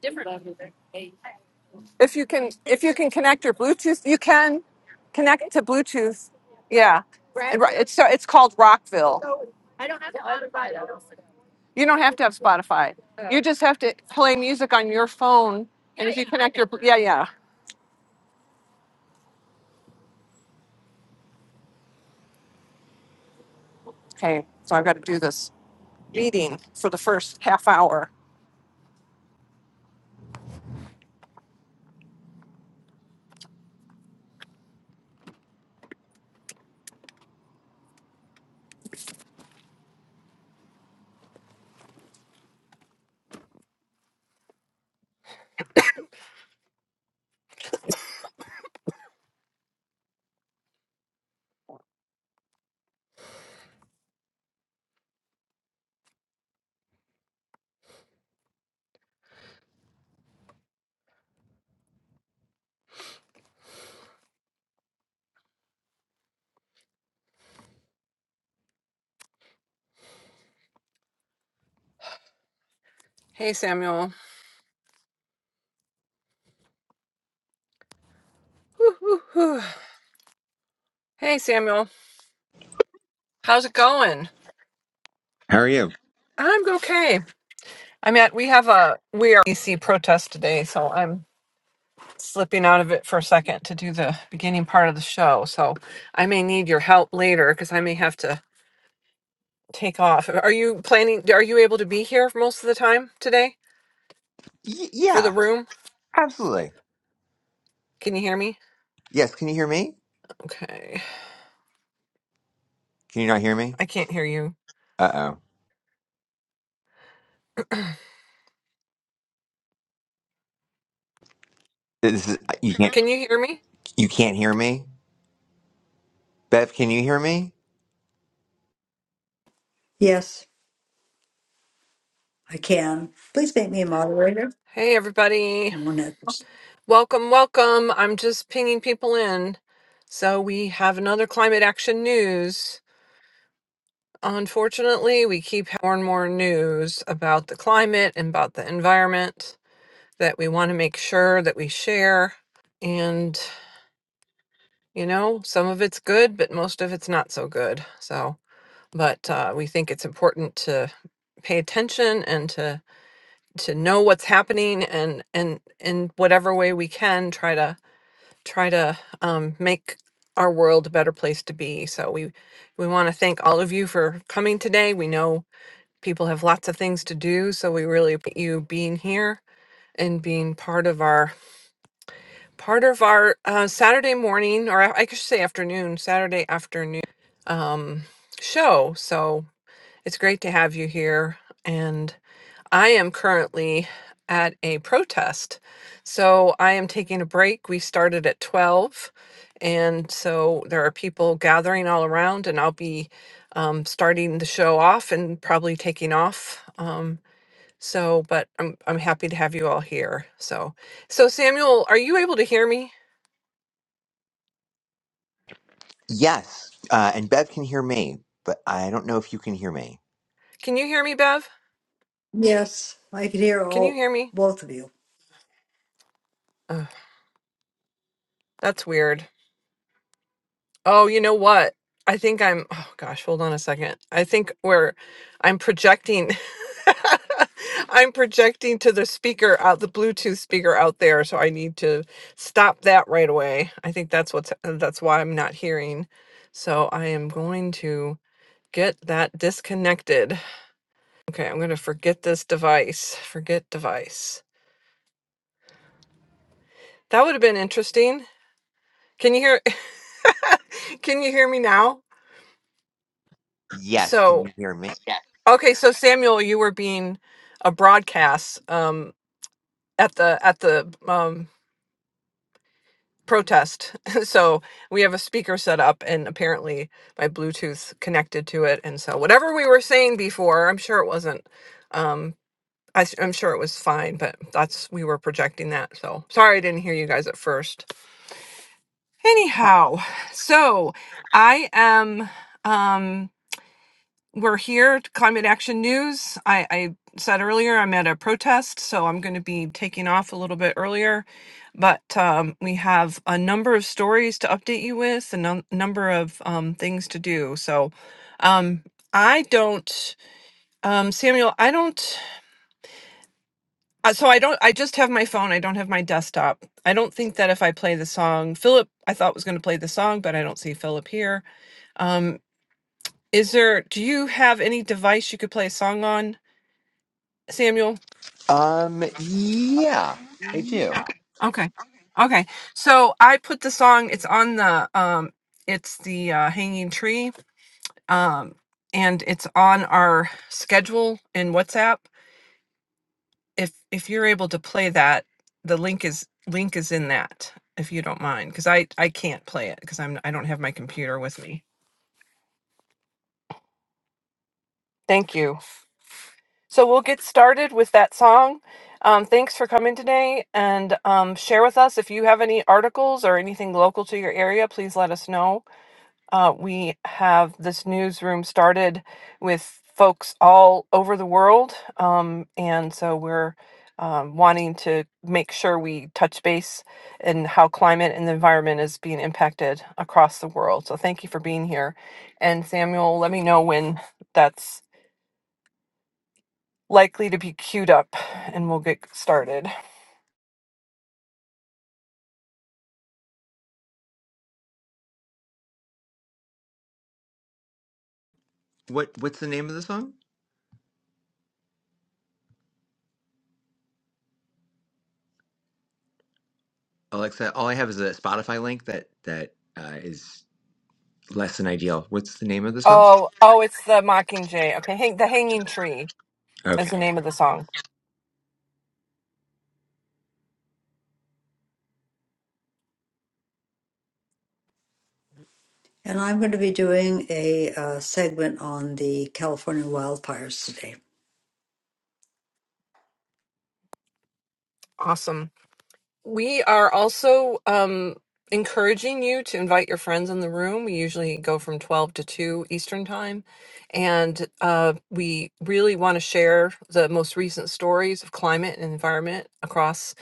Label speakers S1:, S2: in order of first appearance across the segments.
S1: different. If you can, if you can connect your Bluetooth, you can connect to Bluetooth. Yeah, And ri- it's so it's called Rockville. You don't have to have Spotify. You just have to play music on your phone, and if you connect your yeah yeah. Okay, so I've got to do this meeting for the first half hour. Hey Samuel. Whew. Hey Samuel. How's it going?
S2: How are you?
S1: I'm okay. I'm at. We have a we are DC protest today, so I'm slipping out of it for a second to do the beginning part of the show. So I may need your help later because I may have to take off. Are you planning? Are you able to be here most of the time today
S2: Y-
S1: for the
S2: yeah,
S1: room?
S2: absolutely.
S1: Can you hear me?
S2: Yes, can you hear me?
S1: Okay.
S2: Can you not hear me?
S1: I can't hear you.
S2: Uh oh. This is uh, you can't
S1: Can you hear me?
S2: you can't hear me. Bev, can you hear me?
S3: Yes, I can. Please make me a moderator.
S1: Hey, everybody.
S3: One
S1: Welcome, welcome. I'm just pinging people in. So we have another climate action news. Unfortunately, we keep more and more news about the climate and about the environment that we want to make sure that we share. And, you know, some of it's good, but most of it's not so good. So, but uh, we think it's important to pay attention and to to know what's happening and and in whatever way we can try to try to um, make our world a better place to be so we we want to thank all of you for coming today we know people have lots of things to do so we really appreciate you being here and being part of our part of our uh, Saturday morning, or I I should say afternoon, Saturday afternoon um, show. So it's great to have you here. And I am currently at a protest. So I am taking a break. We started at 12. And so there are people gathering all around, and I'll be um, starting the show off and probably taking off. Um, so, but I'm, I'm happy to have you all here. So, so Samuel, are you able to hear me?
S2: Yes, uh, and Bev can hear me, but I don't know if you can hear me.
S1: Can you hear me, Bev?
S3: Yes, I can hear
S1: Can you
S3: all
S1: hear me?
S3: both of you.
S1: Ugh, that's weird. Oh, you know what? I think I'm. Oh gosh, hold on a second. I think we're. I'm projecting. I'm projecting to the speaker out, the Bluetooth speaker out there. So I need to stop that right away. I think that's what's. uh, That's why I'm not hearing. So I am going to get that disconnected. Okay, I'm going to forget this device. Forget device. That would have been interesting. Can you hear? Can you hear me now?
S2: Yes, can
S1: So,
S2: you hear me?
S1: okay, so Samuel, you were being a broadcast um, at the at the um, protest. so we have a speaker set up, and apparently my Bluetooth connected to it, and so whatever we were saying before, I'm sure it wasn't. Um, I, am sure it was fine, but that's we were projecting that. So sorry I didn't hear you guys at first. Anyhow, so I am. Um, we're here to climate action news i i said earlier i'm at a protest so i'm going to be taking off a little bit earlier but um, we have a number of stories to update you with a num- number of um, things to do so um i don't um samuel i don't uh, so i don't i just have my phone i don't have my desktop i don't think that if i play the song philip i thought was going to play the song but i don't see philip here um is there do you have any device you could play a song on samuel
S2: Um, yeah, I do.
S1: Okay. Okay. So I put the song, it's on the um it's the uh hanging tree. Um and it's on our schedule in WhatsApp. If if you're able to play that, the link is link is in that if you don't mind cuz I I can't play it cuz I'm I don't have my computer with me. Thank you. So we'll get started with that song. Um, thanks for coming today and um, share with us if you have any articles or anything local to your area. Please let us know Uh, we have this newsroom started with folks all over the world. Um, and so we're um, wanting to make sure we touch base in how climate and the environment is being impacted across the world. So thank you for being here. And Samuel, let me know when that's likely to be queued up and we'll get started.
S2: What What's the name of the song, Alexa? All I have is a Spotify link that that uh, is less than ideal. What's the name of the song?
S1: Oh, oh, it's the mockingjay. Okay, hang, the hanging tree. is
S2: Okay.
S1: the name of the song.
S3: And I'm going to be doing a uh, segment on the California wildfires today.
S1: Awesome. We are also um, encouraging you to invite your friends in the room. We usually go from 12 to 2 Eastern Time. And uh, we really want to share the most recent stories of climate and environment across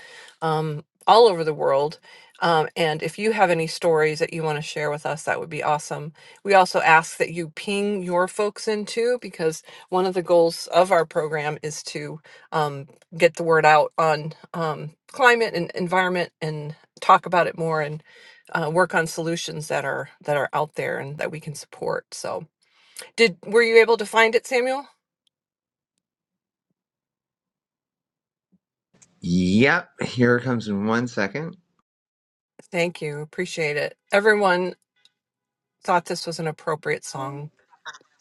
S1: um, all over the world. Um, and if you have any stories that you want to share with us, that would be awesome. We also ask that you ping your folks in too, because one of the goals of our program is to um, get the word out on um, climate and environment and talk about it more and uh, work on solutions that are that are out there and that we can support so did were you able to find it samuel
S2: Yep. Here it comes in one second.
S1: thank you appreciate it everyone thought this was an appropriate song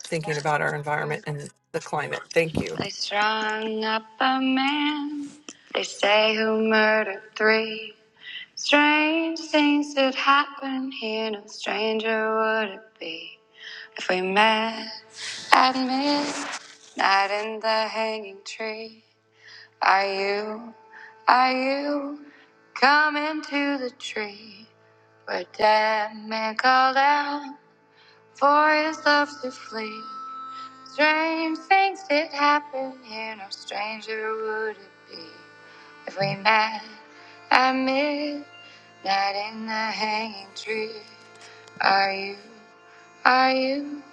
S1: thinking about our environment and the climate thank you
S2: They strung up a man, they say, who murdered three. Strange things that happen here, no stranger would it be if we met at midnight in the hanging tree. Are you, are you coming to the tree where dead men called out for his love to flee? Strange things did happen here, no stranger would it be if we met at midnight in the hanging tree. Are you, are you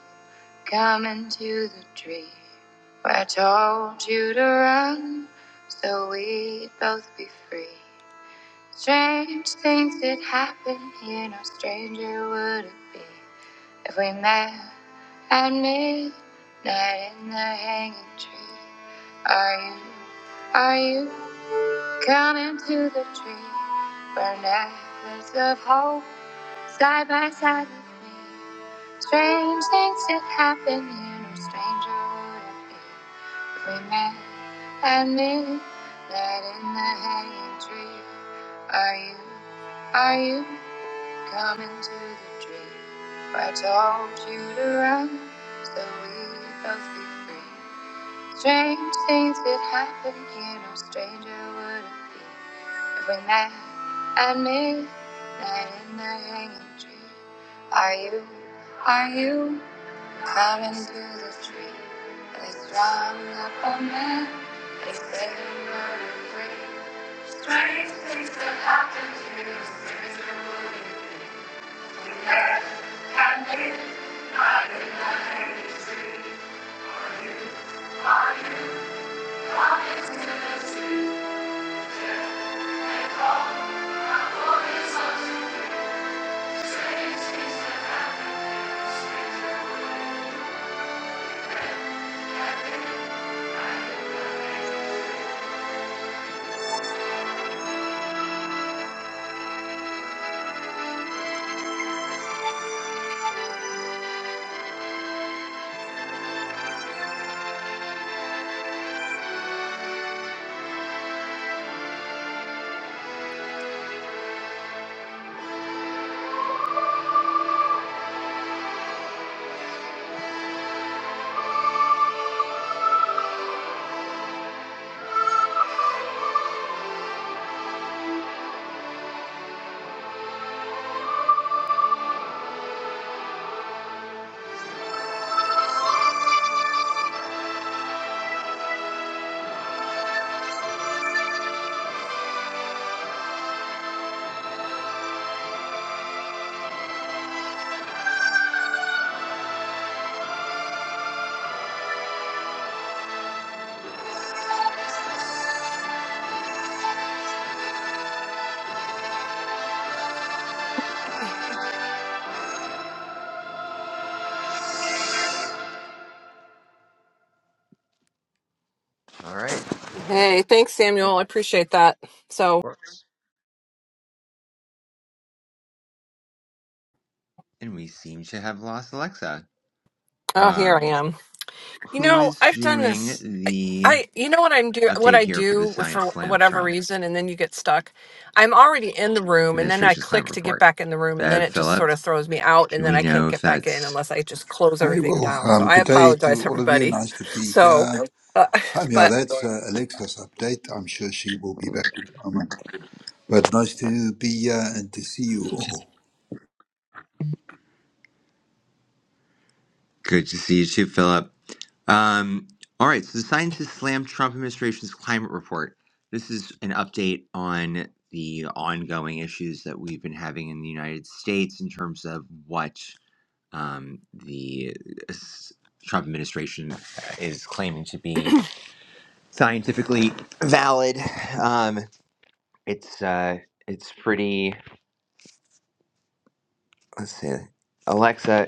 S2: coming to the tree where I told you to run so we'd both be free? Strange things did happen here, no stranger would it be we met at midnight in the hanging tree. Are you, are you coming to the tree where necklace of hope side by side with me? Strange things did happen here, no stranger would it be. If we met at midnight in the hanging tree, are you, are you? Coming to the tree where I told you to run so we could both be free. Strange things did happen here, no stranger would it be if we met at midnight in the hanging tree. Are you, are you coming to the tree? And they strung up a man, they said you were free. Strung up a man. All right, there we go.
S1: hey thanks samuel i appreciate that so
S2: and we seem to have lost Alexa.
S1: oh here i
S2: Um,
S1: am You
S2: who
S1: know,
S2: is
S1: I've done
S2: doing
S1: this. I,
S2: the
S1: I you know what I'm do what
S2: update
S1: I
S2: here for the
S1: do with,
S2: Science
S1: for
S2: Slam
S1: whatever
S2: Trump
S1: reason, and then you get stuck. I'm already in the room, and then I
S2: administration's climate
S1: click to get
S2: report?
S1: back in the room, and then
S2: Bev,
S1: it just sort
S2: Philip,
S1: of throws me out, and
S2: do
S1: then
S2: we
S1: I can't
S2: know if
S1: get back in
S2: that's?
S1: unless I just close
S4: Hey,
S1: everything
S4: well,
S1: down. So
S4: um,
S1: I
S4: good day to
S1: apologize,
S4: all of you.
S1: everybody.
S4: Nice to be
S1: So,
S4: here.
S1: uh,
S4: Um, yeah,
S1: but
S4: that's uh, Alexa's update. I'm sure she will be back in a moment. But nice to be here and to see you all.
S2: Good to see you too, Philip. Um, all right, so the scientists slammed Trump administration's climate report. This is an update on the ongoing issues that we've been having in the United States in terms of what um, the uh, s- Trump administration is claiming to be scientifically valid. Um, it's uh, it's pretty. Let's see, Alexa.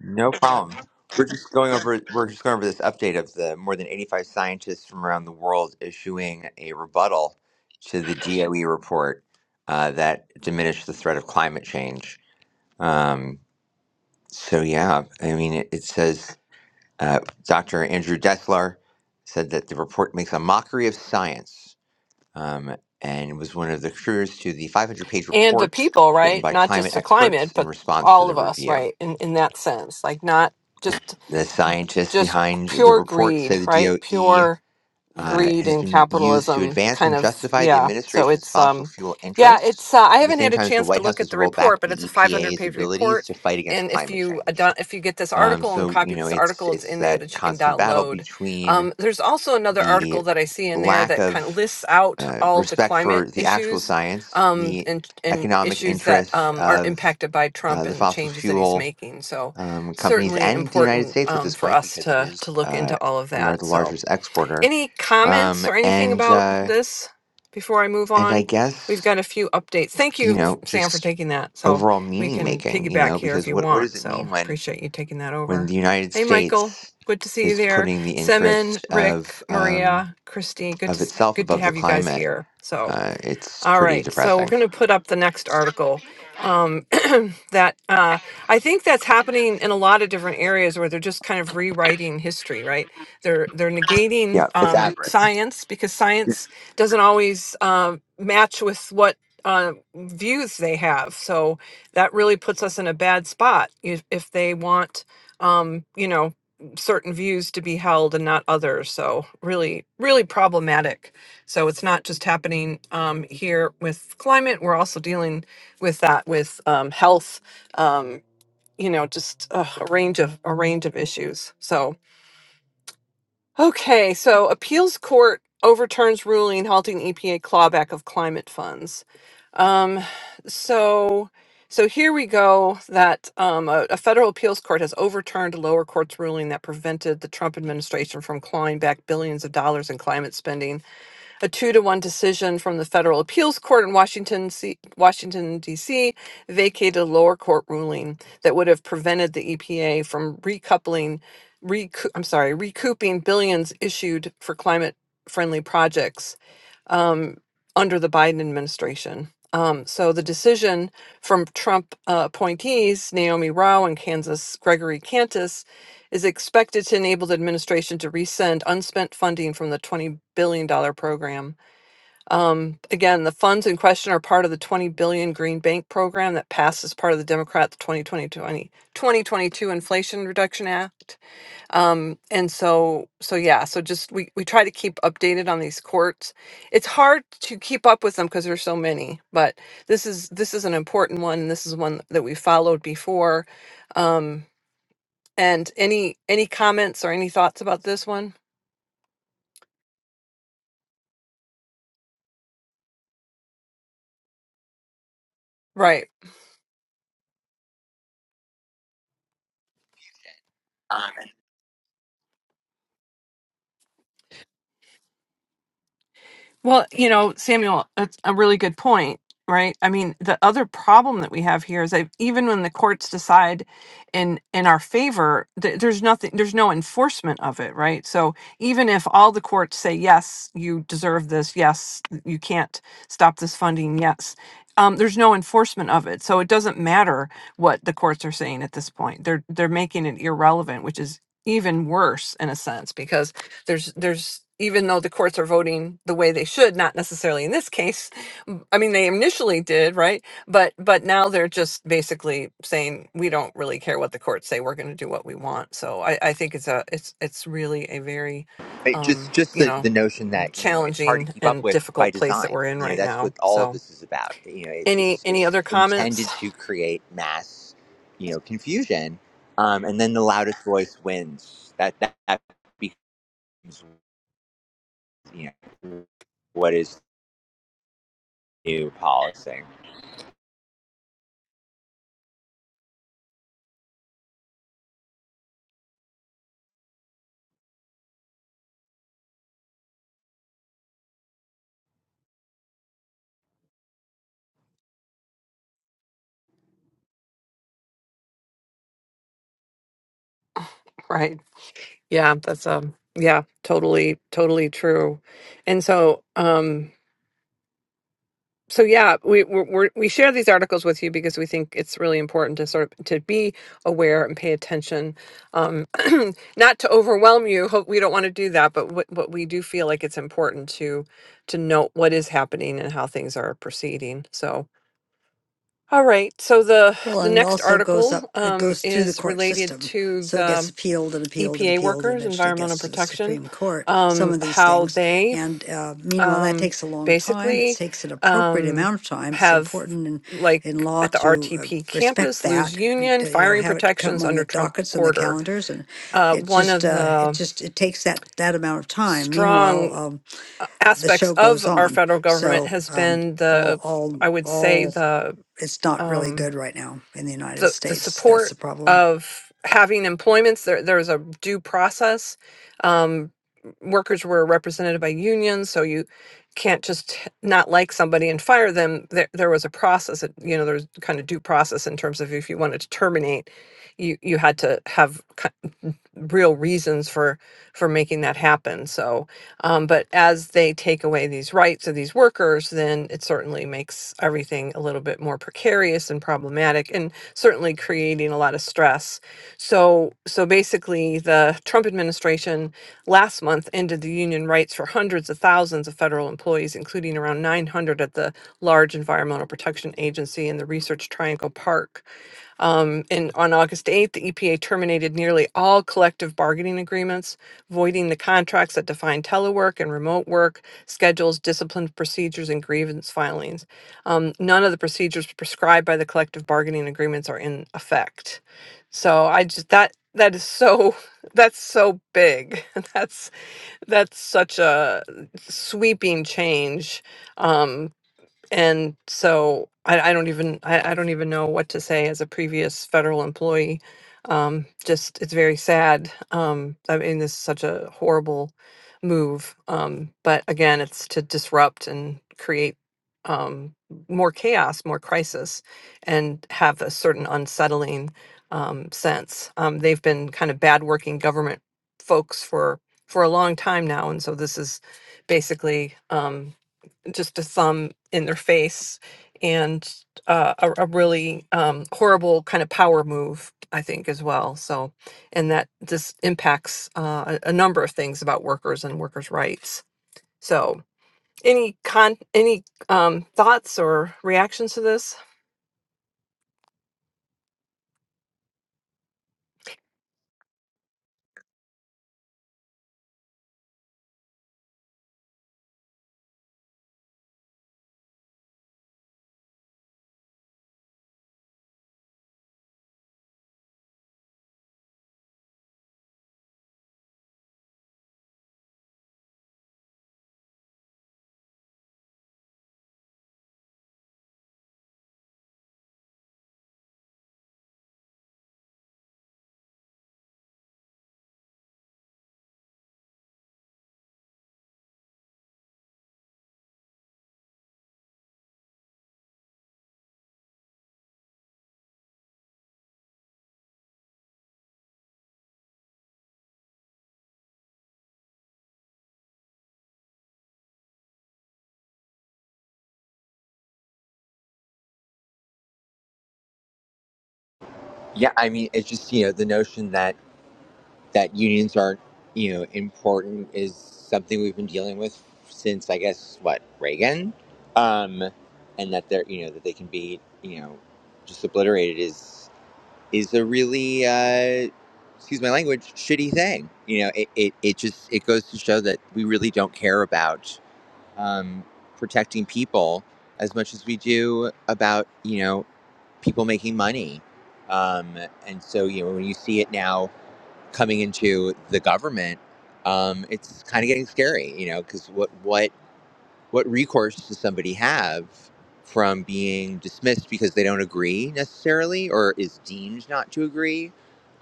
S2: No problem. We're just going over. We're just going over this update of the more than 85 scientists from around the world issuing a rebuttal to the DOE report uh, that diminished the threat of climate change. Um, so yeah, I mean, it, it says uh, Dr. Andrew Dessler said that the report makes a mockery of science, um, and was one of the contributors to the 500-page
S1: and the
S2: report
S1: people,
S2: written
S1: right?
S2: by
S1: Not
S2: climate
S1: just the
S2: experts
S1: climate,
S2: in
S1: but
S2: response to
S1: all
S2: the
S1: of us,
S2: review.
S1: right? In in that sense, like not just
S2: The scientists
S1: just
S2: behind the
S1: pure
S2: report say
S1: greed,
S2: the
S1: right?
S2: DOE
S1: Pure
S2: uh,
S1: greed
S2: has
S1: and
S2: been used to
S1: capitalism
S2: advance
S1: kind
S2: and
S1: of
S2: justify the
S1: yeah so
S2: administration's
S1: it's
S2: fossil
S1: um
S2: fuel
S1: yeah
S2: interests.
S1: it's uh, i
S2: At the
S1: haven't
S2: same
S1: had a
S2: time, as the
S1: chance to
S2: White House
S1: look at
S2: has
S1: the
S2: rolled
S1: report
S2: back
S1: but it's a
S2: the
S1: 500
S2: EPA's
S1: page
S2: abilities
S1: report
S2: to fight against
S1: and if
S2: climate
S1: you
S2: change.
S1: ado- if you get this
S2: Um,
S1: article and
S2: so you
S1: copy
S2: know,
S1: this
S2: it's
S1: article it's
S2: it's
S1: in there
S2: that
S1: that you can
S2: constant battle
S1: download
S2: between
S1: um, there's also another
S2: the
S1: article that i see in there
S2: lack
S1: that kind of
S2: of
S1: lists out
S2: uh,
S1: all the
S2: respect
S1: climate
S2: for the actual
S1: issues
S2: science,
S1: um,
S2: the
S1: and and
S2: economic
S1: issues that
S2: interests
S1: um, are
S2: of
S1: impacted by
S2: uh,
S1: trump
S2: the
S1: and the
S2: fossil
S1: changes that he's
S2: fuel
S1: making so
S2: um, companies
S1: certainly
S2: and the United
S1: important
S2: States at
S1: um,
S2: this
S1: for
S2: point
S1: us
S2: because it
S1: to
S2: is
S1: to look
S2: uh,
S1: into all of
S2: we are
S1: that
S2: the
S1: so
S2: largest exporter,
S1: any
S2: um,
S1: comments or anything
S2: and
S1: about
S2: uh,
S1: this before I move
S2: and I
S1: on? We've
S2: guess
S1: got a few updates. Thank
S2: you
S1: you, f-
S2: know
S1: Sam, for
S2: just
S1: taking that. So
S2: overall
S1: we
S2: meaning
S1: can
S2: making, you
S1: piggyback
S2: know,
S1: here if
S2: because
S1: you
S2: what what does
S1: want.
S2: it mean
S1: So
S2: when
S1: appreciate you taking that
S2: when
S1: over.
S2: the United
S1: Hey, Michael.
S2: States
S1: Good to see you
S2: is
S1: there.
S2: putting the
S1: Semin,
S2: interest
S1: Rick,
S2: of um,
S1: Maria, Christy. Good
S2: of
S1: to s-
S2: itself
S1: good to
S2: above the
S1: have you guys
S2: climate?
S1: here. So
S2: Uh, it's
S1: all
S2: pretty
S1: right, so we're
S2: depressing.
S1: going to put up the next article um, that uh, I think that's happening in a lot of different areas where they're just kind of rewriting history, right? They're they're negating
S2: Yeah, it's
S1: um,
S2: average.
S1: science because science doesn't always uh, match with what uh, views they have. So that really puts us in a bad spot if, if they want, um, you know, certain views to be held and not others. So really, really problematic. So it's not just happening um, here with climate. We're also dealing with that with um, health. Um, you know, just uh, a range of a range of issues. So okay, so appeals court overturns ruling halting EPA clawback of climate funds. Um, so. So here we go that um, a, a federal appeals court has overturned a lower court's ruling that prevented the Trump administration from clawing back billions of dollars in climate spending a two to one decision from the federal appeals court in Washington, C- Washington D.C. vacated a lower court ruling that would have prevented the EPA from recoupling, recoup, I'm sorry, recouping billions issued for climate friendly projects um, under the Biden administration. Um, so the decision from Trump uh, appointees, Naomi Rao and Kansas Gregory Cantus, is expected to enable the administration to resend unspent funding from the $20 billion dollars program. Um, again, the funds in question are part of the $20 billion dollars Green Bank program that passed as part of the Democrats' 2020, 2022 Inflation Reduction Act. Um, and so, so yeah, so just we, we try to keep updated on these courts. It's hard to keep up with them because there's so many, but this is this is an important one. This is one that we followed before. Um, and any any comments or any thoughts about this one? Right. Well, you know, Samuel, that's a really good point, right? I mean, the other problem that we have here is that even when the courts decide in in our favor, th- there's nothing, there's no enforcement of it, right? So even if all the courts say yes, you deserve this, yes, you can't stop this funding, yes, um, there's no enforcement of it. So it doesn't matter what the courts are saying at this point. They're they're making it irrelevant, which is even worse in a sense because there's there's even though the courts are voting the way they should not necessarily in this case m- i mean they initially did right but but now they're just basically saying we don't really care what the courts say we're going to do what we want so i i think it's a it's it's really a very
S2: Right, just
S1: um
S2: just
S1: you
S2: the,
S1: know
S2: the notion that you know it's hard to
S1: challenging
S2: keep up
S1: and
S2: with by
S1: difficult place that
S2: design.
S1: we're in
S2: You know
S1: right
S2: that's what
S1: now
S2: all of
S1: so
S2: this is about. You know it's
S1: any
S2: it's,
S1: any
S2: it's
S1: other comments
S2: intended to create mass, you know, confusion, um, and then the loudest voice wins. That that, that becomes you know what is new policy.
S1: right yeah that's um yeah totally totally true and so um so yeah we we we we share these articles with you because we think it's really important to sort of to be aware and pay attention um, not to overwhelm you hope we don't want to do that but what, what we do feel like it's important to to note what is happening and how things are proceeding so all right so the
S3: Well,
S1: the
S3: and it
S1: next
S3: also goes
S1: article
S3: up, it
S1: um,
S3: goes through the
S1: is
S3: court
S1: related
S3: system.
S1: to
S3: So it gets
S1: the
S3: appealed and appealed and
S1: EPA
S3: appealed and
S1: workers,
S3: eventually gets
S1: environmental
S3: to the
S1: protection,
S3: Supreme Court, some
S1: um,
S3: of these
S1: how
S3: things.
S1: they
S3: And uh, meanwhile, that
S1: um,
S3: takes a long time. It
S1: basically,
S3: takes an appropriate
S1: um,
S3: amount of time. It's
S1: have
S3: important in,
S1: like
S3: in law
S1: at the
S3: to uh,
S1: RTP
S3: respect
S1: campus, lose
S3: that, and,
S1: union,
S3: uh, you know,
S1: firing
S3: have it come
S1: protections
S3: on the
S1: under Trump
S3: dockets and the
S1: order.
S3: calendars. And
S1: Uh,
S3: it
S1: one
S3: just,
S1: of
S3: uh, it
S1: the
S3: just, it takes that, that amount of time. Meanwhile,
S1: strong
S3: um,
S1: uh,
S3: the
S1: aspects
S3: show goes
S1: of our
S3: on.
S1: federal government
S3: So
S1: has
S3: um,
S1: been
S3: all,
S1: the,
S3: all,
S1: I would say,
S3: all
S1: the
S3: it's not really
S1: um,
S3: good right now in the United
S1: the, the
S3: States. That's
S1: support
S3: the problem.
S1: of having employments. There, there's a due process. Um, workers were represented by unions, so you can't just not like somebody and fire them. There, there was a process. that, You know, there's kind of due process in terms of if you wanted to terminate, you you had to have ki- real reasons for for making that happen so um, but as they take away these rights of these workers then it certainly makes everything a little bit more precarious and problematic and certainly creating a lot of stress so so basically the trump administration last month ended the union rights for hundreds of thousands of federal employees including around 900 at the large environmental protection agency and the research triangle park um, and on August 8th, the EPA terminated nearly all collective bargaining agreements, voiding the contracts that define telework and remote work, schedules, discipline procedures, and grievance filings. Um, none of the procedures prescribed by the collective bargaining agreements are in effect. So I just that that is so that's so big. That's that's such a sweeping change. Um, and so I, I don't even I, I don't even know what to say as a previous federal employee. Um, just it's very sad. Um, I mean, this is such a horrible move. Um, but again, it's to disrupt and create um, more chaos, more crisis, and have a certain unsettling um, sense. Um, they've been kind of bad working government folks for for a long time now, and so this is basically. Um, just a thumb in their face and uh, a, a really um, horrible kind of power move i think as well so and that just impacts uh, a, a number of things about workers and workers rights so any con any um, thoughts or reactions to this
S2: Yeah, I mean it's just you know the notion that that unions aren't, you know, important is something we've been dealing with since I guess what Reagan, um, and that they're you know that they can be you know just obliterated is is a really uh, excuse my language shitty thing. You know, it, it it just it goes to show that we really don't care about um, protecting people as much as we do about you know people making money. Um, and so you know when you see it now coming into the government, um, it's kind of getting scary, you know, because what what what recourse does somebody have from being dismissed because they don't agree necessarily, or is deemed not to agree?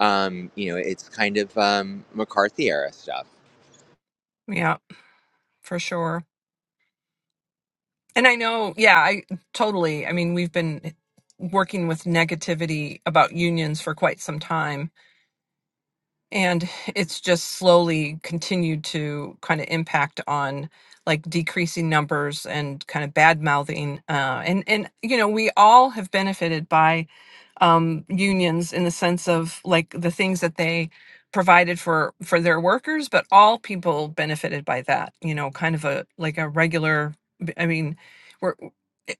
S2: Um, you know, it's kind of um, McCarthy era stuff.
S1: yeah for sure and i know yeah i totally i mean we've been working with negativity about unions for quite some time and it's just slowly continued to kind of impact on like decreasing numbers and kind of bad mouthing uh, and and you know we all have benefited by um, unions in the sense of like the things that they provided for for their workers but all people benefited by that you know kind of a like a regular b- i mean we're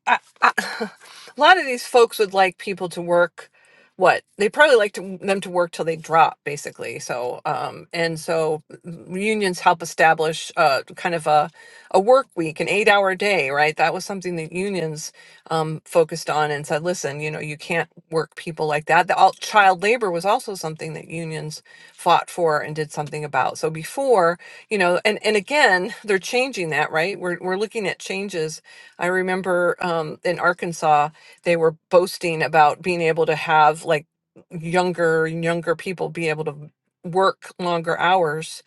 S1: I, I, a lot of these folks would like people to work what they probably like to, them to work till they drop basically so um and so unions help establish uh kind of a a work week an eight hour day right that was something that unions um focused on and said listen you know you can't work people like that the all, child labor was also something that unions fought for and did something about so before you know and and again they're changing that right we're, we're looking at changes i remember um in arkansas they were boasting about being able to have like younger and younger people be able to work longer hours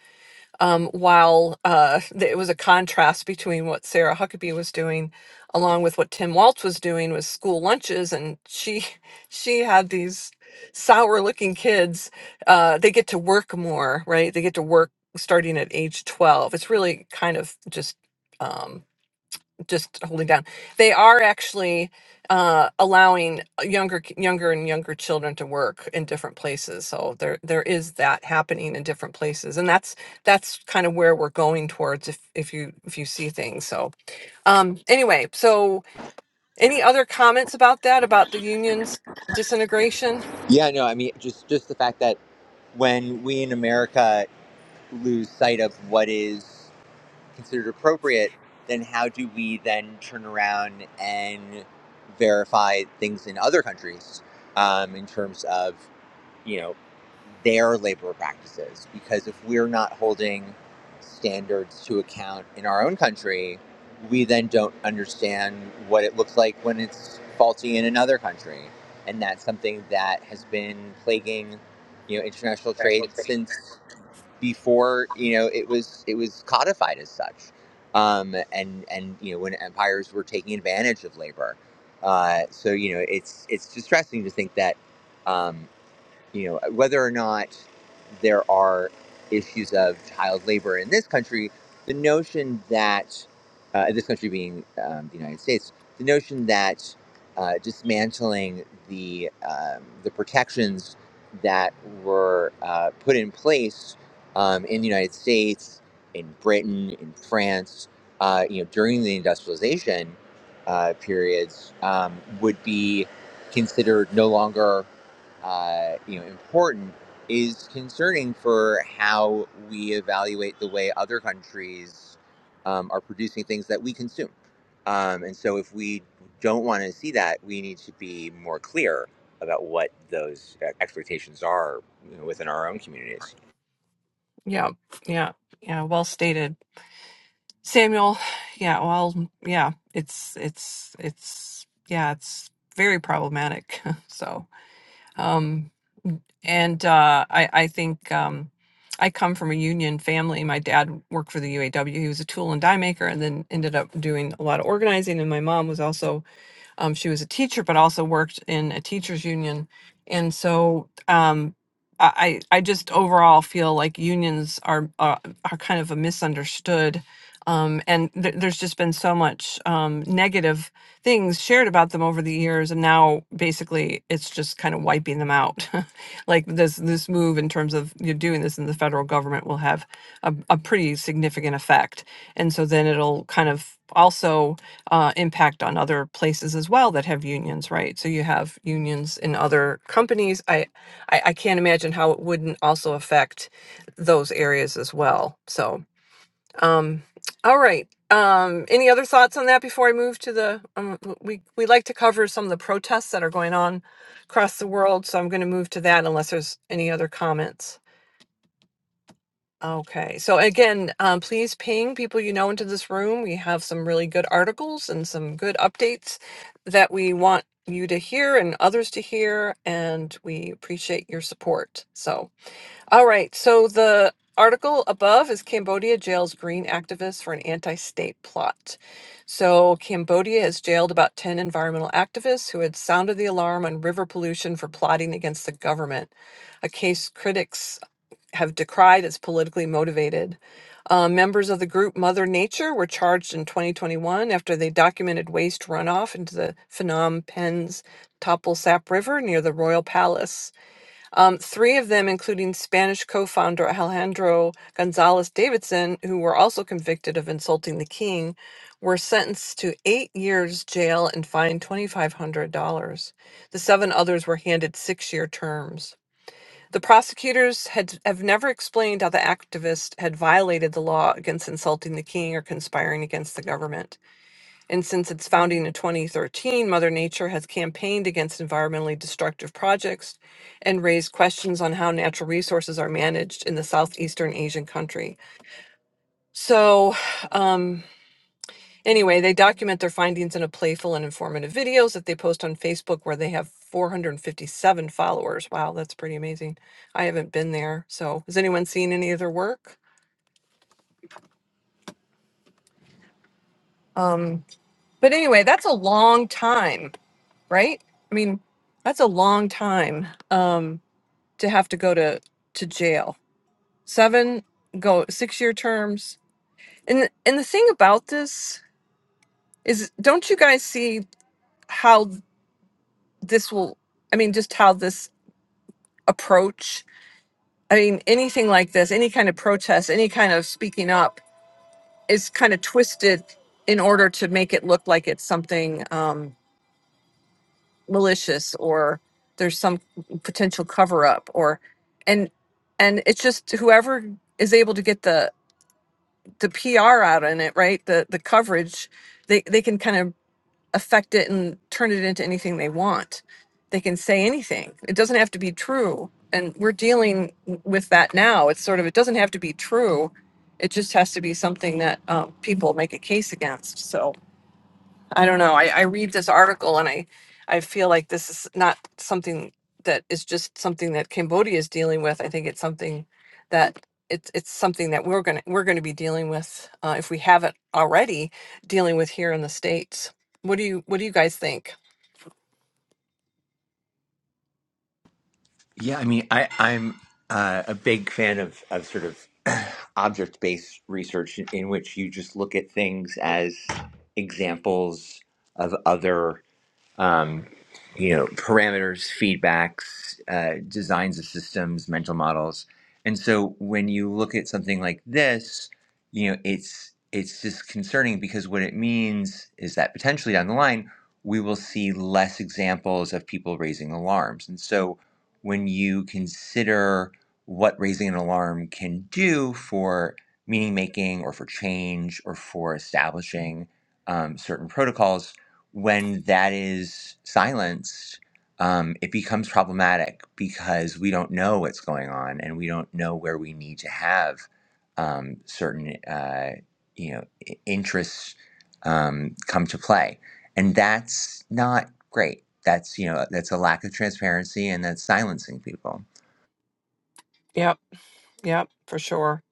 S1: um, while uh, th- it was a contrast between what sarah huckabee was doing along with what tim Walz was doing with school lunches and she she had these sour looking kids uh, they get to work more right they get to work starting at age 12 it's really kind of just um, just holding down. They are actually uh, allowing uh, younger younger and younger children to work in different places. So there there is that happening in different places, and that's that's kind of where we're going towards if if you if you see things. So um, anyway, so any other comments about that about the unions disintegration?
S2: Yeah, no, I mean, just just the fact that when we in America lose sight of what is considered appropriate, then how do we then turn around and verify things in other countries um, in terms of you know their labor practices? Because if we're not holding standards to account in our own country, we then don't understand what it looks like when it's faulty in another country, and that's something that has been plaguing you know international trade since before you know it was it was codified as such, um, and and you know when empires were taking advantage of labor. Uh, so you know it's it's distressing to think that. um, you know whether or not there are issues of child labor in this country the notion that uh, this country being um, the united states the notion that uh, dismantling the um, the protections that were uh, put in place um, in the united states in britain in france uh, you know during the industrialization uh, periods um, would be considered no longer uh, you know important is concerning for how we evaluate the way other countries um, are producing things that we consume. Um, and so, if we don't want to see that, we need to be more clear about what those uh, expectations are you know, within our own communities.
S1: Yeah, yeah, yeah. Well stated, Samuel. Yeah, well, yeah. It's it's it's yeah. It's very problematic. so. Um, and uh, I, I think um, I come from a union family. My dad worked for the UAW. He was a tool and die maker and then ended up doing a lot of organizing. And my mom was also um, she was a teacher, but also worked in a teachers union, and so um, I I I just overall feel like unions are are, are kind of a misunderstood. Um, and th- there's just been so much um, negative things shared about them over the years, and now basically it's just kind of wiping them out. like this this move in terms of you doing this in the federal government will have a, a pretty significant effect and so then it'll kind of also uh, impact on other places as well that have unions, right? So you have unions in other companies. I, I, I can't imagine how it wouldn't also affect those areas as well. So, um, all right. Um, any other thoughts on that before I move to the? Um, we we like to cover some of the protests that are going on across the world, so I'm going to move to that unless there's any other comments. Okay. So again, um, please ping people you know into this room. We have some really good articles and some good updates that we want you to hear and others to hear, and we appreciate your support. So, all right. So the article above is Cambodia jails green activists for an anti state plot. So, Cambodia has jailed about 10 environmental activists who had sounded the alarm on river pollution for plotting against the government, a case critics have decried as politically motivated. Uh, members of the group Mother Nature were charged in 2021 after they documented waste runoff into the Phnom Penh's Topple Sap River near the Royal Palace. Um, three of them, including Spanish co founder Alejandro Gonzalez Davidson, who were also convicted of insulting the king, were sentenced to eight years jail and fined $2,500. The seven others were handed six year terms. The prosecutors had have never explained how the activist had violated the law against insulting the king or conspiring against the government. And since its founding in 2013, Mother Nature has campaigned against environmentally destructive projects and raised questions on how natural resources are managed in the southeastern Asian country. So, um, Anyway, they document their findings in a playful and informative videos that they post on Facebook where they have 457 followers. Wow, that's pretty amazing. I haven't been there. So, has anyone seen any of their work? Um, but anyway, that's a long time, right? I mean, that's a long time um, to have to go to to jail. 7 go 6-year terms. And and the thing about this is don't you guys see how this will I mean just how this approach I mean, anything like this, any kind of protest, any kind of speaking up is kind of twisted in order to make it look like it's something um, malicious or there's some potential cover up or and and it's just whoever is able to get the the PR out in it, right? The the coverage, they they can kind of affect it and turn it into anything they want. They can say anything. It doesn't have to be true. And we're dealing with that now. It's sort of, it doesn't have to be true. It just has to be something that um, people make a case against. So. I don't know. I, I read this article and I, I feel like this is not something that is just something that Cambodia is dealing with. I think it's something that it's it's something that we're gonna we're gonna be dealing with uh, if we haven't already dealing with here in the states. What do you What do you guys think?
S2: Yeah, I mean, I, I'm uh, a big fan of, of sort of object based research in, in which you just look at things as examples of other um, you know, parameters, feedbacks, uh, designs of systems, mental models. And so when you look at something like this, you know, it's it's just concerning because what it means is that potentially down the line we will see less examples of people raising alarms. And so when you consider what raising an alarm can do for meaning making or for change or for establishing um, certain protocols, when that is silenced, um, it becomes problematic because we don't know what's going on and we don't know where we need to have um, certain uh, you know i- interests um, come to play, and that's not great. That's you know that's a lack of transparency and that's silencing people.
S1: Yep, yep, for sure.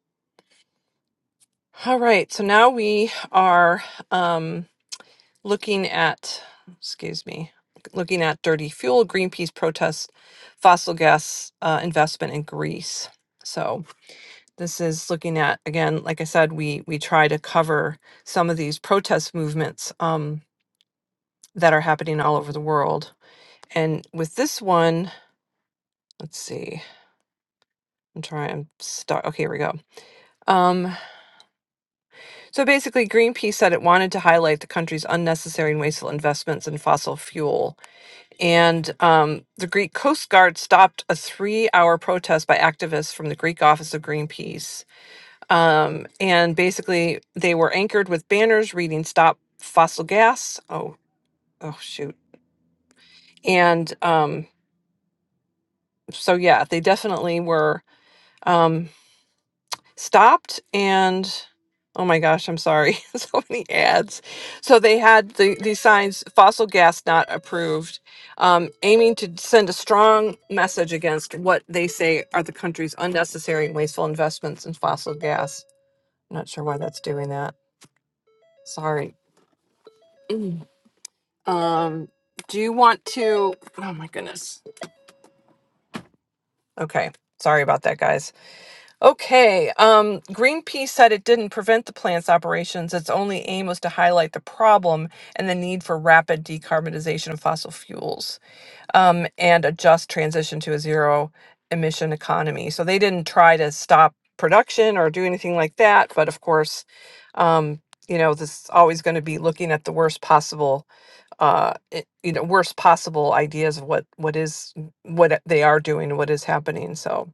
S1: All right, so now we are. Um, looking at, excuse me, looking at dirty fuel, Greenpeace protests fossil gas uh, investment in Greece. So this is looking at again, like I said, we we try to cover some of these protest movements um, that are happening all over the world. And with this one, let's see, I'm trying. I'm stuck. Okay, here we go. Um, so basically, Greenpeace said it wanted to highlight the country's unnecessary and wasteful investments in fossil fuel And um, the Greek Coast Guard stopped a three hour protest by activists from the Greek office of Greenpeace. Um, and basically, they were anchored with banners reading Stop Fossil Gas. Oh, oh, shoot. And um, so, yeah, they definitely were. Um, stopped and oh my gosh i'm sorry so many ads so they had the, these signs fossil gas not approved um, aiming to send a strong message against what they say are the country's unnecessary and wasteful investments in fossil gas not sure why that's doing that sorry Mm. um, do you want to oh my goodness okay sorry about that guys Okay. Um, Greenpeace said it didn't prevent the plant's operations. Its only aim was to highlight the problem and the need for rapid decarbonization of fossil fuels um, and a just transition to a zero emission economy. So they didn't try to stop production or do anything like that. But of course, um, you know, this is always going to be looking at the worst possible, uh, i- you know, worst possible ideas of what what is what they are doing, what is happening. So.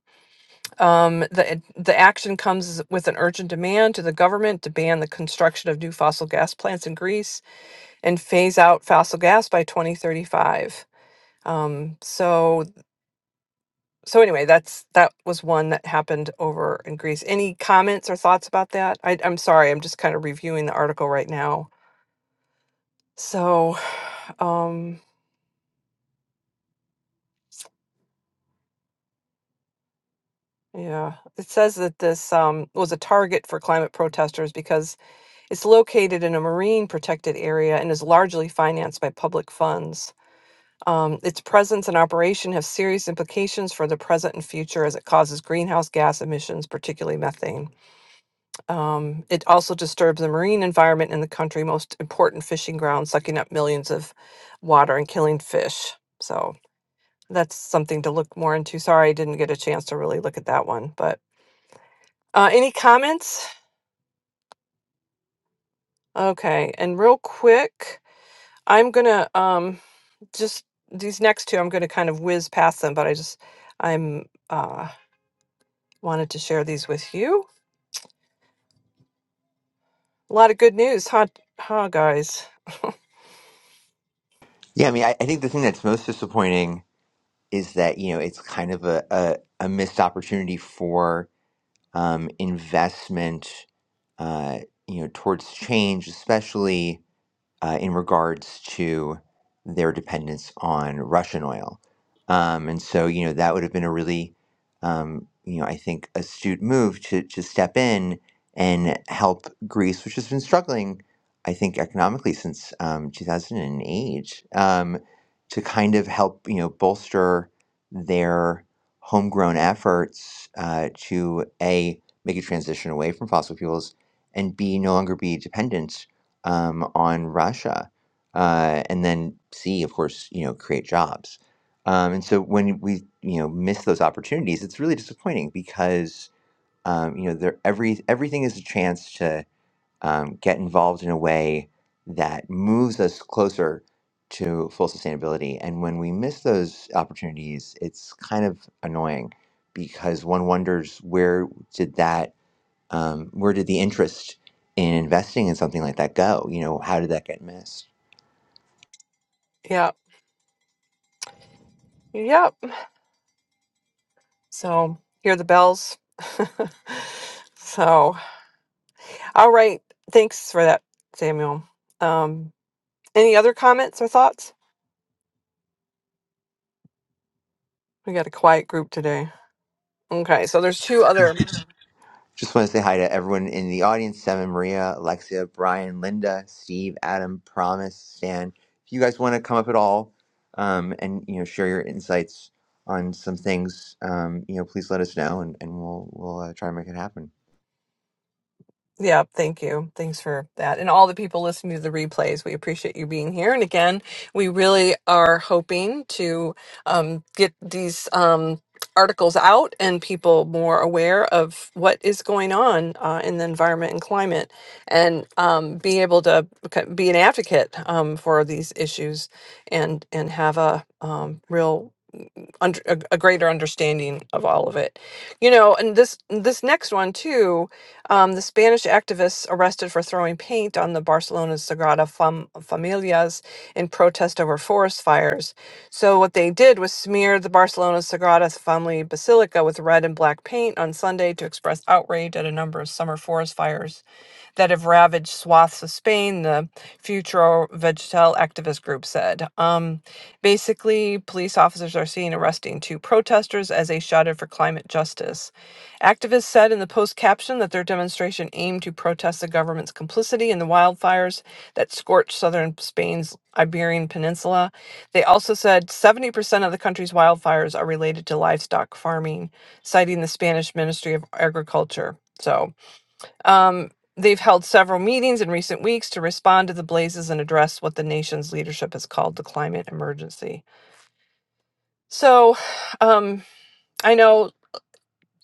S1: Um, the the action comes with an urgent demand to the government to ban the construction of new fossil gas plants in Greece and phase out fossil gas by 2035. Um, so so anyway, that's that was one that happened over in Greece. Any comments or thoughts about that? I, I'm sorry, I'm just kind of reviewing the article right now. So, um, yeah, it says that this um, was a target for climate protesters because It's located in a marine protected area and is largely financed by public funds. Um, its presence and operation have serious implications for the present and future as it causes greenhouse gas emissions, particularly methane. Um, it also disturbs the marine environment in the country, most important fishing grounds, sucking up millions of water and killing fish. So that's something to look more into. Sorry, I didn't get a chance to really look at that one. But uh, any comments? Okay, and real quick, I'm gonna um, just these next two, I'm going to kind of whiz past them, but I just I'm uh wanted to share these with you. A lot of good news, huh, huh guys?
S2: Yeah, I mean, I, I think the thing that's most disappointing is that you know it's kind of a, a, a missed opportunity for um, investment, uh, you know, towards change, especially uh, in regards to their dependence on Russian oil. Um, and so, you know, that would have been a really, um, you know, I think astute move to, to step in and help Greece, which has been struggling, I think, economically since um, 2008, um, to kind of help, you know, bolster their homegrown efforts uh, to A, make a transition away from fossil fuels, and B, no longer be dependent um, on Russia, uh, and then see, of course, you know, create jobs. Um, and so when we you know miss those opportunities, it's really disappointing because um, you know there every everything is a chance to um, get involved in a way that moves us closer to full sustainability. And when we miss those opportunities, it's kind of annoying because one wonders where did that um, where did the interest in investing in something like that go? You know, how did that get missed?
S1: Yeah. Yep. So hear the bells. so all right. Thanks for that, Samuel. Um, any other comments or thoughts? We got a quiet group today. Okay, so there's two other
S2: Just want to say hi to everyone in the audience: Seven, Maria, Alexia, Brian, Linda, Steve, Adam, Promise, Stan. If you guys want to come up at all um, and you know share your insights on some things, um, you know, please let us know, and, and we'll we'll uh, try and make it happen.
S1: Yeah, thank you. Thanks for that. And all the people listening to the replays, we appreciate you being here. And again, we really are hoping to um, get these um, articles out and people more aware of what is going on uh, in the environment and climate and um, be able to beca- be an advocate um, for these issues and, and have a um, real under, a, a greater understanding of all of it you know and this this next one too um, the spanish activists arrested for throwing paint on the barcelona's sagrada Fam- familias in protest over forest fires so what they did was smear the barcelona sagrada family basilica with red and black paint on sunday to express outrage at a number of summer forest fires that have ravaged swaths of Spain, the Futuro Vegetal activist group said. Um, basically, police officers are seen arresting two protesters as they shouted for climate justice. Activists said in the post caption that their demonstration aimed to protest the government's complicity in the wildfires that scorched southern Spain's Iberian Peninsula. They also said 70% of the country's wildfires are related to livestock farming, citing the Spanish Ministry of Agriculture. So, um, they've held several meetings in recent weeks to respond to the blazes and address what the nation's leadership has called the climate emergency. So, um, I know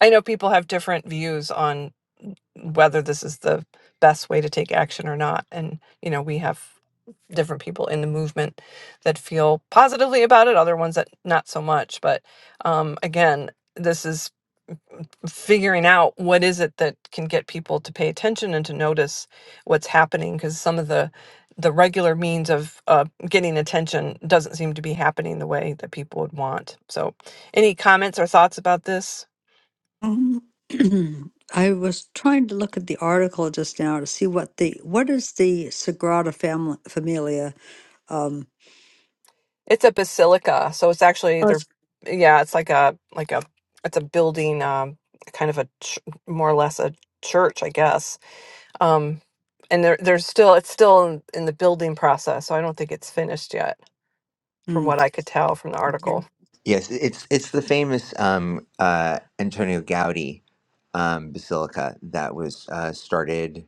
S1: I know people have different views on whether this is the best way to take action or not. And, you know, we have different people in the movement that feel positively about it, other ones that not so much. But um, again, this is figuring out what is it that can get people to pay attention and to notice what's happening because some of the the regular means of uh, getting attention doesn't seem to be happening the way that people would want so any comments or thoughts about this
S3: Um, I was trying to look at the article just now to see what the what is the Sagrada Family, Familia. Um,
S1: It's a basilica, so it's actually
S3: Oh,
S1: they're
S3: it's-
S1: yeah, it's like a like a it's a building, um, kind of a ch- more or less a church, I guess. Um, and there there's still it's still in, in the building process, so I don't think it's finished yet, from
S3: mm,
S1: what I could tell from the
S3: okay.
S1: article.
S2: Yes, it's it's the famous um, uh, Antonio Gaudi um, basilica that was uh, started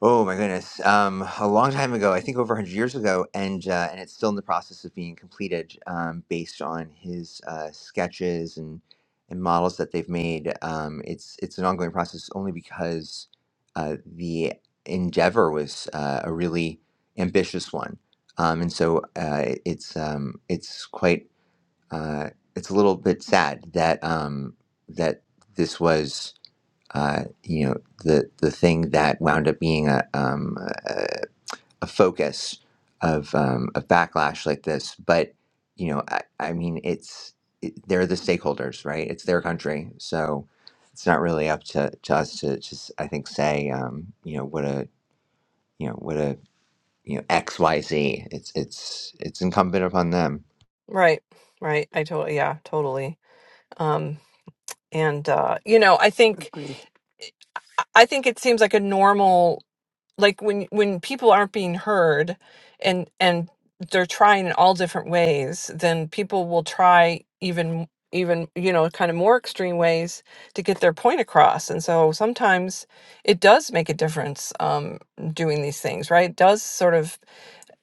S2: Oh my goodness. Um, a long time ago, I think over 100 years ago, and uh, and it's still in the process of being completed um, based on his uh, sketches and and models that they've made. Um, it's it's an ongoing process only because uh, the endeavor was uh, a really ambitious one, um, and so uh, it's um, it's quite uh, it's a little bit sad that um, that this was uh, you know the the thing that wound up being a um, a, a focus of um, of backlash like this. But you know, I, I mean, it's it, they're the stakeholders, right? It's their country, so it's not really up to, to us to just I think say um, you know what a you know what a you know X Y Z. It's it's it's incumbent upon them.
S1: Right, right. I totally yeah, totally. Um, and uh, you know, I think
S3: agree.
S1: I think it seems like a normal like when when people aren't being heard and and they're trying in all different ways then people will try even even you know kind of more extreme ways to get their point across and so sometimes it does make a difference um doing these things right it does sort of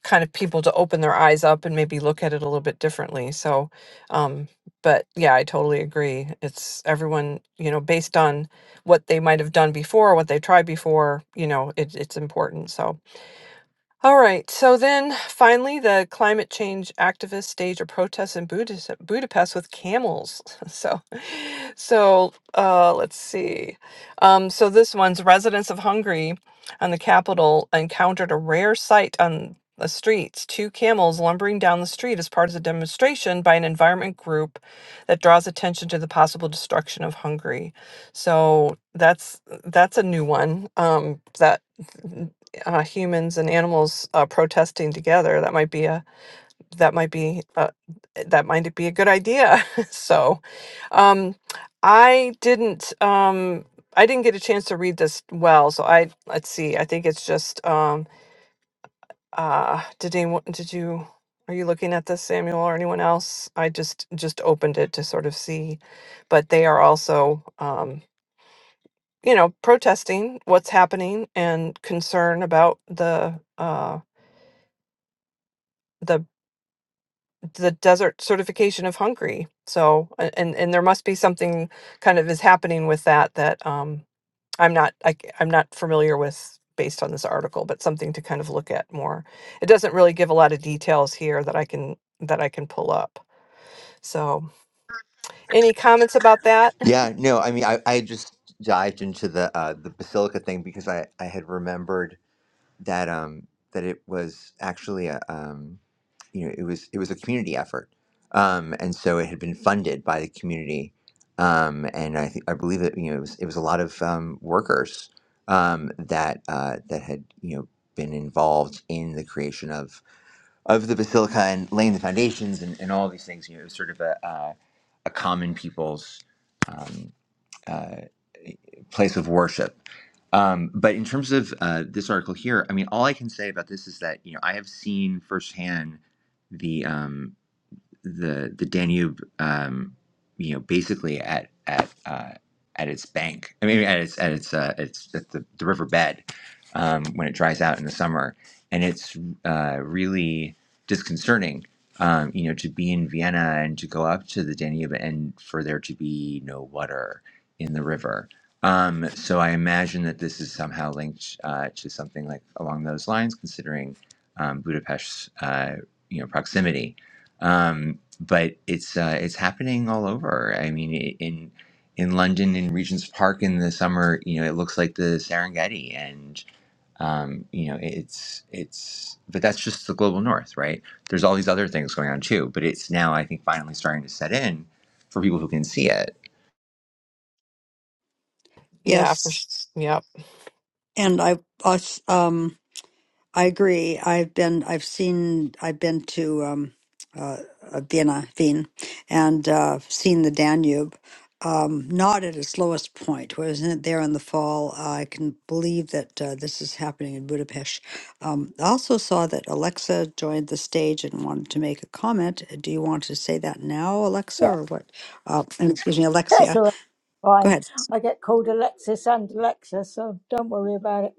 S1: kind of people to open their eyes up and maybe look at it a little bit differently. So, um, but yeah, I totally agree. It's everyone, you know, based on what they might have done before, what they tried before, you know, it, it's important. So, all right. So then finally, the climate change activists staged a protest in Budapest, Budapest with camels. So, so uh, let's see. Um, so this one's residents of Hungary and the capital encountered a rare sight on the streets two camels lumbering down the street as part of a demonstration by an environment group that draws attention to the possible destruction of Hungary. So that's that's a new one um, that uh, humans and animals uh, protesting together. That might be a that might be a, that might be a good idea. so um, I didn't um, I didn't get a chance to read this well. So I let's see. I think it's just um, uh, did anyone did you are you looking at this Samuel or anyone else? I just just opened it to sort of see, but they are also. Um, you know, protesting what's happening and concern about the uh, the the desert certification of Hungary. So, a- and and there must be something kind of is happening with that that um, I'm not I, am not familiar with based on this article, but something to kind of look at more. It doesn't really give a lot of details here that I can that I can pull up. So. Any comments about that?
S2: Yeah, no, I mean, I, I just dived into the uh, the basilica thing because I, I had remembered that um that it was actually a um you know it was it was a community effort um and so it had been funded by the community um and I think I believe that you know it was it was a lot of um workers um that uh that had you know been involved in the creation of of the basilica and laying the foundations and, and all these things you know it was sort of a uh, a common people's um uh, place of worship. Um, but in terms of uh, this article here, I mean, all I can say about this is that you know I have seen firsthand the um, the the Danube, um, you know, basically at at uh, at its bank. I mean, at its at its uh, its at the, the river bed um, when it dries out in the summer, and it's uh, really disconcerting. Um, you know, to be in Vienna and to go up to the Danube and for there to be no water in the river. Um, so I imagine that this is somehow linked uh, to something like along those lines, considering um, Budapest's uh, you know proximity um, but it's uh, it's happening all over. I mean, i- in in London, in Regent's Park in the summer, you know, it looks like the Serengeti, and um, you know, it's it's. But that's just the global north, right? There's all these other things going on too, but it's now I think finally starting to set in for people who can see it.
S1: Yeah, for sure.
S3: Yes,
S1: Yep.
S3: and I, I s- um, I agree. I've been, I've seen, I've been to um, uh, uh, Vienna, Wien, and uh, seen the Danube. Um, not at its lowest point. Wasn't it there in the fall? I can believe that uh, this is happening in Budapest. Um, I also saw that Alexa joined the stage and wanted to make a comment. Do you want to say that now, Alexa,
S5: Yeah,
S3: or what? Uh, and excuse me,
S5: that's
S3: Alexia.
S5: all right.
S3: Go
S5: Fine.
S3: ahead.
S5: I get called Alexis and Alexa, so don't worry about it.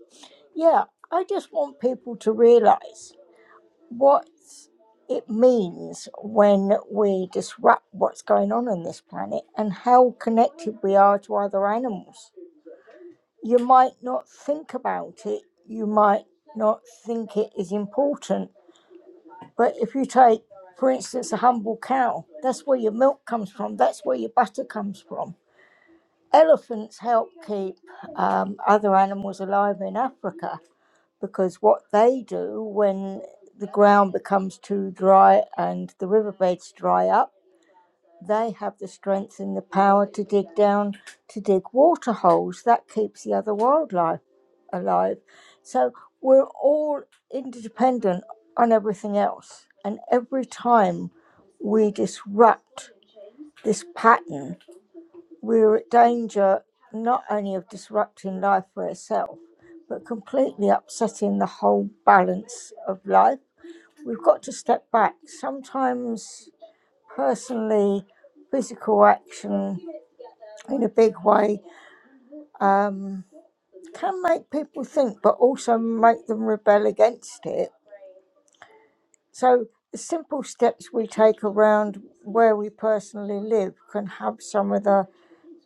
S5: Yeah, I just want people to realize what it means when we disrupt what's going on on this planet and how connected we are to other animals. You might not think about it, you might not think it is important, but if you take, for instance, a humble cow, that's where your milk comes from, that's where your butter comes from Elephants help keep um, other animals alive in Africa because what they do when the ground becomes too dry and the riverbeds dry up, they have the strength and the power to dig down to dig water holes. That keeps the other wildlife alive. So we're all interdependent on everything else. And every time we disrupt this pattern, we're at danger not only of disrupting life for itself, but completely upsetting the whole balance of life. We've got to step back. Sometimes, personally, physical action in a big way um, can make people think, but also make them rebel against it. So, the simple steps we take around where we personally live can have some of the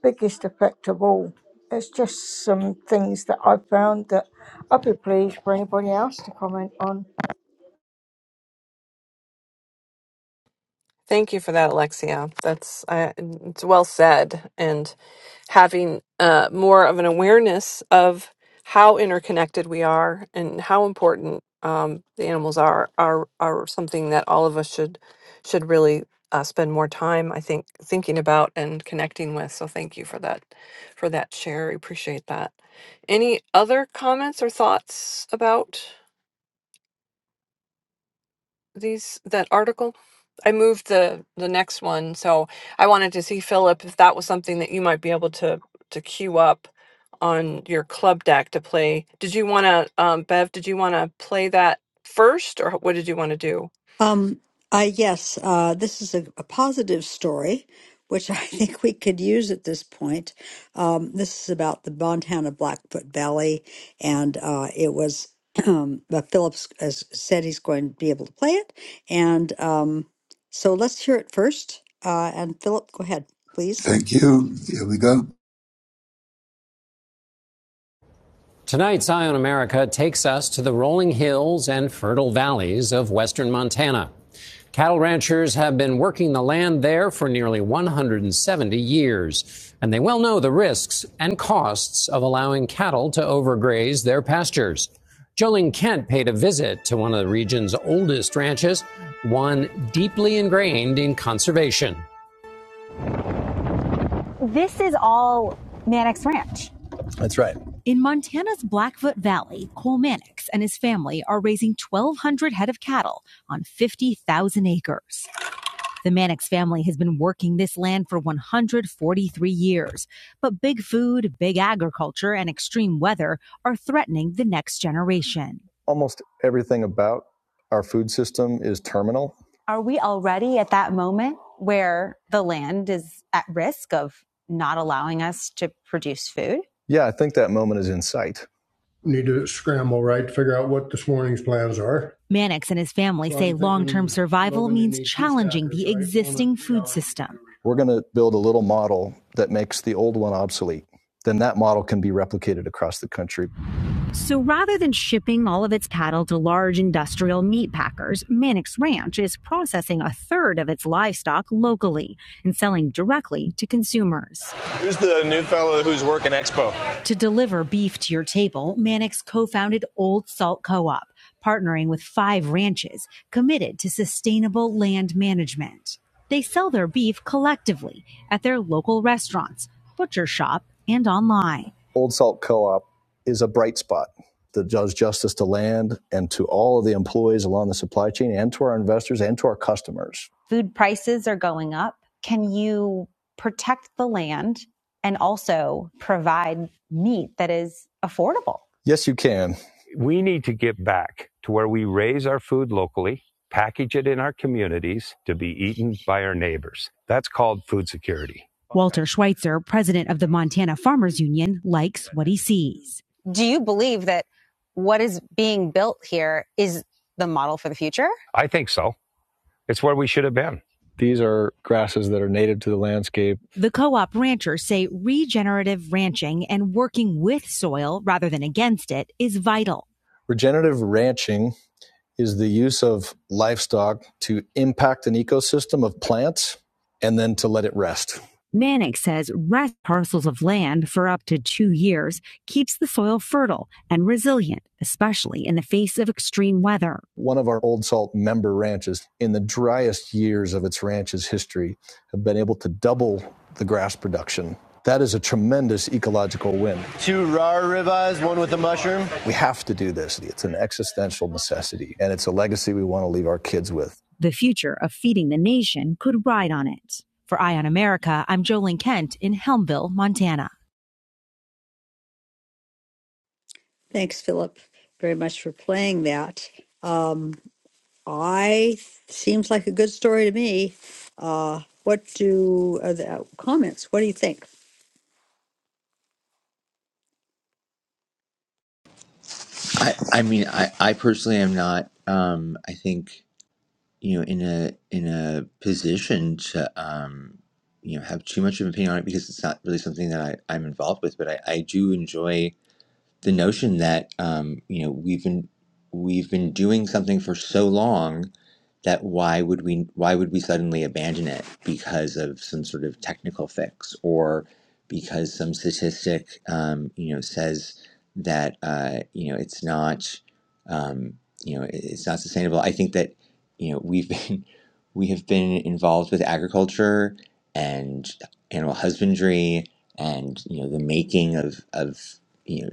S5: biggest effect of all. It's just some things that I've found that I'd be pleased for anybody else to comment on.
S1: Thank you for that, Alexia. That's I, it's well said. And having uh, more of an awareness of how interconnected we are and how important um, the animals are are are something that all of us should should really uh, spend more time, I think, thinking about and connecting with. So thank you for that for that share. I appreciate that. Any other comments or thoughts about? these that article? I moved the the next one, so I wanted to see Philip if that was something that you might be able to to queue up on your club deck to play. Did you want to, um, Bev? Did you want to play that first, or what did you want to do?
S3: Um, I yes, uh, this is a, a positive story, which I think we could use at this point. Um, this is about the Montana Blackfoot Valley, and uh, it was um, but Phillips has said he's going to be able to play it, and um, so let's hear it first. Uh, and Philip, go ahead, please.
S4: Thank you. Here we go.
S6: Tonight, Zion America takes us to the rolling hills and fertile valleys of western Montana. Cattle ranchers have been working the land there for nearly 170 years, and they well know the risks and costs of allowing cattle to overgraze their pastures. Jolene Kent paid a visit to one of the region's oldest ranches, one deeply ingrained in conservation. This is all Mannix Ranch. That's right. In Montana's Blackfoot Valley, Cole Mannix and his family are raising 1,200 head of cattle on 50,000 acres. The Mannix family has been working this land for 143 years, but big food, big agriculture, and extreme weather are threatening the next generation. Almost everything about our food system is terminal. Are we already at that moment where the land is at risk of not allowing us to produce food? Yeah, I think that moment is in sight need to scramble, right, to figure out what this morning's plans are. Mannix and his family So say long term survival means challenging the right? existing food system. We're going to build a little model that makes the old one obsolete. Then that model can be replicated across the country. So rather than shipping all of its cattle to large industrial meat packers, Mannix Ranch is processing a third of its livestock locally and selling directly to consumers. Who's the new fellow who's working Expo? To deliver beef to your table, Mannix co-founded Old Salt Co-op, partnering with five ranches committed to sustainable land management. They sell their beef collectively at their local restaurants, butcher shop, and online. Old Salt Co op is a bright spot that does justice to land and to all of the employees along the supply chain and to our investors and to our customers. Food prices are going up. Can you protect the land and also provide meat that is affordable? Yes, you can. We need to get back to where we raise our food locally, package it in our communities to be eaten by our neighbors. That's called food security. Walter Schweitzer, president of the Montana Farmers Union, likes what he sees do you believe that what is being built here is the model for the future? I think so. It's where we should have been. These are grasses that are native to the landscape. The co op ranchers say regenerative ranching and working with soil rather than against it is vital. Regenerative ranching is the use of livestock to impact an ecosystem of plants and then to let it rest. Manick says rest parcels of land for up to two years keeps the soil fertile and resilient, especially in the face of extreme weather. One of our Old Salt member ranches, in the driest years of its ranch's history, have been able to double the grass production. That is a tremendous ecological win. Two raw ribeyes, one with a mushroom. We have to do this. It's an existential necessity, and it's a legacy we want to leave our kids with. The future of feeding the nation could ride on it. For Eye on America, I'm Jolene Kent in Helmville, Montana.
S3: Thanks, Philip, very much for playing that. I seems like a good story to me. Uh, what do uh, the uh, comments? What do you think?
S2: I, I mean, I, I personally am not. Um, I think. you know in a in a position to um you know have too much of an opinion on it because it's not really something that I, I'm involved with but I, I do enjoy the notion that um, you know we've been we've been doing something for so long that why would we why would we suddenly abandon it because of some sort of technical fix or because some statistic um, you know says that uh, you know it's not um, you know it- it's not sustainable. I think that you know we've been we have been involved with agriculture and animal husbandry and you know the making of of you know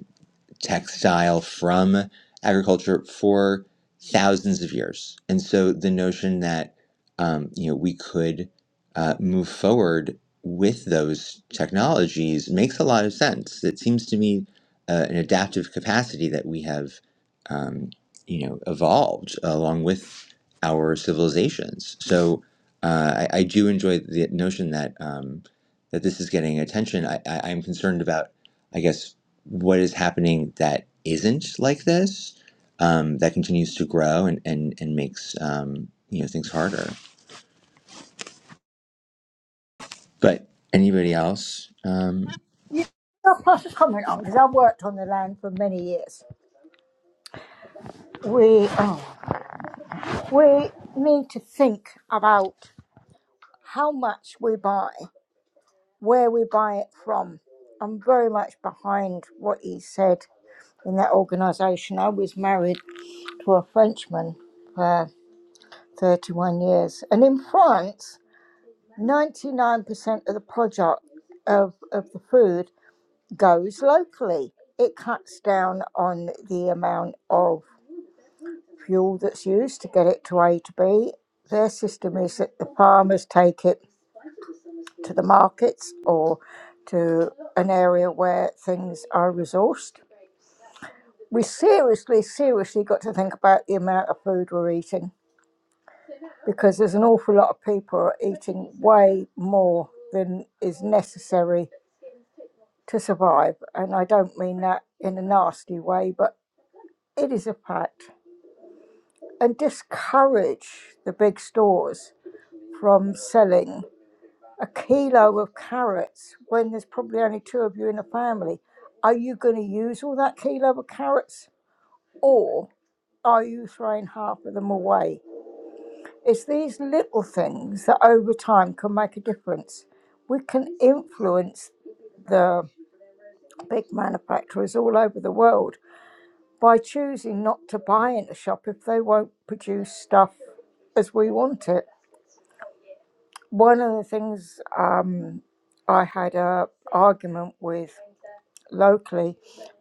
S2: textile from agriculture for thousands of years. And so the notion that um, you know we could uh, move forward with those technologies makes a lot of sense. It seems to me uh, an adaptive capacity that we have um, you know evolved along with our civilizations. So uh, I, I do enjoy the notion that um, that this is getting attention. I, I, I'm concerned about, I guess, what is happening that isn't like this um, that continues to grow and and and makes um, you know things harder. But anybody else? Um,
S5: Yeah, I'll pass a comment on because I've worked on the land for many years. We oh, we need to think about how much we buy, where we buy it from. I'm very much behind what he said in that organisation. I was married to a Frenchman for 31 years, and in France. 99% of the product of, of the food goes locally. It cuts down on the amount of fuel that's used to get it to A to B. Their system is that the farmers take it to the markets or to an area where things are resourced. We seriously, seriously got to think about the amount of food we're eating because there's an awful lot of people are eating way more than is necessary to survive. And I don't mean that in a nasty way, but it is a fact. And discourage the big stores from selling a kilo of carrots when there's probably only two of you in a family. Are you going to use all that kilo of carrots or are you throwing half of them away? It's these little things that over time can make a difference. We can influence the big manufacturers all over the world by choosing not to buy in a shop if they won't produce stuff as we want it. One of the things um, I had a argument with locally,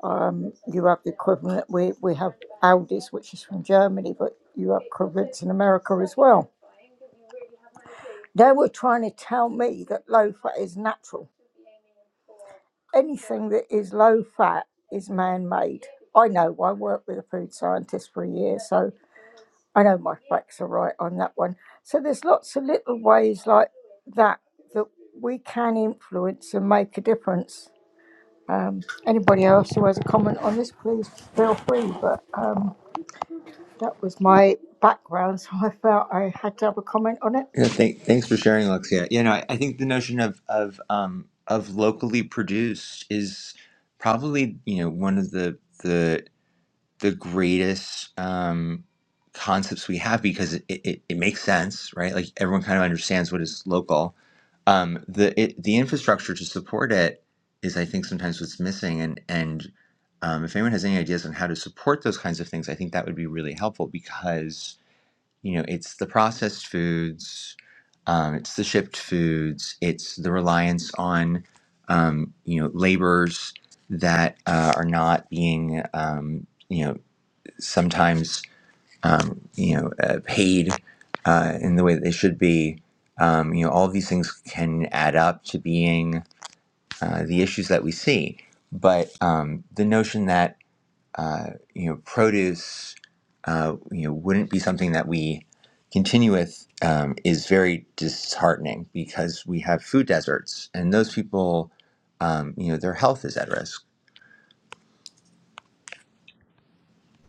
S5: um, you have the equivalent, we, we have Aldi's, which is from Germany, but you have equivalents in America as well. They were trying to tell me that low fat is natural. Anything that is low fat is man made. I know, I worked with a food scientist for a year, so I know my facts are right on that one. So there's lots of little ways like that that we can influence and make a difference. Um, anybody else who has a comment on this, please feel free. But um, that was my background, so I felt I had to have a comment on it.
S2: yeah, thank, thanks for sharing, Alexia. You know, I, I think the notion of of um, of locally produced is probably you know one of the the the greatest um, concepts we have because it, it, it makes sense, right? Like everyone kind of understands what is local. Um, the it, the infrastructure to support it is, I think, sometimes what's missing. And and um, if anyone has any ideas on how to support those kinds of things, I think that would be really helpful because you know it's the processed foods, um, it's the shipped foods, it's the reliance on um, you know labors that uh, are not being um, you know sometimes um, you know uh, paid uh, in the way that they should be. Um, you know, all of these things can add up to being uh, the issues that we see. But um, the notion that uh, you know produce uh, you know wouldn't be something that we continue with um, is very disheartening because we have food deserts, and those people, um, you know, their health is at risk.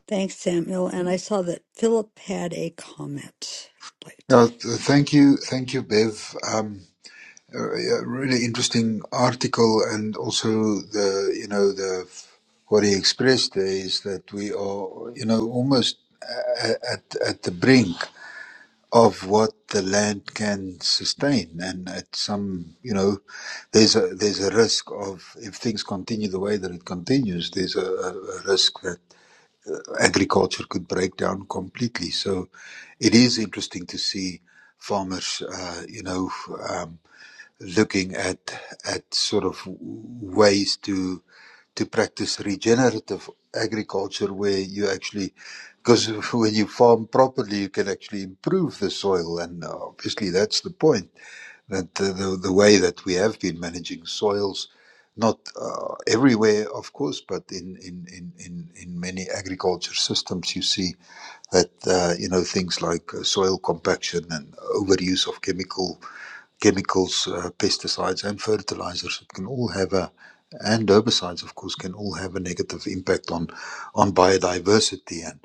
S3: Thanks, Samuel. And I saw that Philip had a comment. I'd Like to
S4: Yeah, th- thank you, thank you, Bev. Um, a a really interesting article, and also the you know the what he expressed there is that we are you know almost a- a- at at the brink of what the land can sustain. And at some, you know, there's a there's a risk of if things continue the way that it continues, there's a, a, a risk that agriculture could break down completely. So, it is interesting to see farmers, uh, you know. Um, looking at at sort of ways to to practice regenerative agriculture where you actually because when you farm properly you can actually improve the soil and uh, obviously that's the point that the, the, the way that we have been managing soils not uh, everywhere of course but in, in, in, in, in many agriculture systems you see that uh, you know things like uh, soil compaction and overuse of chemical chemicals, uh, pesticides, and fertilizers it can all have a and herbicides, of course, can all have a negative impact on on biodiversity. And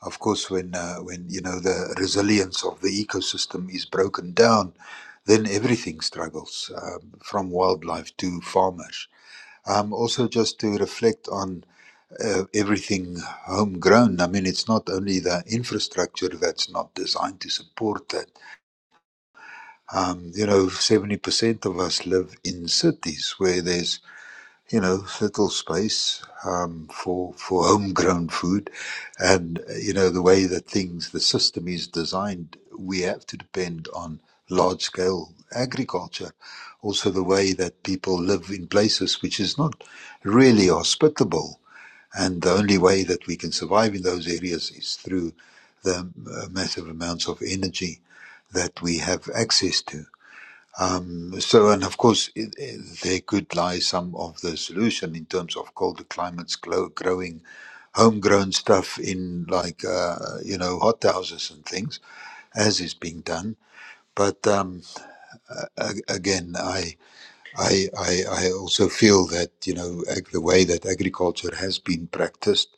S4: of course, when uh, when you know the resilience of the ecosystem is broken down, then everything struggles, um, from wildlife to farmers. Um, also, just to reflect on uh, everything homegrown. I mean, it's not only the infrastructure that's not designed to support that um, you know, 70% of us live in cities where there's, you know, little space um, for, for homegrown food. And, uh, you know, the way that things, the system is designed, we have to depend on large scale agriculture. Also, the way that people live in places which is not really hospitable. And the only way that we can survive in those areas is through the uh, massive amounts of energy that we have access to. Um, so, and of course, it, it, there could lie some of the solution in terms of colder climates, glo- growing homegrown stuff in like, uh, you know, hot houses and things, as is being done. But um, a- again, I, I, I, I also feel that, you know, ag- the way that agriculture has been practiced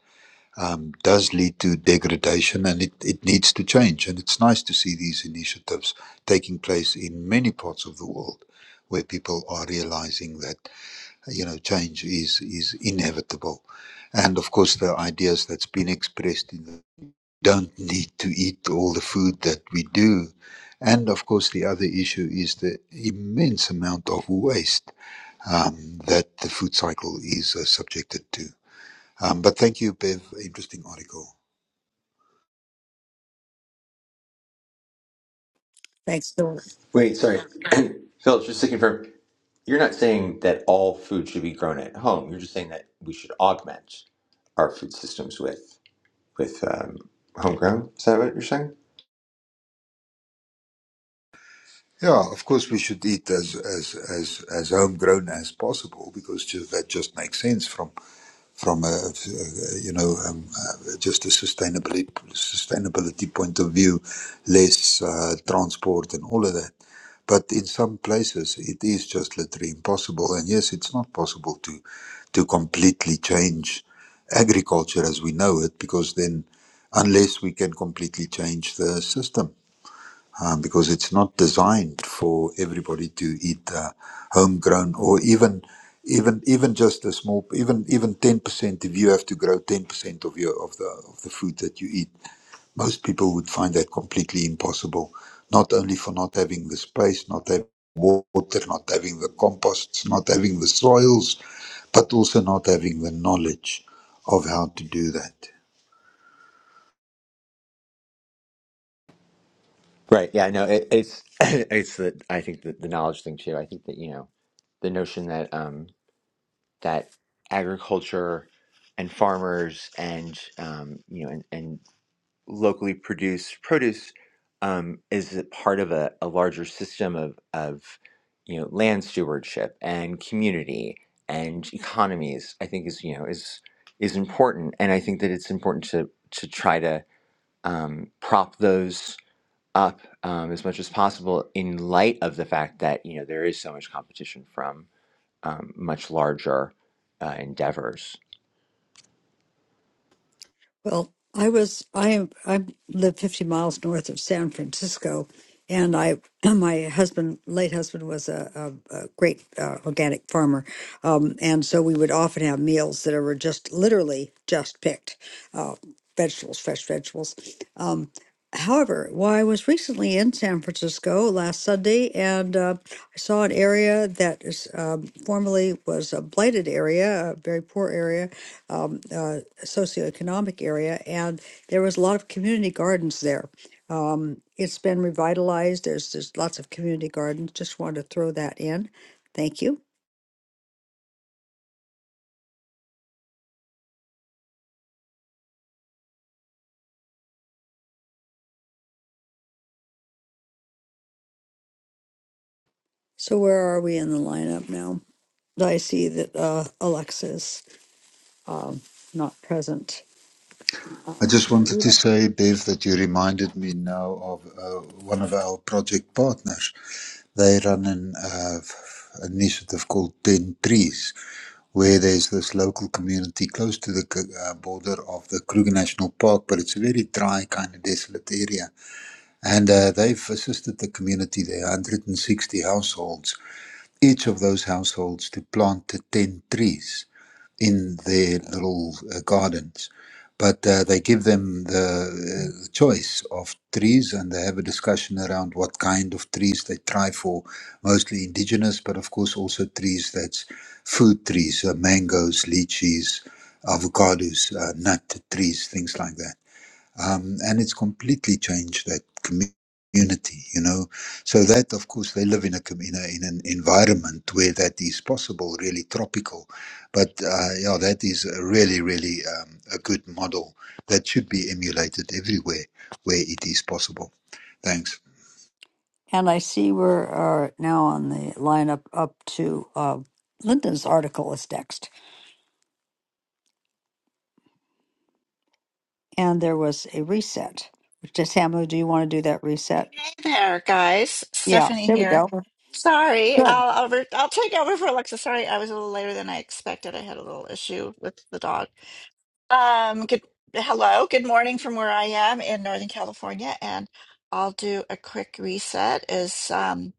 S4: um, does lead to degradation and it, it needs to change. And it's nice to see these initiatives taking place in many parts of the world where people are realizing that, you know, change is, is inevitable. And of course, the ideas that's been expressed in the don't need to eat all the food that we do. And of course, the other issue is the immense amount of waste um, that the food cycle is uh, subjected to. Um, but thank you, Bev. Interesting article.
S3: thanks, Philip.
S2: Wait, sorry. Phil, just to confirm. You're not saying that all food should be grown at home. You're just saying that we should augment our food systems with with um, homegrown. Is that what you're saying?
S4: Yeah, of course we should eat as as as as homegrown as possible because just, that just makes sense from from a, a- you know um, uh, just a sustainability sustainability point of view, less uh, transport and all of that. But in some places it is just literally impossible. And yes, it's not possible to to completely change agriculture as we know it because then unless we can completely change the system um, because it's not designed for everybody to eat uh, homegrown or even even even just a small even even 10% if you have to grow 10% of your of the of the food that you eat most people would find that completely impossible not only for not having the space not having water not having the composts not having the soils but also not having the knowledge of how to do that
S2: Right. Yeah. No. It, it's it's the I think the, the knowledge thing too. I think that you know the notion that um that agriculture and farmers and um you know and, and locally produced produce um, is a part of a, a larger system of, of you know land stewardship and community and economies I think is you know is is important and I think that it's important to to try to um, prop those up um, as much as possible in light of the fact that you know there is so much competition from um, much larger uh, endeavors
S3: Well, I was I am I live 50 miles north of San Francisco, and I my husband, late husband, was a, a, a great uh, organic farmer, um, and so we would often have meals that were just literally just picked uh, vegetables, fresh vegetables. Um, however, well, I was recently in San Francisco last Sunday, and uh, I saw an area that is um, formerly was a blighted area, a very poor area. Um, uh, socioeconomic area, and there was a lot of community gardens there. Um, it's been revitalized. There's there's lots of community gardens. Just wanted to throw that in. Thank you. So where are we in the lineup now? I see that uh, Alexa's um, not present. Uh,
S4: I just wanted
S3: we
S4: to say, Bev, that you reminded me now of uh, one of our project partners. They run an uh, f- initiative called 10 Trees, where there's this local community close to the c- uh, border of the Kruger National Park, but it's a very dry, kind of desolate area. And uh, they've assisted the community there, 160 households, each of those households to plant the 10 trees in their little uh, gardens. But uh, they give them the uh, choice of trees and they have a discussion around what kind of trees they try for, mostly indigenous, but of course also trees that's food trees, uh, mangoes, lychees, avocados, uh, nut trees, things like that um, and it's completely changed that commu- community. You know, so that of course they live in a com- in, a, in an environment where that is possible, really tropical. But uh, yeah, that is a really really um, a good model that should be emulated everywhere where it is possible. Thanks.
S3: and I see we're are now on the lineup up to uh, Linda's article is next. And there was a reset. Just Samuel, do you want to do that reset?
S7: Hey there, guys.
S3: Yeah,
S7: Stephanie
S3: there we
S7: here.
S3: go.
S7: Sorry,
S3: Good.
S7: I'll over, I'll take over for Alexa. Sorry, I was a little later than I expected. I had a little issue with the dog. Um, good, hello, good morning from where I am in Northern California, and I'll do a quick reset. Is um,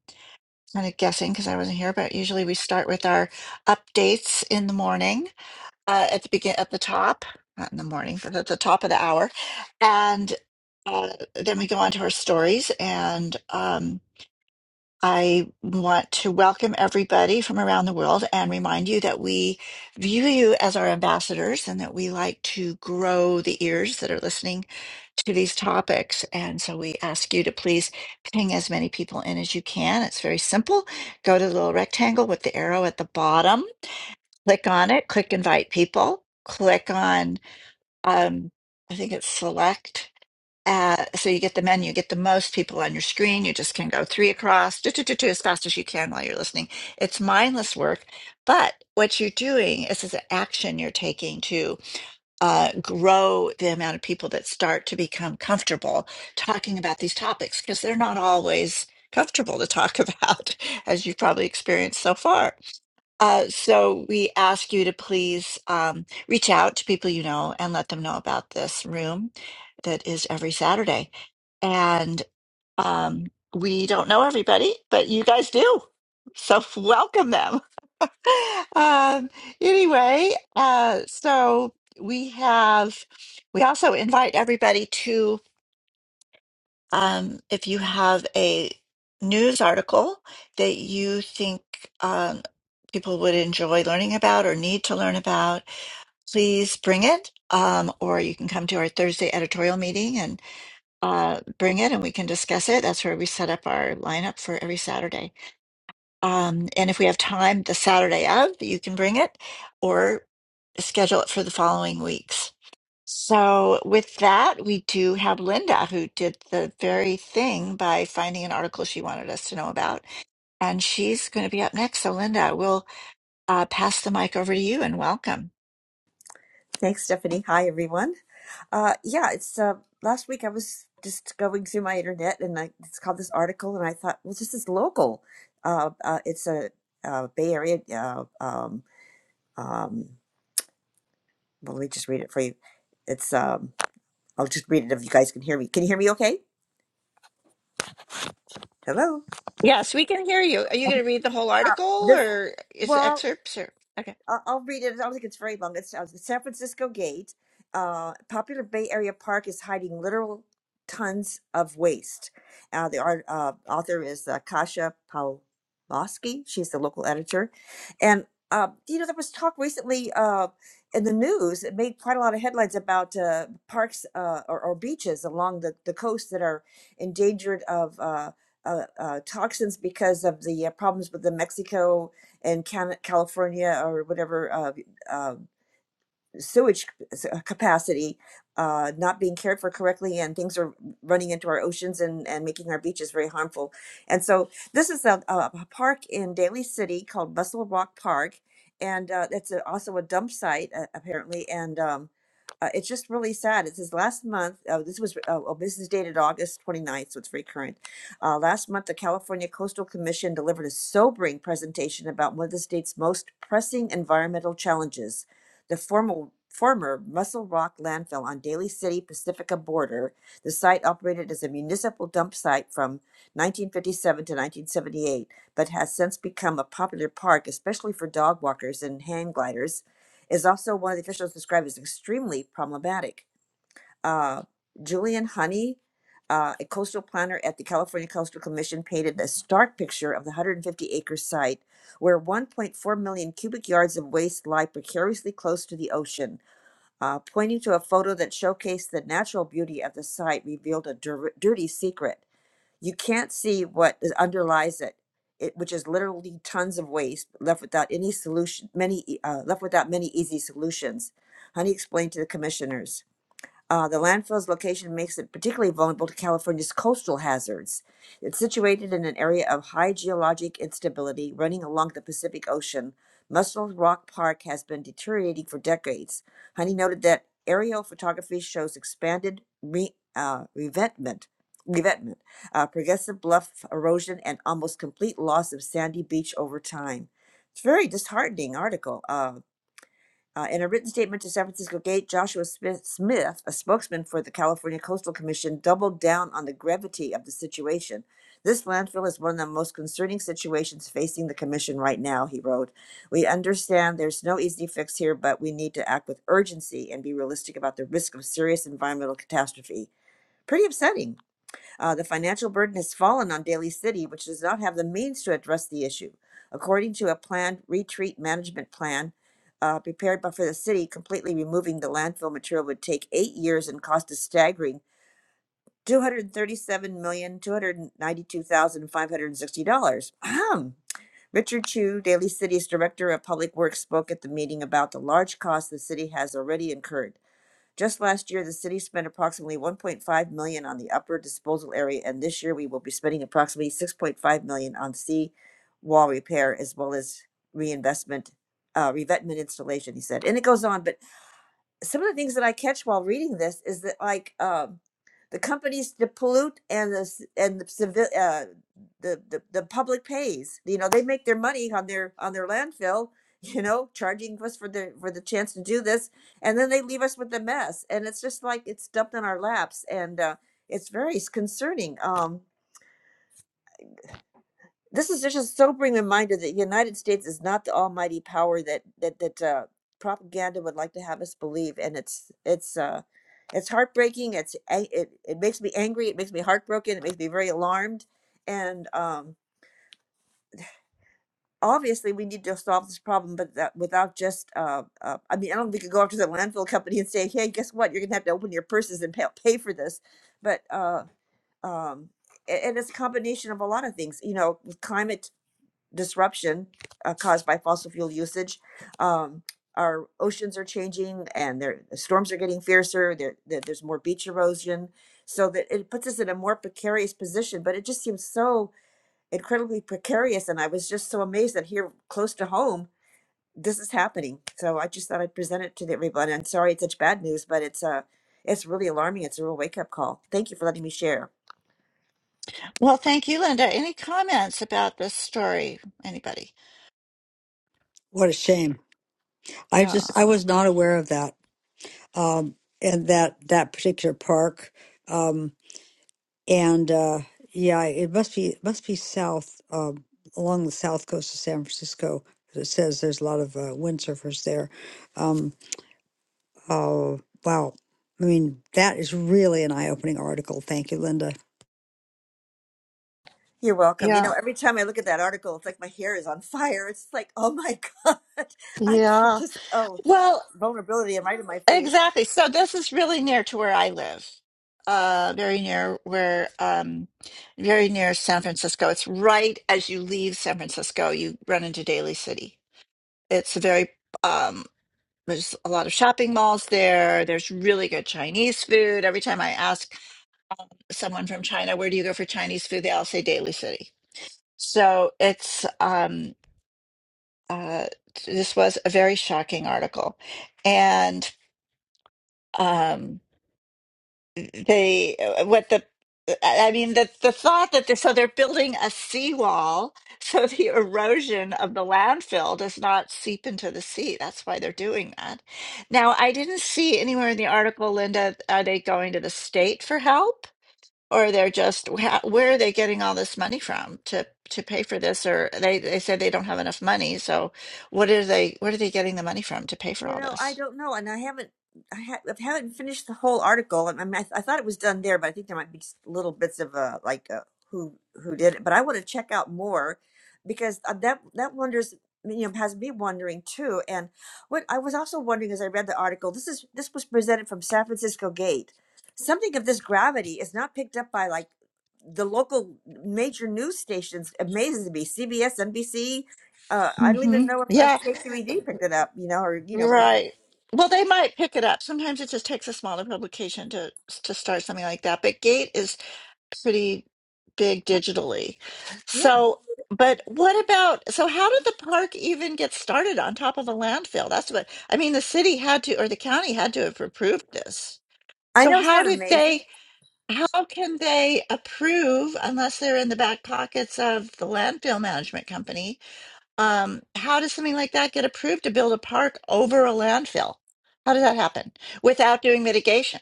S7: kind of guessing because I wasn't here, but usually we start with our updates in the morning, uh, at the begin, at the top, not in the morning, but at the top of the hour, and uh, then we go on to our stories and um. I want to welcome everybody from around the world and remind you that we view you as our ambassadors and that we like to grow the ears that are listening to these topics. And so we ask you to please ping as many people in as you can. It's very simple. Go to the little rectangle with the arrow at the bottom, click on it, click invite people, click on um, I think it's select. Uh, so you get the menu, you get the most people on your screen. You just can go three across, do, do, do, do, as fast as you can while you're listening. It's mindless work, but what you're doing is is an action you're taking to uh, grow the amount of people that start to become comfortable talking about these topics because they're not always comfortable to talk about, as you've probably experienced so far. Uh, so we ask you to please um, reach out to people you know and let them know about this room that is every Saturday. And um, we don't know everybody, but you guys do. So welcome them. Um, anyway, uh, so we have, we also invite everybody um, if you have a news article that you think um, people would enjoy learning about or need to learn about, please bring it. Um, or you can come to our Thursday editorial meeting and uh, bring it and we can discuss it. That's where we set up our lineup for every Saturday. Um, and if we have time the Saturday of, you can bring it or schedule it for the following weeks. So, with that, we do have Linda, who did the very thing by finding an article she wanted us to know about. And she's going to be up next. So, Linda, we'll uh, pass the mic over to you and welcome.
S8: Thanks, Stephanie. Hi, everyone. Uh, yeah, it's uh, last week I was just going through my internet and I saw this article and I thought, well, this is local. Uh, uh, it's a uh, Bay Area. Uh, um, um, well, let me just read it for you. It's um, I'll just read it if you guys can hear me. Can you hear me? Okay. Hello.
S7: Yes, we can hear you. Are you going to read the whole
S8: Uh,
S7: article
S8: this.
S7: or is it
S8: Well,
S7: excerpts or okay?
S8: I'll I'll read it. I don't think it's very long. It's uh, the San Francisco Gate. Uh, popular Bay Area park is hiding literal tons of waste. Uh, the art, uh, author is uh, Kasia Pawlowski. She's the local editor. And, uh, you know, there was talk recently uh, in the news, it made quite a lot of headlines about uh, parks uh, or, or beaches along the, the coast that are endangered of. Uh, uh, uh, toxins because of the uh, problems with the Mexico in Can- California or whatever uh, um, sewage c- s- uh, capacity uh, not being cared for correctly and things are running into our oceans and, and making our beaches very harmful and so this is a, a a park in daly city called bustle rock park and uh, it's a, also a dump site uh, apparently and um, uh, it's just really sad it says last month uh, this was uh, oh, this is dated august 29th so it's very current uh, last month the california coastal commission delivered a sobering presentation about one of the state's most pressing environmental challenges the former, former Muscle Rock landfill on Daly City Pacifica border. The site operated as a municipal dump site from 1957 to 1978, but has since become a popular park, especially for dog walkers and hang gliders. Is also one of the officials described as extremely problematic uh, Julian Honey, uh, a coastal planner at the California Coastal Commission, painted a stark picture of the 150 acre site where 1.4 million cubic yards of waste lie precariously close to the ocean. Uh, pointing to a photo that showcased the natural beauty of the site, revealed a dir- dirty secret. You can't see what is- underlies it, it, which is literally tons of waste left without any solution, many e- uh, left without many easy solutions. Honey explained to the commissioners. Uh, the landfill's location makes it particularly vulnerable to California's coastal hazards. It's situated in an area of high geologic instability running along the Pacific Ocean. Muscle Rock Park has been deteriorating for decades. Honey noted that aerial photography shows expanded re, uh, revetment, revetment uh, progressive bluff erosion, and almost complete loss of sandy beach over time. It's a very disheartening article. Uh, uh, in a written statement to San Francisco Gate, Joshua Smith, Smith, a spokesman for the California Coastal Commission, doubled down on the gravity of the situation. This landfill is one of the most concerning situations facing the commission right now, he wrote. We understand there's no easy fix here, but we need to act with urgency and be realistic about the risk of serious environmental catastrophe. Pretty upsetting. Uh, the financial burden has fallen on Daly City, which does not have the means to address the issue. According to a planned retreat management plan uh, prepared by for the city, completely removing the landfill material would take eight years and cost a staggering two hundred thirty-seven million two hundred ninety-two thousand five hundred sixty dollars. Ahem. Richard Chu, Daly City's director of public works, spoke at the meeting about the large cost the city has already incurred. Just last year, the city spent approximately 1.5 million dollars on the upper disposal area, and this year we will be spending approximately 6.5 million dollars on sea wall repair as well as reinvestment, uh, revetment installation, he said. And it goes on, but some of the things that I catch while reading this is that like um, the companies that pollute and the c- and the civil uh, the, the the public pays. You know, they make their money on their on their landfill. You know, charging us for the for the chance to do this, and then they leave us with the mess, and it's just like it's dumped on our laps, and uh, it's very s- concerning. Um, this is just a sobering reminder that the United States is not the almighty power that that that uh, propaganda would like to have us believe, and it's it's uh, it's heartbreaking. It's a- it it makes me angry. It makes me heartbroken. It makes me very alarmed, and um, obviously we need to solve this problem. But that without just uh, uh, I mean I don't think we could go up to the landfill company and say, hey, guess what? You're gonna have to open your purses and pay, pay for this. But uh, um, a- and it's a combination of a lot of things. You know, with climate disruption uh, caused by fossil fuel usage. Um, our oceans are changing, and their the storms are getting fiercer. There, there, there's more beach erosion, so that it puts us in a more precarious position. But it just seems so incredibly precarious, and I was just so amazed that here, close to home, this is happening. So I just thought I'd present it to everybody. I'm sorry it's such bad news, but it's uh, it's really alarming. It's a real wake up call. Thank you for letting me share.
S7: Well, thank you, Linda. Any comments about this story? Anybody?
S3: What a shame. I
S7: Yeah,
S3: just I was not aware of that. Um and that that particular park. Um and uh yeah, it must be must be south um along the south coast of San Francisco. 'cause It says there's a lot of uh, windsurfers there. Um oh wow. I mean, that is really an eye-opening article. Thank you, Linda.
S8: You're welcome. You know,
S7: yeah,
S8: every time I look at that article, it's like my hair is on fire. It's like, oh my God, I can
S7: yeah.
S8: just, oh,
S7: Well,
S8: vulnerability and right in my face.
S7: Exactly. So this is really near to where I live. Uh, very near where, um, very near San Francisco. It's right as you leave San Francisco, you run into Daly City. It's a very, um, there's a lot of shopping malls there. There's really good Chinese food. Every time I ask someone from China, where do you go for Chinese food? They all say Daly City. So it's, um, uh, this was a very shocking article. And, um. the what the uh, I mean the the thought that they're, so they're building a seawall so the erosion of the landfill does not seep into the sea. That's why they're doing that. Now, I didn't see anywhere in the article, Linda, are they going to the state for help? or they're just wha- where are they getting all this money from to to pay for this or they they say they don't have enough money so what are they what are they getting the money from to pay for
S8: You
S7: all
S8: know, I
S7: this
S8: don't know, and I haven't, I, ha- I haven't finished the whole article. And I, mean, I, th I thought it was done there, but I think there might be just little bits of uh, like uh, who who did it. But I want to check out more because uh, that that wonders you know has me wondering too. And what I was also wondering as I read the article, this is this was presented from San Francisco Gate. Something of this gravity is not picked up by like the local major news stations. Amazes me, CBS, NBC, uh, I don't
S7: hmm
S8: even know if, if
S7: yeah
S8: KQED picked it up, you know, or you know what I'm.
S7: Right. Well, they might pick it up. Sometimes it just takes a smaller publication to to start something like that. But Gate is pretty big digitally.
S8: Yeah,
S7: So, but what about, so how did the park even get started on top of a landfill? That's what, I mean, the city had to, or the county had to have approved this.
S8: I
S7: So
S8: know. Isn't
S7: how
S8: that
S7: did
S8: amazing?
S7: they, how can they approve unless they're in the back pockets of the landfill management company? Um, how does something like that get approved to build a park over a landfill? How does that happen without doing mitigation?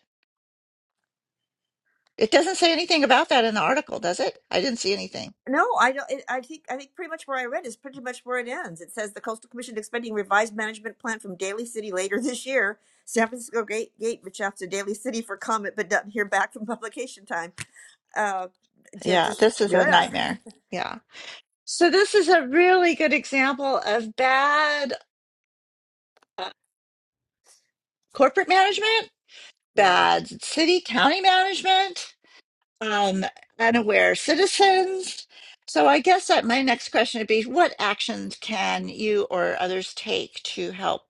S7: It doesn't say anything about that in the article, does it? I didn't see anything.
S8: No, I don't. It, I think I think pretty much where I read is pretty much where it ends. It says the Coastal Commission expecting revised management plan from Daly City later this year. San Francisco Gate Gate reached out to Daly City for comment, but doesn't hear back from publication time. Uh, yeah,
S7: Yeah,
S8: just
S7: this is a
S8: yeah,
S7: nightmare. Yeah. So this is a really good example of bad uh, corporate management,
S8: yeah.
S7: bad city county management. um, unaware citizens. So I guess that my next question would be, what actions can you or others take to help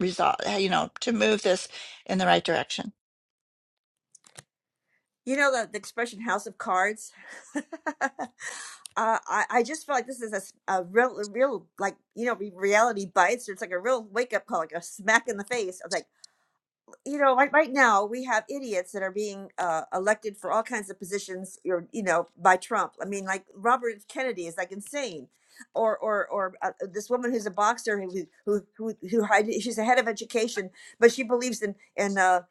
S7: resolve, you know, to move this in the right direction?
S8: You know the, the expression "house of cards." uh, I I just feel like this is a, s- a real a real like you know re- reality bites. It's like a real wake up call, like a smack in the face. I you know, like right now we have idiots that are being uh, elected for all kinds of positions, or you know, by Trump. I mean, like Robert Kennedy is like insane, or or or uh, this woman who's a boxer who who who who hide- she's a head of education, but she believes in in uh,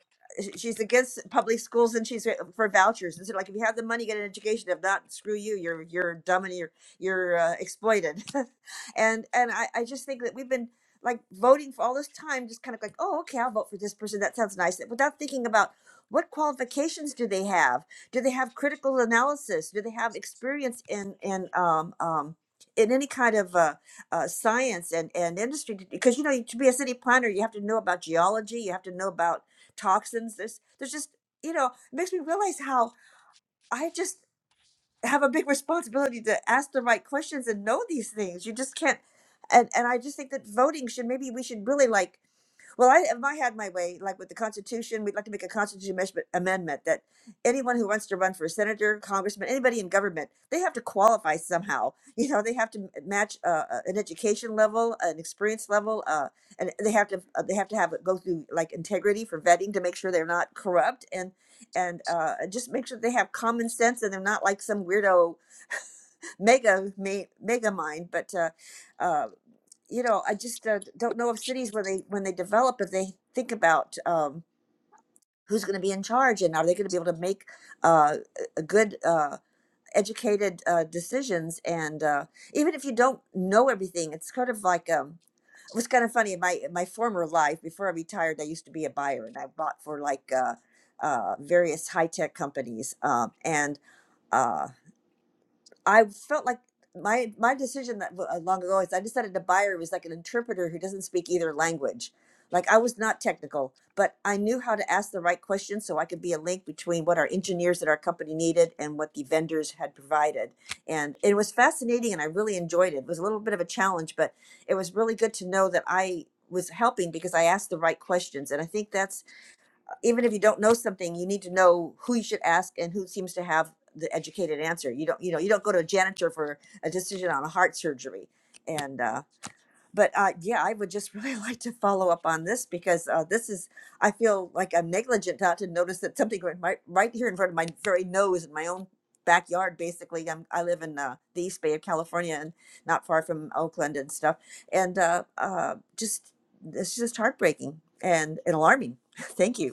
S8: sh- she's against public schools and she's uh, for vouchers. And so, like, if you have the money, get an education. If not, screw you. You're you're dumb and you're you're uh, exploited. and and I I just think that we've been like voting for all this time, just kind of like, oh, okay, I'll vote for this person. That sounds nice. Without thinking about what qualifications do they have? Do they have critical analysis? Do they have experience in in um, um, in any kind of uh, uh, science and, and industry? Because you know, to be a city planner, you have to know about geology. You have to know about toxins. There's there's just you know, it makes me realize how I just have a big responsibility to ask the right questions and know these things. You just can't. And and I just think that voting should maybe we should really like. Well, I, if I had my way, like with the Constitution, we'd like to make a Constitution amesh- amendment that anyone who wants to run for senator, congressman, anybody in government, they have to qualify somehow. You know, they have to match uh, uh, an education level, an experience level, uh, and they have to uh, they have to have go through like integrity for vetting to make sure they're not corrupt. and and uh, just make sure they have common sense and they're not like some weirdo mega me, mega mind. But uh, uh, you know, I just uh, don't know if cities when they when they develop if they think about um, who's going to be in charge and are they going to be able to make uh, a a good. Uh, educated uh, decisions and uh, even if you don't know everything it's kind of like um it was kind of funny in my in my former life before i retired i used to be a buyer and i bought for like uh, uh, various high-tech companies um, and uh. I felt like my my decision that w- uh, long ago is I decided to buy her was like an interpreter who doesn't speak either language. Like I was not technical, but I knew how to ask the right questions so I could be a link between what our engineers at our company needed and what the vendors had provided. And it was fascinating and I really enjoyed it. It was a little bit of a challenge, but it was really good to know that I was helping because I asked the right questions. And I think that's even if you don't know something, you need to know who you should ask and who seems to have the educated answer. You don't, you know, you don't go to a janitor for a decision on a heart surgery. And uh, but uh, yeah, I would just really like to follow up on this because uh, this is, I feel like I'm negligent not to notice that something right, right right here in front of my very nose in my own backyard. Basically, I'm, I live in uh, the East Bay of California and not far from Oakland and stuff. And uh, uh, just it's just heartbreaking and, and alarming. Thank you.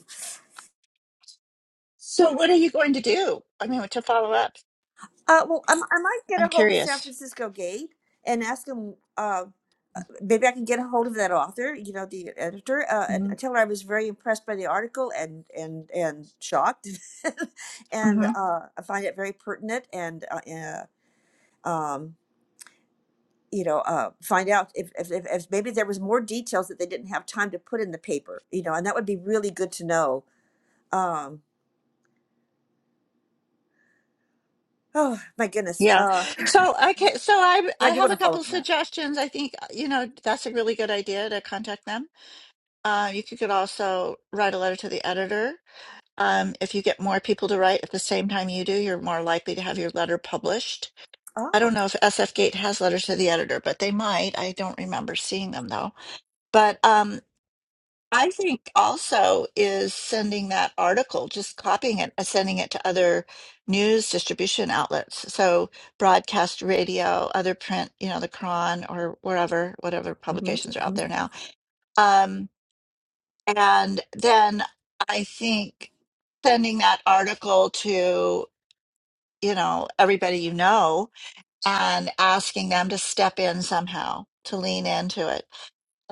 S7: So what are you going to do? I mean, to follow up?
S8: Uh, well, I, I might get a
S7: I'm
S8: hold of San
S7: curious.
S8: Francisco Gate and ask him. Uh, maybe I can get a hold of that author, you know, the editor, uh, and,
S7: hmm
S8: and tell her I was very impressed by the article and and and shocked, and
S7: hmm
S8: uh, I find it very pertinent and uh, uh, um, you know, uh, find out if, if if if maybe there was more details that they didn't have time to put in the paper, you know, and that would be really good to know. Um, oh my goodness,
S7: Yeah.
S8: uh,
S7: So okay. So I I
S8: I do
S7: have
S8: want
S7: a
S8: to follow
S7: couple
S8: up on that.
S7: suggestions. I think uh, you know that's a really good idea to contact them. Uh, you could could also write a letter to the editor Um, if you get more people to write at the same time you do, you're more likely to have your letter published. I don't
S8: Oh,
S7: know if SF Gate has letters to the editor, but they might. I don't remember seeing them though. But um, I think also is sending that article, just copying it, uh, sending it to other news distribution outlets. So broadcast radio, other print, you know, the Cron or wherever, whatever
S8: mm-hmm,
S7: publications are
S8: mm-hmm.
S7: out there now. Um, and then I think sending that article to you know, everybody you know and asking them to step in somehow, to lean into it.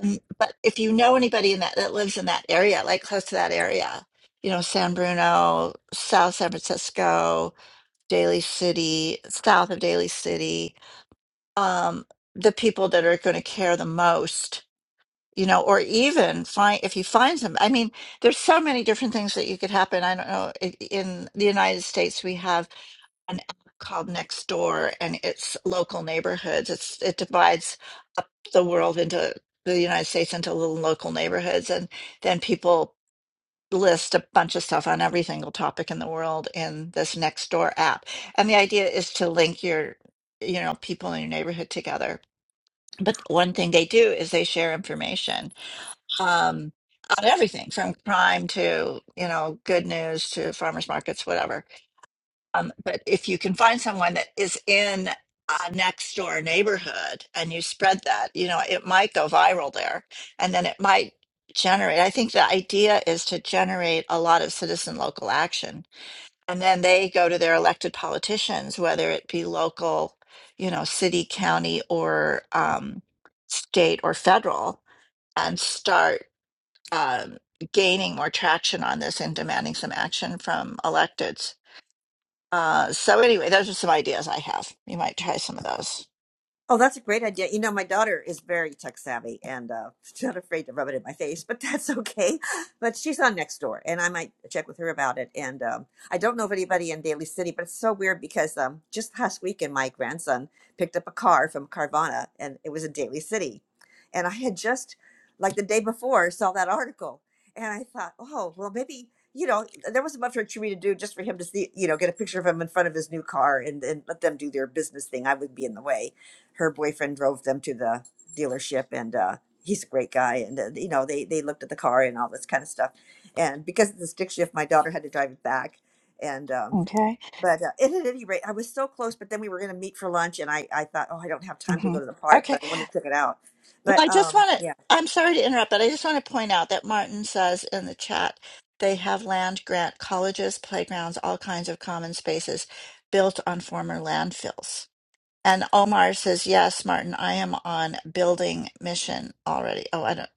S7: Um, but if you know anybody in that that lives in that area, like close to that area, you know, San Bruno, South San Francisco, Daly City, south of Daly City, um, the people that are going to care the most, you know, or even find if you find some. I mean, there's so many different things that you could happen. I don't know. i- In the United States, we have an app called Nextdoor and it's local neighborhoods. It's it divides up the world into the United States into little local neighborhoods and then people list a bunch of stuff on every single topic in the world in this Nextdoor app. And the idea is to link your you know people in your neighborhood together. But one thing they do is they share information. Um on everything from crime to you know good news to farmers markets whatever um, but if you can find someone that is in a next door neighborhood and you spread that, you know, it might go viral there and then it might generate. I think the idea is to generate a lot of citizen local action. And then they go to their elected politicians, whether it be local, you know, city, county, or um, state or federal, and start um, gaining more traction on this and demanding some action from electeds. Uh, so anyway, those are some ideas I have. You might try some of those.
S8: Oh, that's a great idea. You know, my daughter is very tech savvy and uh, she's not afraid to rub it in my face, but that's okay. But she's on Nextdoor, and I might check with her about it. And um, I don't know of anybody in Daly City, but it's so weird because um, just last weekend, my grandson picked up a car from Carvana, and it was in Daly City. And I had just, like the day before, saw that article, and I thought, oh, well, maybe. You know, there wasn't much for me to do just for him to see, you know, get a picture of him in front of his new car and, and let them do their business thing. I would be in the way her boyfriend drove them to the dealership and uh he's a great guy and uh, you know they they looked at the car and all this kind of stuff and because of the stick shift my daughter had to drive it back and um
S7: Okay.
S8: but uh, and at any rate i was so close but then we were going to meet for lunch and i i thought oh i don't have time to
S7: hmm
S8: go to the park
S7: Okay.
S8: but i wanted to check it out
S7: Well,
S8: but
S7: I just
S8: um
S7: want to.
S8: yeah
S7: I'm sorry to interrupt, but I just want to point out that Martin says in the chat they have land grant colleges, playgrounds, all kinds of common spaces built on former landfills. And Omar says, "Yes, Martin, I am on building mission already." Oh, I don't,